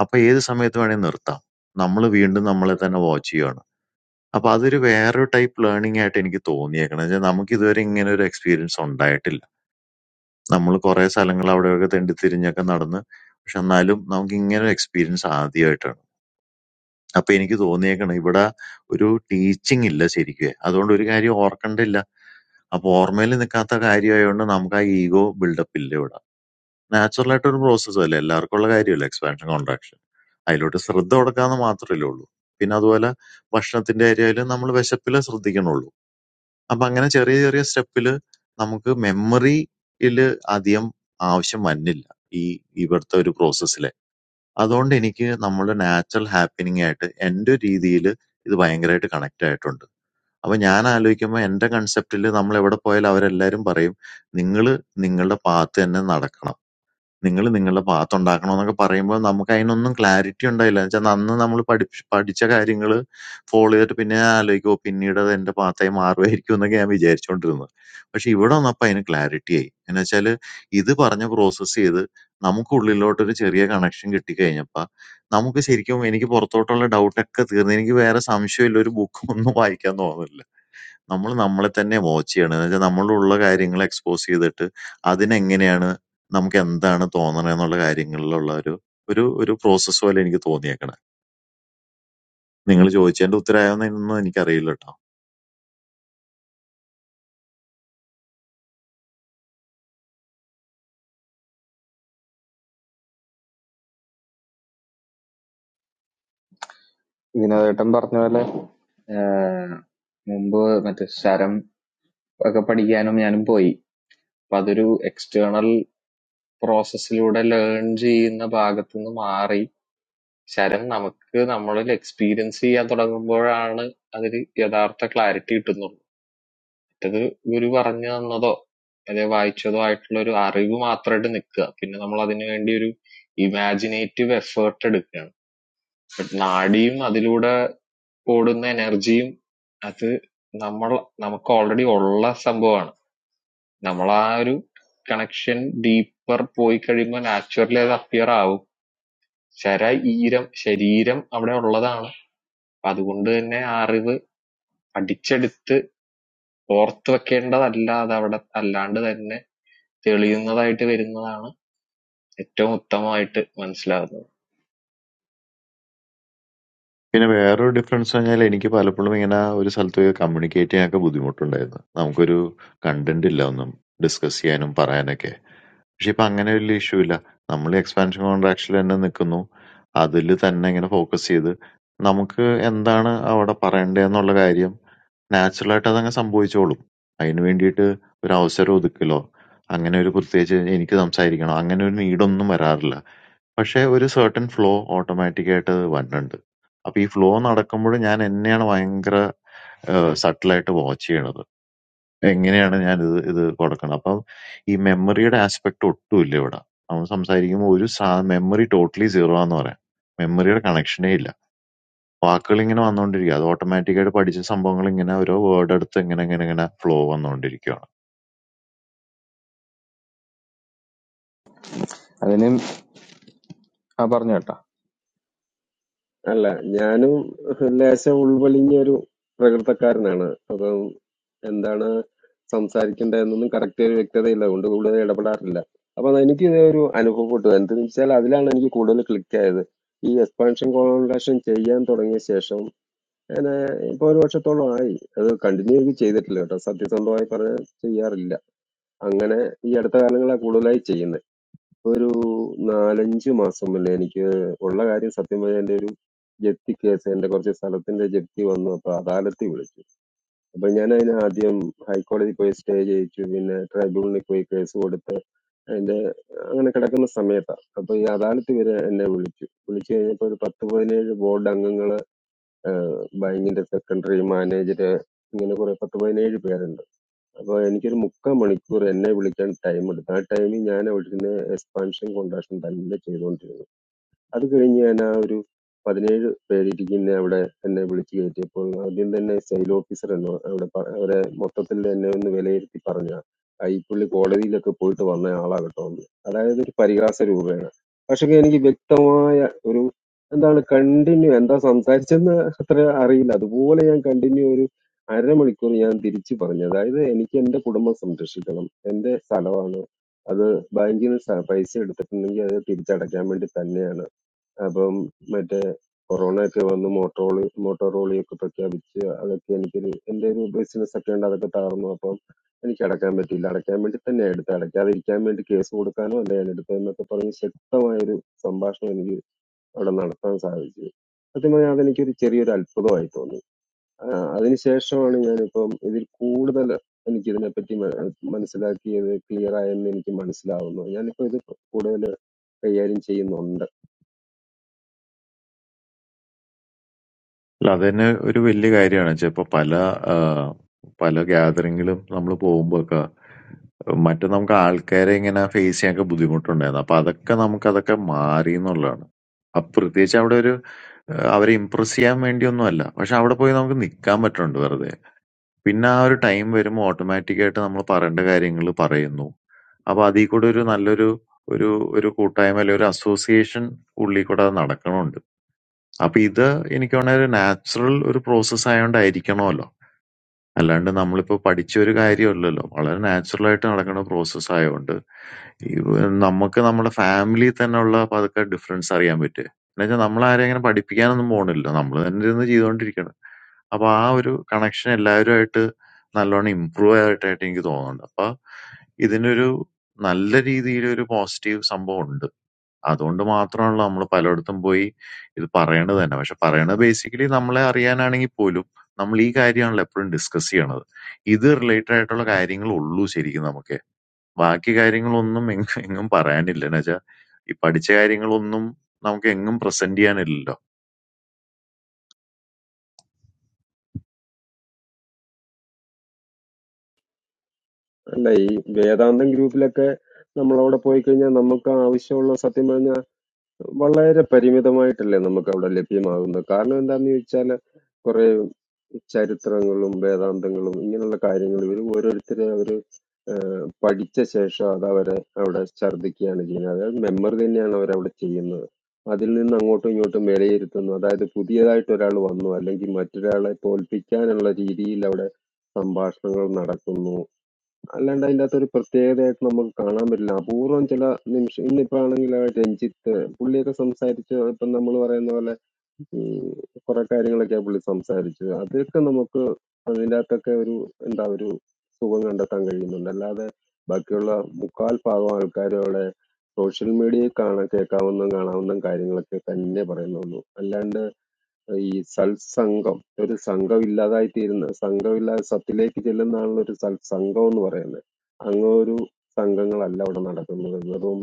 Apa yedu samayetu ani narta. Nammalu viyindu nammalatane vachiyana. Apaazhiyiru error type learning at inki tooniya kena. Je namukithoerinu eru experience on that illa. നമ്മൾ കുറെ സ്ഥലങ്ങൾ അവിടെയൊക്കെ തെണ്ടിത്തിരിഞ്ഞൊക്കെ നടന്ന് പക്ഷെ എന്നാലും നമുക്ക് ഇങ്ങനെ ഒരു എക്സ്പീരിയൻസ് ആദ്യമായിട്ടാണ് അപ്പൊ എനിക്ക് തോന്നിയേക്കണം ഇവിടെ ഒരു ടീച്ചിങ് ഇല്ല ശരിക്കും അതുകൊണ്ട് ഒരു കാര്യം ഓർക്കണ്ടില്ല അപ്പൊ ഓർമ്മയിൽ നിൽക്കാത്ത കാര്യമായതുകൊണ്ട് നമുക്ക് ആ ഈഗോ ബിൽഡപ്പ് ഇല്ല ഇവിടെ നാച്ചുറൽ ആയിട്ട് ഒരു പ്രോസസ്സ് അല്ലേ എല്ലാവർക്കും ഉള്ള കാര്യമല്ല എക്സ്പാൻഷൻ കോൺട്രാക്ഷൻ അതിലോട്ട് ശ്രദ്ധ കൊടുക്കാന്ന് മാത്രമല്ലേ ഉള്ളൂ പിന്നെ അതുപോലെ ഭക്ഷണത്തിന്റെ കാര്യമായാലും നമ്മൾ വിശപ്പിലെ ശ്രദ്ധിക്കണുള്ളൂ അപ്പൊ അങ്ങനെ ചെറിയ ചെറിയ സ്റ്റെപ്പില് നമുക്ക് മെമ്മറിയില് അധികം ആവശ്യം വന്നില്ല ഈ ഇവിടുത്തെ ഒരു പ്രോസസ്സിലെ അതുകൊണ്ട് എനിക്ക് നമ്മുടെ നാച്ചുറൽ ഹാപ്പനിങ് ആയിട്ട് എൻ്റെ രീതിയിൽ ഇത് ഭയങ്കരമായിട്ട് കണക്ട് ആയിട്ടുണ്ട് അപ്പൊ ഞാൻ ആലോചിക്കുമ്പോൾ എൻ്റെ കൺസെപ്റ്റിൽ നമ്മൾ എവിടെ പോയാലും അവരെല്ലാരും പറയും നിങ്ങൾ നിങ്ങളുടെ പാത്ത് തന്നെ നടക്കണം നിങ്ങള് നിങ്ങളുടെ പാത്തുണ്ടാക്കണോന്നൊക്കെ പറയുമ്പോ നമുക്കതിനൊന്നും ക്ലാരിറ്റി ഉണ്ടായില്ല. എന്ന് വെച്ചാ അന്ന് നമ്മള് പഠിപ്പിച്ച് പഠിച്ച കാര്യങ്ങള് ഫോളോ ചെയ്തിട്ട് പിന്നെ ഞാൻ ആലോചിക്കും "ഓ, പിന്നീടത് എന്റെ പാത്തായി മാറുമായിരിക്കും" എന്നൊക്കെ ഞാൻ വിചാരിച്ചോണ്ടിരുന്നത്. പക്ഷെ ഇവിടെ വന്നപ്പോ അതിന് ക്ലാരിറ്റിയായി. എന്ന് വെച്ചാല് ഇത് പറഞ്ഞ് പ്രോസസ്സ് ചെയ്ത് നമുക്കുള്ളിലോട്ടൊരു ചെറിയ കണക്ഷൻ കിട്ടിക്കഴിഞ്ഞപ്പോ നമുക്ക് ശരിക്കും എനിക്ക് പുറത്തോട്ടുള്ള ഡൗട്ടൊക്കെ തീർന്നു. എനിക്ക് വേറെ സംശയമില്ല. ഒരു ബുക്കും ഒന്നും വായിക്കാൻ തോന്നുന്നില്ല. നമ്മള് നമ്മളെ തന്നെ വാച്ച് ചെയ്യണം. എന്ന് വെച്ചാ നമ്മളിലുള്ള കാര്യങ്ങള് എക്സ്പോസ് ചെയ്തിട്ട് അതിനെങ്ങനെയാണ് നമുക്കെന്താണ് തോന്നണേന്നുള്ള കാര്യങ്ങളിലുള്ള ഒരു ഒരു ഒരു പ്രോസസ്സ് പോലെ എനിക്ക് തോന്നിയേക്കണെ. നിങ്ങള് ചോദിച്ചതിന്റെ ഉത്തരായോന്നൊന്നും എനിക്കറിയില്ലട്ടോ.
In that time, apart from that, Mumbai, I mean, sharing. Because when we are going, we have to do external processes, or learn something, or something like that. And sharing, our, our experience, or something like that, or that, or that clarity to them. Because one day, when we are going, we have to do some creative work. Then we have to do some imaginative effort. But in our day, in that, Older energy, that we, we already all are samboan. We are connection deeper. Going to it means actually that pure love, surely, iram, surely iram, that is all. That is good. That is new. That is deep. That is fourth. That is all. That is all. That is new. That is living. That is living.
പിന്നെ വേറൊരു difference പറഞ്ഞാൽ എനിക്ക് പലപ്പോഴും ഇങ്ങനെ ഒരു സ്ഥലത്ത് പോയി communicate ചെയ്യാനൊക്കെ ബുദ്ധിമുട്ടുണ്ടായിരുന്നു. നമുക്കൊരു കണ്ടന്റ് ഇല്ല ഒന്നും ഡിസ്കസ് ചെയ്യാനും പറയാനൊക്കെ. പക്ഷെ ഇപ്പൊ അങ്ങനെ വലിയ ഇഷ്യൂ ഇല്ല. നമ്മള് എക്സ്പാൻഷൻ കോൺട്രാക്റ്റിൽ തന്നെ നിൽക്കുന്നു. അതില് തന്നെ ഇങ്ങനെ ഫോക്കസ് ചെയ്ത് നമുക്ക് എന്താണ് അവിടെ പറയണ്ടേന്നുള്ള കാര്യം നാച്ചുറൽ ആയിട്ട് അതങ്ങ് സംഭവിച്ചോളും. അതിന് വേണ്ടിയിട്ട് ഒരു അവസരം ഒതുക്കലോ, അങ്ങനെ ഒരു പ്രത്യേകിച്ച് എനിക്ക് സംസാരിക്കണം അങ്ങനെ ഒരു നീഡൊന്നും വരാറില്ല. പക്ഷെ ഒരു സെർട്ടൻ ഫ്ലോ ഓട്ടോമാറ്റിക് ആയിട്ട് വരുന്നുണ്ട്. അപ്പൊ ഈ ഫ്ലോ നടക്കുമ്പോൾ ഞാൻ എന്നെയാണ് ഭയങ്കര സട്ടിലായിട്ട് വാച്ച് ചെയ്യണത്. എങ്ങനെയാണ് ഞാനിത് ഇത് കൊടുക്കണം? അപ്പം ഈ മെമ്മറിയുടെ ആസ്പെക്ട് ഒട്ടുമില്ല ഇവിടെ. നമ്മൾ സംസാരിക്കുമ്പോ ഒരു സാ മെമ്മറി ടോട്ടലി സീറോ ആന്ന് പറയാം. മെമ്മറിയുടെ കണക്ഷനേ ഇല്ല. വാക്കുകളിങ്ങനെ വന്നോണ്ടിരിക്കുക. അത് ഓട്ടോമാറ്റിക്കായിട്ട് പഠിച്ച സംഭവങ്ങളിങ്ങനെ ഓരോ വേർഡ് എടുത്ത് ഇങ്ങനെ ഇങ്ങനെ ഇങ്ങനെ ഫ്ലോ വന്നോണ്ടിരിക്കുക.
അല്ല ഞാനും ലേശം ഉൾവലിഞ്ഞ ഒരു പ്രകൃതക്കാരനാണ് അപ്പൊ എന്താണ് സംസാരിക്കേണ്ടതെന്നൊന്നും കറക്റ്റ് ഒരു വ്യക്തതയില്ല അതുകൊണ്ട് കൂടുതൽ ഇടപെടാറില്ല അപ്പൊ അത് എനിക്ക് ഇത് ഒരു അനുഭവപ്പെട്ടു എന്തെന്ന് വെച്ചാൽ അതിലാണ് എനിക്ക് കൂടുതൽ ക്ലിക്ക് ആയത് ഈ എക്സ്പാൻഷൻ കോൺട്രാക്ഷൻ ചെയ്യാൻ തുടങ്ങിയ ശേഷം ഞാൻ ഇപ്പൊ ഒരു വർഷത്തോളം ആയി അത് കണ്ടിന്യൂ ചെയ്തിട്ടില്ല കേട്ടോ സത്യസന്ധമായി പറഞ്ഞാൽ ചെയ്യാറില്ല അങ്ങനെ ഈ അടുത്ത കാലങ്ങളാണ് കൂടുതലായി ചെയ്യുന്നത് ഒരു നാലഞ്ച് മാസം മുന്നേ എനിക്ക് ഉള്ള കാര്യം സത്യം പറഞ്ഞാൽ എൻ്റെ ഒരു ജപ്തി കേസ് എൻ്റെ കുറച്ച് സ്ഥലത്തിന്റെ ജപ്തി വന്നു അപ്പോൾ അദാലത്തിൽ വിളിച്ചു അപ്പൊ ഞാൻ അതിന് ആദ്യം ഹൈക്കോടതി പോയി സ്റ്റേ ചെയ്യിച്ചു പിന്നെ ട്രൈബ്യൂണലിൽ പോയി കേസ് കൊടുത്ത് അതിന്റെ അങ്ങനെ കിടക്കുന്ന സമയത്താണ് അപ്പൊ ഈ അദാലത്ത് വരെ എന്നെ വിളിച്ചു വിളിച്ചു കഴിഞ്ഞപ്പോൾ ഒരു പത്ത് പതിനേഴ് ബോർഡ് അംഗങ്ങള് ബാങ്കിന്റെ സെക്രട്ടറി മാനേജര് ഇങ്ങനെ കുറെ പത്ത് പതിനേഴ് പേരുണ്ട് അപ്പൊ എനിക്കൊരു മുക്കാൽ മണിക്കൂർ എന്നെ വിളിക്കാൻ ടൈം എടുത്തു ആ ടൈമിൽ ഞാൻ അവിടുന്ന് എക്സ്പാൻഷൻ കോൺട്രാക്ഷൻ തന്നെ ചെയ്തുകൊണ്ടിരുന്നു അത് കഴിഞ്ഞ് ഞാൻ ആ ഒരു പതിനേഴ് പേരിരിക്കുന്ന അവിടെ എന്നെ വിളിച്ചു കയറ്റിയപ്പോൾ ആദ്യം തന്നെ സെയിൽ ഓഫീസർ എന്ന് അവിടെ പ- അവരെ മൊത്തത്തിൽ എന്നെ ഒന്ന് വിലയിരുത്തി പറഞ്ഞ ഈ പുള്ളി കോടതിയിലൊക്കെ പോയിട്ട് വന്ന ആളാ കേട്ടോ എന്ന്. അതായത് ഒരു പരിഹാസ രൂപേണ പക്ഷെ എനിക്ക് വ്യക്തമായ ഒരു എന്താണ് കണ്ടിന്യൂ എന്താ സംസാരിച്ചെന്ന് അത്ര അറിയില്ല അതുപോലെ ഞാൻ കണ്ടിന്യൂ ഒരു അരമണിക്കൂർ ഞാൻ തിരിച്ചു പറഞ്ഞു അതായത് എനിക്ക് എന്റെ കുടുംബം സംരക്ഷിക്കണം എന്റെ സ്ഥലമാണ് അത് ബാങ്കിൽ നിന്ന് പൈസ എടുത്തിട്ടുണ്ടെങ്കിൽ അത് തിരിച്ചടയ്ക്കാൻ വേണ്ടി തന്നെയാണ് അപ്പം മറ്റേ കൊറോണ ഒക്കെ വന്ന് മോട്ടോളി മോട്ടോറോളിയൊക്കെ പ്രഖ്യാപിച്ച് അതൊക്കെ എനിക്കൊരു എൻ്റെ ഒരു ബിസിനസ് ഒക്കെ ഉണ്ട് അതൊക്കെ തകർന്നു അപ്പം എനിക്ക് അടക്കാൻ പറ്റിയില്ല അടയ്ക്കാൻ വേണ്ടി തന്നെ എടുത്ത് അടയ്ക്കാതിരിക്കാൻ വേണ്ടി കേസ് കൊടുക്കാനോ അല്ല ഞാൻ എടുത്തതെന്നൊക്കെ പറഞ്ഞ് ശക്തമായൊരു സംഭാഷണം എനിക്ക് അവിടെ നടത്താൻ സാധിച്ചു സത്യം പറഞ്ഞാൽ അതെനിക്കൊരു ചെറിയൊരു അത്ഭുതമായി തോന്നി ആ, അതിനുശേഷമാണ് ഞാനിപ്പം ഇതിൽ കൂടുതൽ എനിക്ക് ഇതിനെപ്പറ്റി മ- മനസ്സിലാക്കിയത് ക്ലിയർ ആയെന്ന് എനിക്ക് മനസ്സിലാവുന്നു ഞാനിപ്പോൾ ഇത് കൂടുതൽ കൈകാര്യം ചെയ്യുന്നുണ്ട്
അല്ല അതന്നെ ഒരു വലിയ കാര്യമാണ്. ച്ചാ ഇപ്പൊ പല ആഹ് പല ഗ്യാതറിങ്ങിലും നമ്മള് പോകുമ്പോഴൊക്കെ മറ്റേ നമുക്ക് ആൾക്കാരെ ഇങ്ങനെ ഫേസ് ചെയ്യാനൊക്കെ ബുദ്ധിമുട്ടുണ്ടായിരുന്നു. അപ്പൊ അതൊക്കെ നമുക്കതൊക്കെ മാറിന്നുള്ളതാണ്. അപ്പൊ പ്രത്യേകിച്ച് അവിടെ ഒരു ഏഹ് അവരെ ഇംപ്രസ് ചെയ്യാൻ വേണ്ടിയൊന്നുമല്ല. പക്ഷെ അവിടെ പോയി നമുക്ക് നിക്കാൻ പറ്റുന്നുണ്ട് വെറുതെ. പിന്നെ ആ ഒരു ടൈം വരുമ്പോ ഓട്ടോമാറ്റിക്കായിട്ട് നമ്മള് പറയേണ്ട കാര്യങ്ങള് പറയുന്നു. അപ്പൊ അതീ കൂടെ ഒരു നല്ലൊരു ഒരു ഒരു കൂട്ടായ്മ അല്ലെ ഒരു അസോസിയേഷൻ ഉള്ളിൽ കൂടെ അത് നടക്കണുണ്ട്. അപ്പൊ ഇത് എനിക്ക് തോന്നുന്ന ഒരു നാച്ചുറൽ ഒരു പ്രോസസ്സ് ആയതുകൊണ്ടായിരിക്കണമല്ലോ. അല്ലാണ്ട് നമ്മളിപ്പോ പഠിച്ച ഒരു കാര്യമല്ലല്ലോ. വളരെ നാച്ചുറൽ ആയിട്ട് നടക്കുന്ന പ്രോസസ്സ് ആയതുകൊണ്ട് ഈ നമുക്ക് നമ്മുടെ ഫാമിലി തന്നെയുള്ള പതുക്കെ ഡിഫറൻസ് അറിയാൻ പറ്റും. എന്നുവെച്ചാൽ നമ്മളാരെയും അങ്ങനെ പഠിപ്പിക്കാനൊന്നും പോണില്ല. നമ്മള് തന്നെ ഇരുന്ന് ചെയ്തുകൊണ്ടിരിക്കണം. അപ്പൊ ആ ഒരു കണക്ഷൻ എല്ലാവരുമായിട്ട് നല്ലോണം ഇംപ്രൂവ് ആയിട്ടായിട്ട് എനിക്ക് തോന്നുന്നുണ്ട്. അപ്പൊ ഇതിനൊരു നല്ല രീതിയിലൊരു പോസിറ്റീവ് സംഭവം ഉണ്ട്. അതുകൊണ്ട് മാത്രമാണല്ലോ നമ്മള് പലയിടത്തും പോയി ഇത് പറയണത് തന്നെ. പക്ഷെ പറയണത് ബേസിക്കലി നമ്മളെ അറിയാനാണെങ്കിൽ പോലും നമ്മളീ കാര്യമാണല്ലോ എപ്പഴും ഡിസ്കസ് ചെയ്യണത്. ഇത് റിലേറ്റഡ് ആയിട്ടുള്ള കാര്യങ്ങളേ ഉള്ളൂ ശരിക്കും നമുക്ക്. ബാക്കി കാര്യങ്ങളൊന്നും എങ്ങും എങ്ങും പറയാനില്ല. എന്ന് വെച്ചാ ഈ പഠിച്ച കാര്യങ്ങളൊന്നും നമുക്ക് എങ്ങും പ്രസന്റ് ചെയ്യാനില്ലല്ലോ.
അല്ല ഈ വേദാന്തം ഗ്രൂപ്പിലൊക്കെ നമ്മളവിടെ പോയി കഴിഞ്ഞാൽ നമുക്ക് ആവശ്യമുള്ള സത്യം പറഞ്ഞാൽ വളരെ പരിമിതമായിട്ടല്ലേ നമുക്ക് അവിടെ ലഭ്യമാകുന്നത് കാരണം എന്താണെന്ന് ചോദിച്ചാൽ കുറെ ചരിത്രങ്ങളും വേദാന്തങ്ങളും ഇങ്ങനെയുള്ള കാര്യങ്ങൾ ഇവർ ഓരോരുത്തരെ അവർ പഠിച്ച ശേഷം അത് അവരെ അവിടെ ഛർദ്ദിക്കുകയാണ് ചെയ്യുന്നത് അതായത് മെമ്മറി തന്നെയാണ് അവരവിടെ ചെയ്യുന്നത് അതിൽ നിന്ന് അങ്ങോട്ടും ഇങ്ങോട്ടും വിലയിരുത്തുന്നു അതായത് പുതിയതായിട്ട് ഒരാൾ വന്നു അല്ലെങ്കിൽ മറ്റൊരാളെ തോൽപ്പിക്കാനുള്ള രീതിയിൽ അവിടെ സംഭാഷണങ്ങൾ നടക്കുന്നു അല്ലാണ്ട് അതിന്റകത്തൊരു പ്രത്യേകതയായിട്ട് നമുക്ക് കാണാൻ പറ്റില്ല. അപൂർവം ചില നിമിഷം ഇന്നിപ്പോ ആണെങ്കിൽ രഞ്ജിത്ത് പുള്ളിയൊക്കെ സംസാരിച്ച് ഇപ്പം നമ്മൾ പറയുന്ന പോലെ ഉം കുറെ കാര്യങ്ങളൊക്കെയാ പുള്ളി സംസാരിച്ചത്. അതൊക്കെ നമുക്ക് അതിന്റകത്തൊക്കെ ഒരു എന്താ ഒരു സുഖം കണ്ടെത്താൻ കഴിയുന്നുണ്ട്. അല്ലാതെ ബാക്കിയുള്ള മുക്കാൽ ഭാഗം ആൾക്കാരും അവിടെ സോഷ്യൽ മീഡിയയിൽ കാണാൻ കേൾക്കാവുന്ന കാണാവുന്ന കാര്യങ്ങളൊക്കെ തന്നെ പറയുന്നുള്ളൂ. അല്ലാണ്ട് ഈ സത്സംഗം ഒരു സംഘം ഇല്ലാതായി തീരുന്നത് സംഘമില്ലാതെ സത്തിലേക്ക് ചെല്ലുന്നതാണല്ലോ ഒരു സത്സംഗം എന്ന് പറയുന്നത് അങ്ങ് ഒരു സംഘങ്ങളല്ല അവിടെ നടക്കുന്നത് വെറും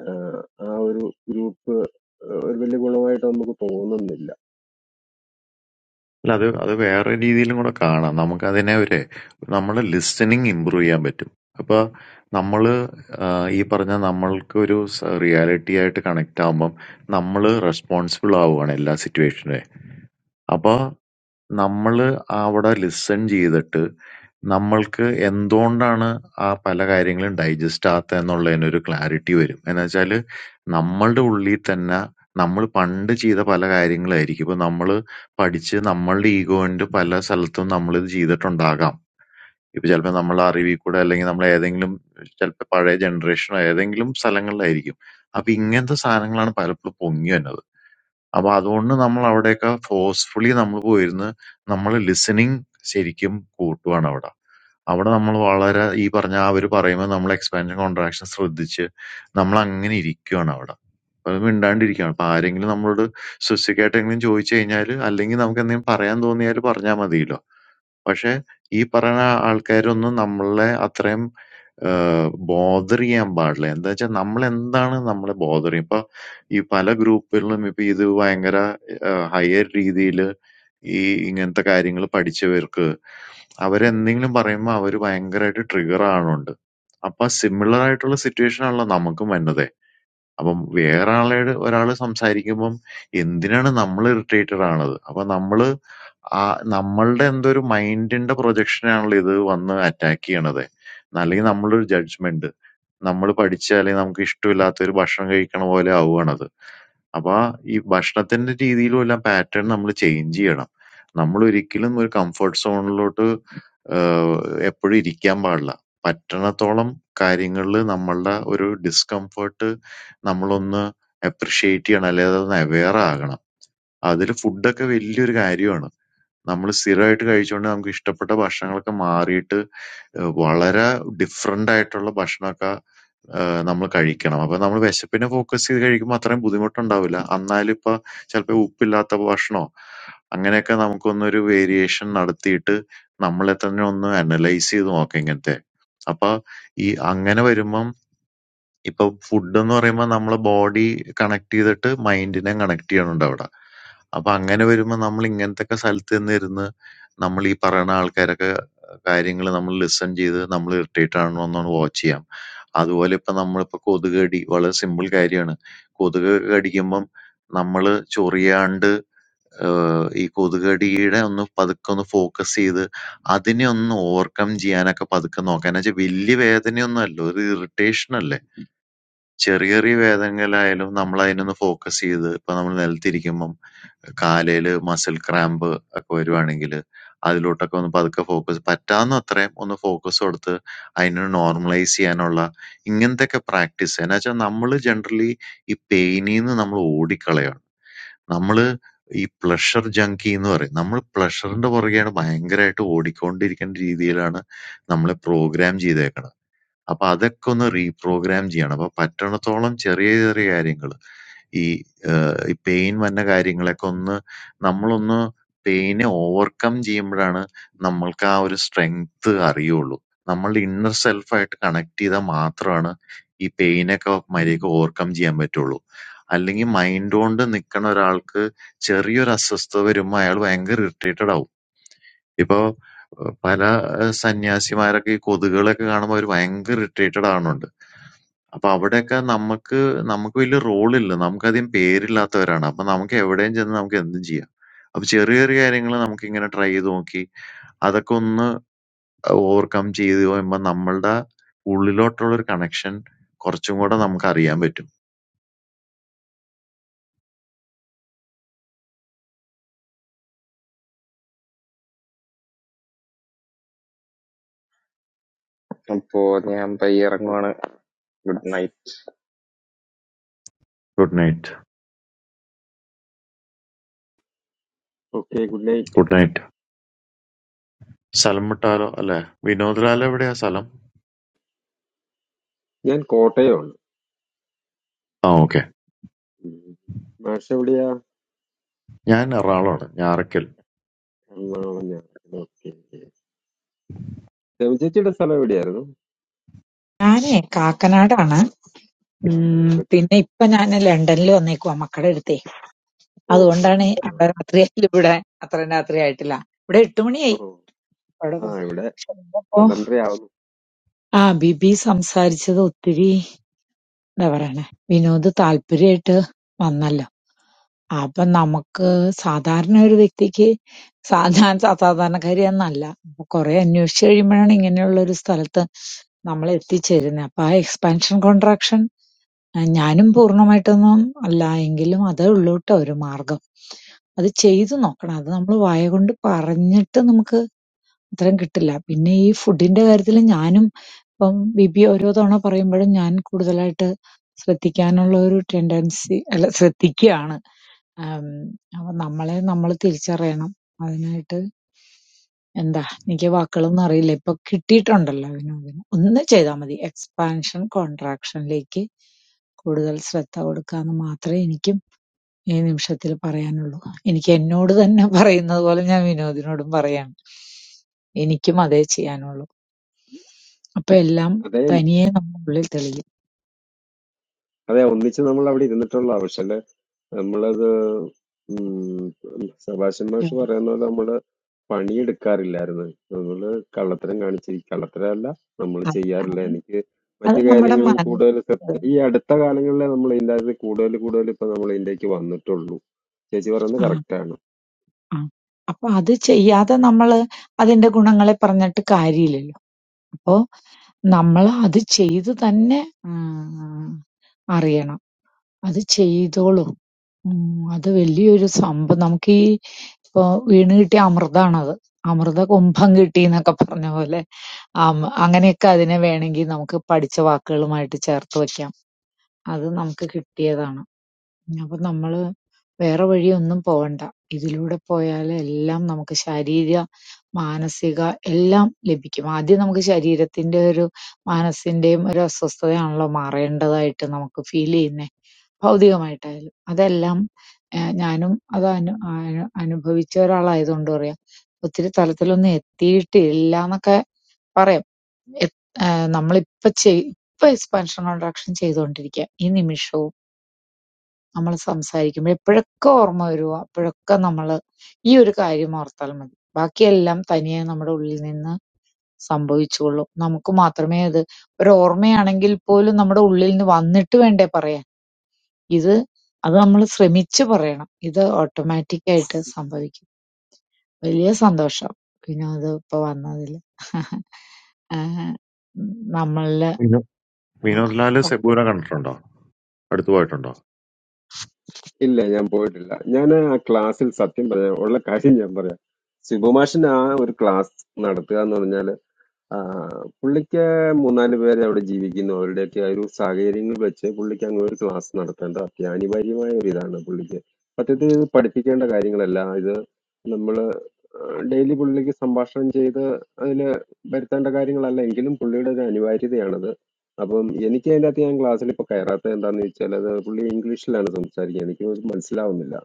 ആഹ്, ആ ഒരു ഗ്രൂപ്പ് ഒരു വലിയ ഗുണമായിട്ട് നമുക്ക് തോന്നുന്നില്ല
അല്ല അത് അത് വേറെ രീതിയിലും കൂടെ കാണാം. നമുക്കതിനെ ഒരു നമ്മളെ ലിസണിങ് ഇമ്പ്രൂവ് ചെയ്യാൻ പറ്റും. അപ്പൊ നമ്മള് ആഹ് ഈ പറഞ്ഞ നമ്മൾക്കൊരു സ റിയാലിറ്റി ആയിട്ട് കണക്റ്റ് ആവുമ്പം നമ്മള് റെസ്പോൺസിബിൾ ആവുകയാണ് എല്ലാ സിറ്റുവേഷനെ. അപ്പൊ നമ്മള് അവിടെ ലിസൺ ചെയ്തിട്ട് നമ്മൾക്ക് എന്തുകൊണ്ടാണ് ആ പല കാര്യങ്ങളും ഡൈജസ്റ്റ് ആകാത്തതെന്നുള്ളതിനൊരു ക്ലാരിറ്റി വരും. എന്നുവെച്ചാല് നമ്മളുടെ ഉള്ളിൽ തന്നെ നമ്മള് പണ്ട് ചെയ്ത പല കാര്യങ്ങളായിരിക്കും. ഇപ്പൊ നമ്മള് പഠിച്ച് നമ്മളുടെ ഈഗോന്റെ പല സ്ഥലത്തും നമ്മളിത് ചെയ്തിട്ടുണ്ടാകാം. ഇപ്പൊ ചെലപ്പോ നമ്മളെ അറിവിൽ കൂടെ അല്ലെങ്കിൽ നമ്മളേതെങ്കിലും ചെലപ്പോ പഴയ ജനറേഷനോ ഏതെങ്കിലും സ്ഥലങ്ങളിലായിരിക്കും. അപ്പൊ ഇങ്ങനത്തെ സാധനങ്ങളാണ് പലപ്പോഴും പൊങ്ങി വരുന്നത്. അപ്പൊ അതുകൊണ്ട് നമ്മളവിടെയൊക്കെ ഫോഴ്സ്ഫുള്ളി നമ്മള് പോയിരുന്ന് നമ്മള് ലിസണിങ് ശരിക്കും കൂട്ടുവാണ് അവിടെ. അവിടെ നമ്മള് വളരെ ഈ പറഞ്ഞ ആ അവര് പറയുമ്പോ നമ്മള് എക്സ്പാൻഷൻ കോൺട്രാക്ഷൻ ശ്രദ്ധിച്ച് നമ്മളങ്ങനെ ഇരിക്കുവാണ് അവിടെ. അത് മിണ്ടാണ്ടിരിക്കുകയാണ്. അപ്പൊ ആരെങ്കിലും നമ്മളോട് സ്പെസിഫിക് ആയിട്ട് എന്തെങ്കിലും ചോദിച്ചു കഴിഞ്ഞാല് അല്ലെങ്കിൽ നമുക്ക് എന്തെങ്കിലും പറയാൻ തോന്നിയാല് പറഞ്ഞാൽ മതിയല്ലോ. പക്ഷെ ഈ പറയണ ആൾക്കാരൊന്നും നമ്മളെ അത്രയും ഏഹ്, ബോതർ ചെയ്യാൻ പാടില്ല. എന്താച്ചാ നമ്മളെന്താണ് നമ്മളെ ബോതർ ചെയ്യും. ഇപ്പൊ ഈ പല ഗ്രൂപ്പുകളിലും ഇപ്പൊ ഇത് ഭയങ്കര ഏഹ്, ഹയർ രീതിയില് ഈ ഇങ്ങനത്തെ കാര്യങ്ങള് പഠിച്ചവർക്ക് അവരെന്തെങ്കിലും പറയുമ്പോ അവര് ഭയങ്കരായിട്ട് ട്രിഗർ ആവണുണ്ട്. അപ്പൊ സിമിലർ ആയിട്ടുള്ള സിറ്റുവേഷൻ ആണല്ലോ നമുക്കും വരുന്നത്. അപ്പം വേറൊരാളോട് ഒരാള് സംസാരിക്കുമ്പം എന്തിനാണ് നമ്മള് ഇറിറ്റേറ്റഡ് ആവണത്? അപ്പൊ നമ്മള് ആ നമ്മൾടെ എന്തോ ഒരു മൈൻഡിന്റെ പ്രൊജക്ഷനാണല്ലോ ഇത് വന്ന് അറ്റാക്ക് ചെയ്യണത്. അല്ലെങ്കിൽ നമ്മളൊരു ജഡ്ജ്മെന്റ്. നമ്മള് പഠിച്ച അല്ലെങ്കിൽ നമുക്ക് ഇഷ്ടമില്ലാത്ത ഒരു ഭക്ഷണം കഴിക്കണ പോലെ ആവുകയാണത്. അപ്പൊ ആ ഈ ഭക്ഷണത്തിന്റെ രീതിയിലും എല്ലാം പാറ്റേൺ നമ്മൾ ചേഞ്ച് ചെയ്യണം. നമ്മളൊരിക്കലും ഒരു കംഫർട്ട് സോണിലോട്ട് ഏഹ് എപ്പഴും ഇരിക്കാൻ പാടില്ല. പറ്റണത്തോളം കാര്യങ്ങളില് നമ്മളുടെ ഒരു ഡിസ്കംഫർട്ട് നമ്മളൊന്ന് അപ്രിഷിയേറ്റ് ചെയ്യണം. അല്ലെ അതൊന്ന് അവെയർ ആകണം. അതില് ഫുഡൊക്കെ വലിയൊരു കാര്യമാണ്. നമ്മള് സ്ഥിരായിട്ട് കഴിച്ചോണ്ട് നമുക്ക് ഇഷ്ടപ്പെട്ട ഭക്ഷണങ്ങളൊക്കെ മാറിയിട്ട് ഏഹ് വളരെ ഡിഫറന്റായിട്ടുള്ള ഭക്ഷണൊക്കെ ഏഹ് നമ്മള് കഴിക്കണം. അപ്പൊ നമ്മള് വിശപ്പിനെ ഫോക്കസ് ചെയ്ത് കഴിക്കുമ്പോ അത്രയും ബുദ്ധിമുട്ടുണ്ടാവില്ല. അന്നാലും ഇപ്പൊ ചെലപ്പോ ഉപ്പില്ലാത്ത ഭക്ഷണോ അങ്ങനെയൊക്കെ നമുക്കൊന്നൊരു വേരിയേഷൻ നടത്തിയിട്ട് നമ്മളെ തന്നെ ഒന്ന് അനലൈസ് ചെയ്ത് നോക്കാം ഇങ്ങനത്തെ. അപ്പൊ ഈ അങ്ങനെ വരുമ്പം ഇപ്പൊ ഫുഡെന്ന് പറയുമ്പോ നമ്മളെ ബോഡി കണക്ട് ചെയ്തിട്ട് മൈൻഡിനെ കണക്ട് ചെയ്യണുണ്ട് അവിടെ. അപ്പൊ അങ്ങനെ വരുമ്പോ നമ്മൾ ഇങ്ങനത്തെയൊക്കെ സ്ഥലത്ത് നിന്നിരുന്ന് നമ്മൾ ഈ പറയണ ആൾക്കാരൊക്കെ കാര്യങ്ങൾ നമ്മൾ ലിസൺ ചെയ്ത് നമ്മൾ ഇറിറ്റേറ്റ് ആണോ എന്നൊന്ന് വാച്ച് ചെയ്യാം. അതുപോലെ ഇപ്പൊ നമ്മളിപ്പോ കൊതുക് കടി വളരെ സിമ്പിൾ കാര്യാണ്. കൊതുക് കടിക്കുമ്പം നമ്മള് ചൊറിയാണ്ട് ഏഹ് ഈ കൊതുക് കടിയുടെ ഒന്ന് പതുക്കെ ഒന്ന് ഫോക്കസ് ചെയ്ത് അതിനെ ഒന്ന് ഓവർകം ചെയ്യാനൊക്കെ പതുക്കെ നോക്കാം. എന്ന് വെച്ചാ വലിയ വേദനയൊന്നും അല്ല. ഒരു ഇറിറ്റേഷൻ അല്ലേ? ചെറിയ ചെറിയ വേദനകളായാലും നമ്മൾ അതിനൊന്ന് ഫോക്കസ് ചെയ്ത് ഇപ്പൊ നമ്മൾ നിലത്തിരിക്കുമ്പം കാലേല് മസിൽ ക്രാമ്പ് ഒക്കെ വരുവാണെങ്കില് അതിലോട്ടൊക്കെ ഒന്ന് പതുക്കെ ഫോക്കസ് പറ്റാവുന്ന അത്രയും ഒന്ന് ഫോക്കസ് കൊടുത്ത് അതിനെ നോർമലൈസ് ചെയ്യാനുള്ള ഇങ്ങനത്തെയൊക്കെ പ്രാക്ടീസ് എന്നാ വെച്ചാൽ നമ്മള് ജനറലി ഈ പെയിനിന്ന് നമ്മൾ ഓടിക്കളയാണ്. നമ്മള് ഈ പ്ലഷർ ജങ്കി എന്ന് പറയും. നമ്മൾ പ്ലഷറിന്റെ പുറകെയാണ് ഭയങ്കരമായിട്ട് ഓടിക്കൊണ്ടിരിക്കേണ്ട രീതിയിലാണ് നമ്മളെ പ്രോഗ്രാം ചെയ്തേക്കണത്. അപ്പൊ അതൊക്കെ ഒന്ന് റീപ്രോഗ്രാം ചെയ്യണം. അപ്പൊ പറ്റണത്തോളം ചെറിയ ചെറിയ കാര്യങ്ങള്. ഈ ഏഹ് ഈ പെയിൻ വന്ന കാര്യങ്ങളൊക്കെ ഒന്ന് നമ്മളൊന്ന് പെയിനെ ഓവർകം ചെയ്യുമ്പഴാണ് നമ്മൾക്ക് ആ ഒരു സ്ട്രെങ്ത് അറിയുള്ളൂ. നമ്മളുടെ ഇന്നർ സെൽഫായിട്ട് കണക്ട് ചെയ്താൽ മാത്രമാണ് ഈ പെയിനൊക്കെ മര്യാദയ്ക്ക് ഓവർകം ചെയ്യാൻ പറ്റുള്ളൂ. അല്ലെങ്കി മൈൻഡ് കൊണ്ട് നിക്കണ ഒരാൾക്ക് ചെറിയൊരു അസ്വസ്ഥത വരുമ്പോ അയാള് ഭയങ്കര ഇറിറ്റേറ്റഡാവും. ഇപ്പൊ ഏഹ് പല ഏഹ് സന്യാസിമാരൊക്കെ ഈ കൊതുകുകളെയൊക്കെ കാണുമ്പോ അവര് ഭയങ്കര ഇറിറ്റേറ്റഡ് ആവണുണ്ട്. അപ്പൊ അവിടെയൊക്കെ നമ്മക്ക് നമുക്ക് വലിയ റോളില്ല. നമുക്കധികം പേരില്ലാത്തവരാണ്. അപ്പൊ നമുക്ക് എവിടെയും ചെന്ന് നമുക്ക് എന്തും ചെയ്യാം. അപ്പൊ ചെറിയ ചെറിയ കാര്യങ്ങള് നമുക്കിങ്ങനെ ട്രൈ ചെയ്ത് നോക്കി അതൊക്കെ ഒന്ന് ഓവർകം ചെയ്ത് വരുമ്പോ നമ്മളുടെ ഉള്ളിലോട്ടുള്ളൊരു കണക്ഷൻ കുറച്ചും കൂടെ നമുക്കറിയാൻ പറ്റും.
That is. That is totally.
Good night.
Okay good night
good night. സ്ഥലം വിട്ടാലോ? അല്ലെ? വിനോദ് ലാൽ എവിടെയാ സ്ഥലം?
ഞാൻ കോട്ടയമാണ്
ആ ഓക്കെ.
ഉം. മാഷ് എവിടെയാ
ഞാൻ എറണാകുളമാണ്.
എറണാകുളം ഞാൻ ഓക്കെ ചേച്ചിയുടെ സ്ഥലം എവിടെയായിരുന്നു
ഞാനേ കാക്കനാടാണ്. ഉം
കാക്കന കൊച്ചി
പിന്നെ ഇപ്പൊ ഞാൻ ലണ്ടനിൽ വന്നേക്കുവാ മക്കടെ അടുത്തേ.
ഓ ശരി
അതുകൊണ്ടാണ്
ശരി ആ,
ഞാറക്കൽ.
അവിടെ രാത്രിയായില്ല ഇവിടെ അത്ര രാത്രി ആയിട്ടില്ല. ഇവിടെ എട്ട്
ഓ
മണിയായി. അവിടെ
ആ
പ-
ഇവിടെ
പക്ഷെ ഇന്നിപ്പോ
പന്ത്രണ്ടര ആവുന്നു
ആ ബിബി സംസാരിച്ചത് ഒത്തിരി എന്താ പറയണേ വിനോദ് താല്പര്യമായിട്ട് വന്നല്ലോ. അപ്പൊ നമുക്ക് സാധാരണ ഒരു വ്യക്തിക്ക് സാ- ഞാൻ സാ- സാധാരണക്കാരി എന്നല്ല. അപ്പൊ കുറെ അന്വേഷിച്ച് കഴിയുമ്പോഴാണ് ഇങ്ങനെയുള്ള ഒരു സ്ഥലത്ത് നമ്മൾ എത്തിച്ചേരുന്നത്. അപ്പൊ ആ എക്സ്പാൻഷൻ കോൺട്രാക്ഷൻ ഏഹ് ഞാനും പൂർണ്ണമായിട്ടൊന്നും അല്ല. എങ്കിലും അതേ ഉള്ളൂട്ടോ ഒരു മാർഗ്ഗം. അത് ചെയ്ത് നോക്കണം. അത് നമ്മള് വായകൊണ്ട് പറഞ്ഞിട്ട് നമുക്ക് ഉത്തരം കിട്ടില്ല. പിന്നെ ഈ ഫുഡിന്റെ കാര്യത്തില് ഞാനും ഇപ്പം ബിബി ഓരോ തവണ പറയുമ്പഴും ഞാൻ കൂടുതലായിട്ട് ശ്രദ്ധിക്കാനുള്ള ഒരു ടെൻഡൻസി അല്ല ശ്രദ്ധിക്കയാണ്. ആം, അപ്പൊ നമ്മളെ നമ്മള് തിരിച്ചറിയണം. അതിനായിട്ട് എന്താ എനിക്ക് വാക്കുകളൊന്നും അറിയില്ല. ഇപ്പൊ കിട്ടിയിട്ടുണ്ടല്ലോ അതിനും ഇതിനും. ഒന്ന് ചെയ്താൽ മതി. എക്സ്പാൻഷൻ കോൺട്രാക്ഷനിലേക്ക് കൂടുതൽ ശ്രദ്ധ കൊടുക്കാന്ന് മാത്രമേ എനിക്കും ഈ നിമിഷത്തിൽ പറയാനുള്ളൂ. എനിക്ക് എന്നോട് തന്നെ പറയുന്നത് പോലെ ഞാൻ വിനോദിനോടും പറയാണ്. എനിക്കും അതേ ചെയ്യാനുള്ളൂ. അപ്പൊ എല്ലാം
അതെ
തനിയെ നമ്മുടെ ഉള്ളിൽ തെളിയും.
അതെ ഒന്നിച്ച് നമ്മൾ അവിടെ ഇരുന്നിട്ടുള്ള പക്ഷെ നമ്മളത് ഉം സെബാസ്റ്റ്യൻ
ഉം.
മാഷ് പറയുന്ന പോലെ നമ്മള് പണിയെടുക്കാറില്ലായിരുന്നു നമ്മള് കള്ളത്തരം കാണിച്ചിരിക്കും കള്ളത്തരമല്ല നമ്മൾ
അത്
ചെയ്യാറില്ല
അത്
എനിക്ക്
അത്
മറ്റു
നമ്മുടെ
കാര്യങ്ങളിൽ
മനസ്സ്
കൂടുതൽ ശ്രദ്ധ- ഈ അടുത്ത കാലങ്ങളിലെ നമ്മൾ ഇതിൻ്റെ അകത്ത് കൂടുതൽ കൂടുതൽ ഇപ്പൊ നമ്മൾ ഇതിലേക്ക് വന്നിട്ടുള്ളൂ ചേച്ചി പറയുന്നത്
ആ
correct ആണ്
ആ അപ്പൊ അത് ചെയ്യാതെ നമ്മള് അതിന്റെ ഗുണങ്ങളെ പറഞ്ഞിട്ട് കാര്യമില്ലല്ലോ. അപ്പോ നമ്മള് അത് ചെയ്ത് തന്നെ ആഹ് അറിയണം. അത് ചെയ്തോളും. ഉം അത് വലിയൊരു സംഭവം. നമുക്ക് ഈ ഇപ്പൊ വീണ് കിട്ടിയ അമൃതാണത്. അമൃത കുംഭം കിട്ടിന്നൊക്കെ പറഞ്ഞ പോലെ ആം, അങ്ങനെയൊക്കെ അതിനെ വേണമെങ്കിൽ നമുക്ക് പഠിച്ച വാക്കുകളുമായിട്ട് ചേർത്ത് വയ്ക്കാം. അത് നമുക്ക് കിട്ടിയതാണ്. അപ്പൊ നമ്മള് വേറെ വഴിയൊന്നും പോവണ്ട. ഇതിലൂടെ പോയാല് എല്ലാം നമുക്ക് ശാരീരിക, മാനസിക എല്ലാം ലഭിക്കും. ആദ്യം നമുക്ക് ശരീരത്തിന്റെ ഒരു മനസ്സിന്റെയും ഒരു അസ്വസ്ഥതയാണല്ലോ മാറേണ്ടതായിട്ട് നമുക്ക് ഫീൽ ചെയ്യുന്നെ. ഭൗതികമായിട്ടായാലും. അതെല്ലാം ഏഹ് ഞാനും അത് അനു അനു അനുഭവിച്ച ഒരാളായതുകൊണ്ട് പറയാം. ഒത്തിരി തലത്തിലൊന്നും എത്തിയിട്ടില്ലാന്നൊക്കെ പറയാം. എ- ഏഹ് നമ്മളിപ്പ ചെയ് ഇപ്പ എക്സ്പാൻഷൻ കോൺട്രാക്ഷൻ ചെയ്തുകൊണ്ടിരിക്കുക. ഈ നിമിഷവും നമ്മൾ സംസാരിക്കുമ്പോൾ എപ്പോഴൊക്കെ ഓർമ്മ വരുമോ അപ്പോഴൊക്കെ നമ്മൾ ഈ ഒരു കാര്യം ഓർത്താൽ മതി. ബാക്കിയെല്ലാം തനിയെ നമ്മുടെ ഉള്ളിൽ നിന്ന് സംഭവിച്ചുകൊള്ളും. നമുക്ക് മാത്രമേ അത് ഒരു ഓർമ്മയാണെങ്കിൽ പോലും നമ്മുടെ ഉള്ളിൽ നിന്ന് വന്നിട്ട് വേണ്ടേ പറയാൻ. ഇത് അത് നമ്മൾ ശ്രമിച്ച് പറയണം. ഇത് ഓട്ടോമാറ്റിക് ആയിട്ട് സംഭവിക്കും. വലിയ സന്തോഷം വിനോദ് ഇപ്പൊ വന്നതിൽ. ആഹ് നമ്മളില്
വിനോദ് ലാല് സെബൂനെ കണ്ടിട്ടുണ്ടോ അടുത്ത് പോയിട്ടുണ്ടോ
ഇല്ല ഞാൻ പോയിട്ടില്ല ഞാൻ ആ ക്ലാസ്സിൽ സത്യം പറയാം ഉള്ള കാര്യം ഞാൻ പറയാം സിബു മാഷിന് ആ ഒരു ക്ലാസ് നടത്തുക എന്ന് പറഞ്ഞാൽ ആ, പുള്ളിക്ക് മൂന്നാല് പേര് അവിടെ ജീവിക്കുന്നു അവരുടെയൊക്കെ ആ ഒരു സാഹചര്യങ്ങൾ വെച്ച് പുള്ളിക്ക് അങ്ങ് ഒരു ക്ലാസ് നടത്തേണ്ട അത്യാനിവാര്യമായ ഒരു ഇതാണ് പുള്ളിക്ക് സത്യത്തിൽ ഇത് പഠിപ്പിക്കേണ്ട കാര്യങ്ങളല്ല ഇത് നമ്മൾ ഡെയിലി പുള്ളിക്ക് സംഭാഷണം ചെയ്ത് അതിൽ വരുത്തേണ്ട കാര്യങ്ങളല്ല എങ്കിലും പുള്ളിയുടെ ഒരു അനിവാര്യതയാണത് അപ്പം എനിക്ക് അതിൻ്റെ അകത്ത് ഞാൻ ക്ലാസ്സിൽ ഇപ്പോൾ കയറാത്തത് എന്താണെന്ന് വെച്ചാൽ അത് പുള്ളി ഇംഗ്ലീഷിലാണ് സംസാരിക്കുക എനിക്ക് അത് മനസ്സിലാവുന്നില്ല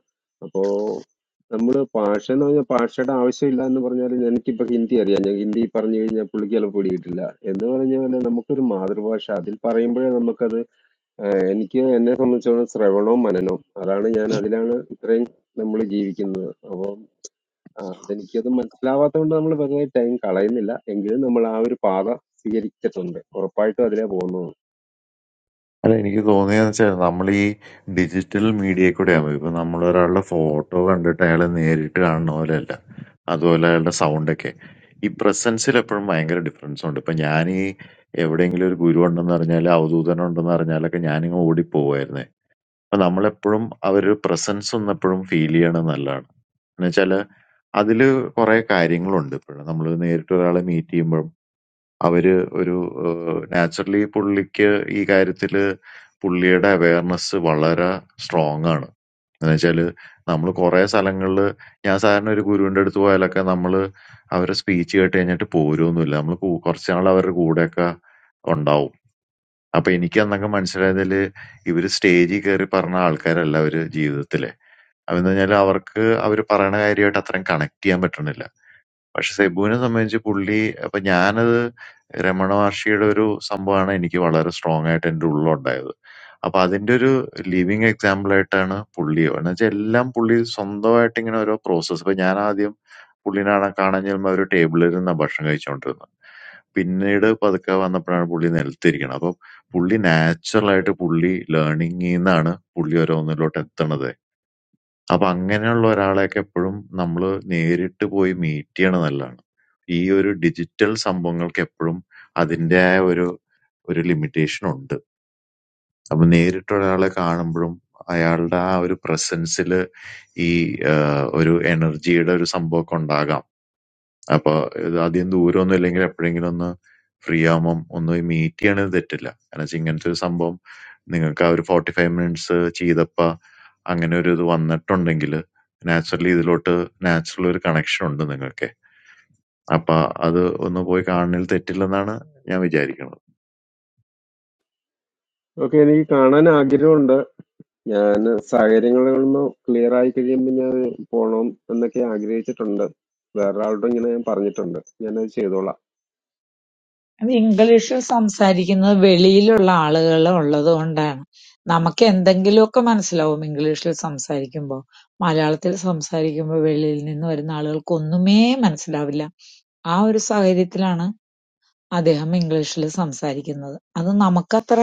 നമ്മള് ഭാഷ എന്ന് പറഞ്ഞാൽ ഭാഷയുടെ ആവശ്യമില്ല എന്ന് പറഞ്ഞാൽ എനിക്കിപ്പോ ഹിന്ദി അറിയാം ഞാൻ ഹിന്ദി പറഞ്ഞു കഴിഞ്ഞാൽ പുള്ളിക്ക് ചിലപ്പോൾ പിടികിട്ടില്ല എന്ന് പറഞ്ഞ പോലെ നമുക്കൊരു മാതൃഭാഷ അതിൽ പറയുമ്പോഴേ നമുക്കത് ആഹ് എനിക്ക് എന്നെ സംബന്ധിച്ചോളം ശ്രവണവും മനനവും അതാണ് ഞാൻ അതിലാണ് ഇത്രയും നമ്മൾ ജീവിക്കുന്നത് അപ്പം ആഹ് അതെനിക്കത് മനസ്സിലാവാത്തതുകൊണ്ട് നമ്മൾ വെറുതെ ടൈം കളയുന്നില്ല എങ്കിലും നമ്മൾ ആ ഒരു പാത സ്വീകരിച്ചിട്ടുണ്ട് ഉറപ്പായിട്ടും അതിലേ പോകുന്നത്
അല്ല എനിക്ക് തോന്നിയെന്ന് വെച്ചാൽ നമ്മൾ ഈ ഡിജിറ്റൽ മീഡിയയിൽ കൂടെയാകുമ്പോൾ ഇപ്പൊ നമ്മൾ ഒരാളുടെ ഫോട്ടോ കണ്ടിട്ട് അയാളെ നേരിട്ട് കാണുന്ന പോലെയല്ല അതുപോലെ അയാളുടെ സൗണ്ടൊക്കെ ഈ പ്രസൻസിൽ എപ്പോഴും ഭയങ്കര ഡിഫറൻസ് ഉണ്ട് ഇപ്പൊ ഞാൻ ഈ എവിടെയെങ്കിലും ഒരു ഗുരു ഉണ്ടെന്ന് അറിഞ്ഞാൽ അവധൂതൻ ഉണ്ടെന്ന് അറിഞ്ഞാലൊക്കെ ഞാനിങ്ങ് ഓടിപ്പോവായിരുന്നേ അപ്പൊ നമ്മളെപ്പോഴും അവര് പ്രസൻസ് ഒന്ന് ഫീൽ ചെയ്യണം നല്ലതാണ് എന്നുവെച്ചാല് അതില് കുറെ കാര്യങ്ങളുണ്ട് ഇപ്പോഴും നമ്മൾ നേരിട്ട് ഒരാളെ മീറ്റ് ചെയ്യുമ്പോൾ അവര് ഒരു ഏഹ്, നാച്ചുറലി പുള്ളിക്ക് ഈ കാര്യത്തില് പുള്ളിയുടെ അവയർനെസ് വളരെ സ്ട്രോങ് ആണ്. എന്നുവെച്ചാല് നമ്മള് കൊറേ സ്ഥലങ്ങളില് ഞാൻ സാധാരണ ഒരു ഗുരുവിന്റെ അടുത്ത് പോയാലൊക്കെ നമ്മള് അവരെ സ്പീച്ച് കേട്ട് കഴിഞ്ഞിട്ട് പോരുവൊന്നുമില്ല. നമ്മള് കു- കുറച്ച് നാൾ അവരുടെ കൂടെയൊക്കെ ഉണ്ടാവും. അപ്പൊ എനിക്ക് അന്നൊക്കെ മനസ്സിലായതില് ഇവര് സ്റ്റേജിൽ കയറി പറഞ്ഞ ആൾക്കാരല്ല അവര് ജീവിതത്തിലെ. അതെന്ന് പറഞ്ഞാല് അവർക്ക് അവര് പറയണ കാര്യമായിട്ട് അത്രയും കണക്ട് ചെയ്യാൻ പറ്റണില്ല. പക്ഷെ സെബുവിനെ സംബന്ധിച്ച് പുള്ളി അപ്പൊ ഞാനത് രമണ മഹർഷിയുടെ ഒരു സംഭവമാണ് എനിക്ക് വളരെ സ്ട്രോങ് ആയിട്ട് എന്റെ ഉള്ളിലുണ്ടായത്. അപ്പൊ അതിന്റെ ഒരു ലിവിങ് എക്സാമ്പിൾ ആയിട്ടാണ് പുള്ളി എന്ന് വെച്ചാൽ എല്ലാം പുള്ളി സ്വന്തമായിട്ട് ഇങ്ങനെ ഓരോ പ്രോസസ്സ് ഇപ്പൊ ഞാൻ ആദ്യം പുള്ളിനെ കാണാൻ കാണാൻ ചെല്ലുമ്പോൾ ഒരു ടേബിളിൽ ഇരുന്ന ഭക്ഷണം കഴിച്ചുകൊണ്ടിരുന്നത് പിന്നീട് പതുക്കെ വന്നപ്പോഴാണ് പുള്ളി നിലത്തിരിക്കുന്നത് അപ്പൊ പുള്ളി നാച്ചുറൽ ആയിട്ട് പുള്ളി ലേണിംഗിൽ നിന്നാണ് പുള്ളി ഓരോന്നിലോട്ട് എത്തണത് അപ്പൊ അങ്ങനെയുള്ള ഒരാളെയൊക്കെ എപ്പോഴും നമ്മള് നേരിട്ട് പോയി മീറ്റ് ചെയ്യണത് നല്ലതാണ്. ഈ ഒരു ഡിജിറ്റൽ സംഭവങ്ങൾക്ക് എപ്പോഴും അതിന്റേതായ ഒരു ഒരു ലിമിറ്റേഷൻ ഉണ്ട്. അപ്പൊ നേരിട്ട് ഒരാളെ കാണുമ്പഴും അയാളുടെ ആ ഒരു പ്രസൻസില് ഈ ഏഹ്, ഒരു എനർജിയുടെ ഒരു സംഭവമൊക്കെ ഉണ്ടാകാം. അപ്പൊ ഇത് അധികം ദൂരമൊന്നും ഇല്ലെങ്കിൽ എപ്പോഴെങ്കിലും ഒന്ന് ഫ്രീ ആവുമ്പം ഒന്ന് മീറ്റ് ചെയ്യണത് തെറ്റില്ല കാരണം വെച്ചാ ഇങ്ങനത്തെ ഒരു സംഭവം നിങ്ങൾക്ക് ആ ഒരു ഫോർട്ടി ഫൈവ് മിനിറ്റ്സ് ചെയ്തപ്പ അങ്ങനെ ഒരു ഇത് വന്നിട്ടുണ്ടെങ്കിൽ നാച്ചുറലി ഇതിലോട്ട് നാച്ചുറൽ ഒരു കണക്ഷൻ ഉണ്ട് നിങ്ങൾക്ക് അപ്പൊ അത് ഒന്ന് പോയി കാണുന്നതിൽ തെറ്റില്ലെന്നാണ് ഞാൻ വിചാരിക്കുന്നത്
ഓക്കെ എനിക്ക് കാണാൻ ആഗ്രഹമുണ്ട് ഞാൻ സാഹചര്യങ്ങളൊന്ന് ക്ലിയർ ആയി കഴിയുമ്പോൾ ഞാൻ പോണം എന്നൊക്കെ ആഗ്രഹിച്ചിട്ടുണ്ട് വേറൊരാളോട് ഇങ്ങനെ ഞാൻ പറഞ്ഞിട്ടുണ്ട് ഞാനത് ചെയ്തോളാം
അത് ഇംഗ്ലീഷിൽ സംസാരിക്കുന്നത് വെളിയിലുള്ള ആളുകള് ഉള്ളതുകൊണ്ടാണ്. നമുക്ക് എന്തെങ്കിലുമൊക്കെ മനസ്സിലാവും ഇംഗ്ലീഷിൽ സംസാരിക്കുമ്പോ. മലയാളത്തിൽ സംസാരിക്കുമ്പോ വെളിയിൽ നിന്ന് വരുന്ന ആളുകൾക്ക് ഒന്നുമേ മനസ്സിലാവില്ല. ആ ഒരു സാഹചര്യത്തിലാണ് അദ്ദേഹം ഇംഗ്ലീഷിൽ സംസാരിക്കുന്നത്. അത് നമുക്കത്ര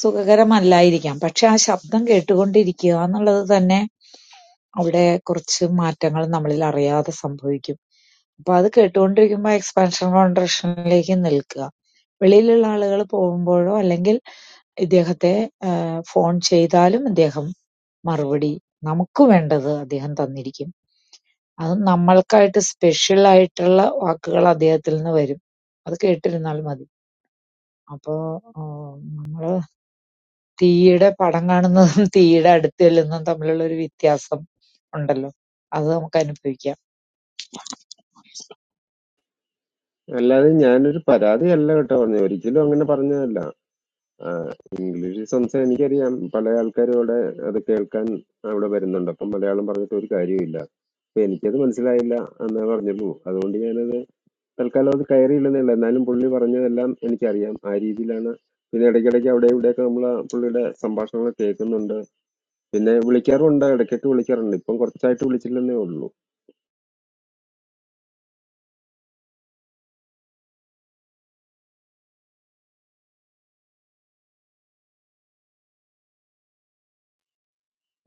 സുഖകരമല്ലായിരിക്കാം. പക്ഷേ ആ ശബ്ദം കേട്ടുകൊണ്ടിരിക്കുക എന്നുള്ളത് തന്നെ അവിടെ കുറച്ച് മാറ്റങ്ങൾ നമ്മളിൽ അറിയാതെ സംഭവിക്കും. അപ്പൊ അത് കേട്ടുകൊണ്ടിരിക്കുമ്പോ എക്സ്പാൻഷൻ കോൺട്രാക്ഷനിലേക്ക് നിൽക്കുക. വെളിയിലുള്ള ആളുകൾ പോകുമ്പോഴോ അല്ലെങ്കിൽ ഇദ്ദേഹത്തെ ഏഹ് ഫോൺ ചെയ്താലും ഇദ്ദേഹം മറുപടി നമുക്ക് വേണ്ടത് അദ്ദേഹം തന്നിരിക്കും. അത് നമ്മൾക്കായിട്ട് സ്പെഷ്യൽ ആയിട്ടുള്ള വാക്കുകൾ അദ്ദേഹത്തിൽ നിന്ന് വരും. അത് കേട്ടിരുന്നാൽ മതി. അപ്പൊ ആഹ് നമ്മള് തീയുടെ പടം കാണുന്നതും തീയുടെ അടുത്ത് ചെല്ലുന്നതും തമ്മിലുള്ള ഒരു വ്യത്യാസം ഉണ്ടല്ലോ. അത് നമുക്ക് അനുഭവിക്കാം.
അല്ലാതെ ഞാനൊരു പരാതിയല്ല കേട്ടോ പറഞ്ഞു ഒരിക്കലും അങ്ങനെ പറഞ്ഞതല്ല ആഹ് ഇംഗ്ലീഷ് സംസാരം എനിക്കറിയാം പല ആൾക്കാരും അവിടെ അത് കേൾക്കാൻ അവിടെ വരുന്നുണ്ട് അപ്പം മലയാളം പറഞ്ഞിട്ട് ഒരു കാര്യമില്ല അപ്പൊ എനിക്കത് മനസ്സിലായില്ല എന്നേ പറഞ്ഞുള്ളൂ അതുകൊണ്ട് ഞാനത് തൽക്കാലം അത് കയറിയില്ലെന്നേ ഉള്ളൂ എന്നാലും പുള്ളി പറഞ്ഞതെല്ലാം എനിക്കറിയാം ആ രീതിയിലാണ് പിന്നെ ഇടയ്ക്കിടയ്ക്ക് അവിടെ ഇവിടെയൊക്കെ നമ്മൾ പുള്ളിയുടെ സംഭാഷണങ്ങൾ കേൾക്കുന്നുണ്ട് പിന്നെ വിളിക്കാറുമുണ്ട് ഇടയ്ക്കൊക്കെ വിളിക്കാറുണ്ട് ഇപ്പം കുറച്ചായിട്ട് വിളിച്ചില്ലെന്നേ ഉള്ളൂ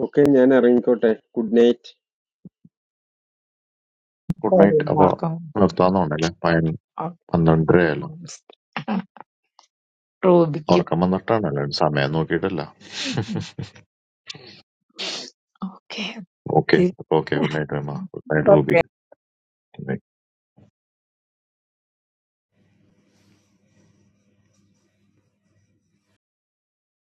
ഓക്കെ ഞാൻ ഇറങ്ങിക്കോട്ടെ good night
good
Sorry,
night അപ്പൊ നിർത്താന്നുണ്ടല്ലേ പയ- പന്ത്രണ്ടരയല്ലോ
Almost. Rubik.
ഉറക്കം വന്നിട്ടാണല്ലോ സമയം നോക്കിയിട്ടല്ല
Okay.
Okay
The-
okay good night Rema good night Ruby
Okay.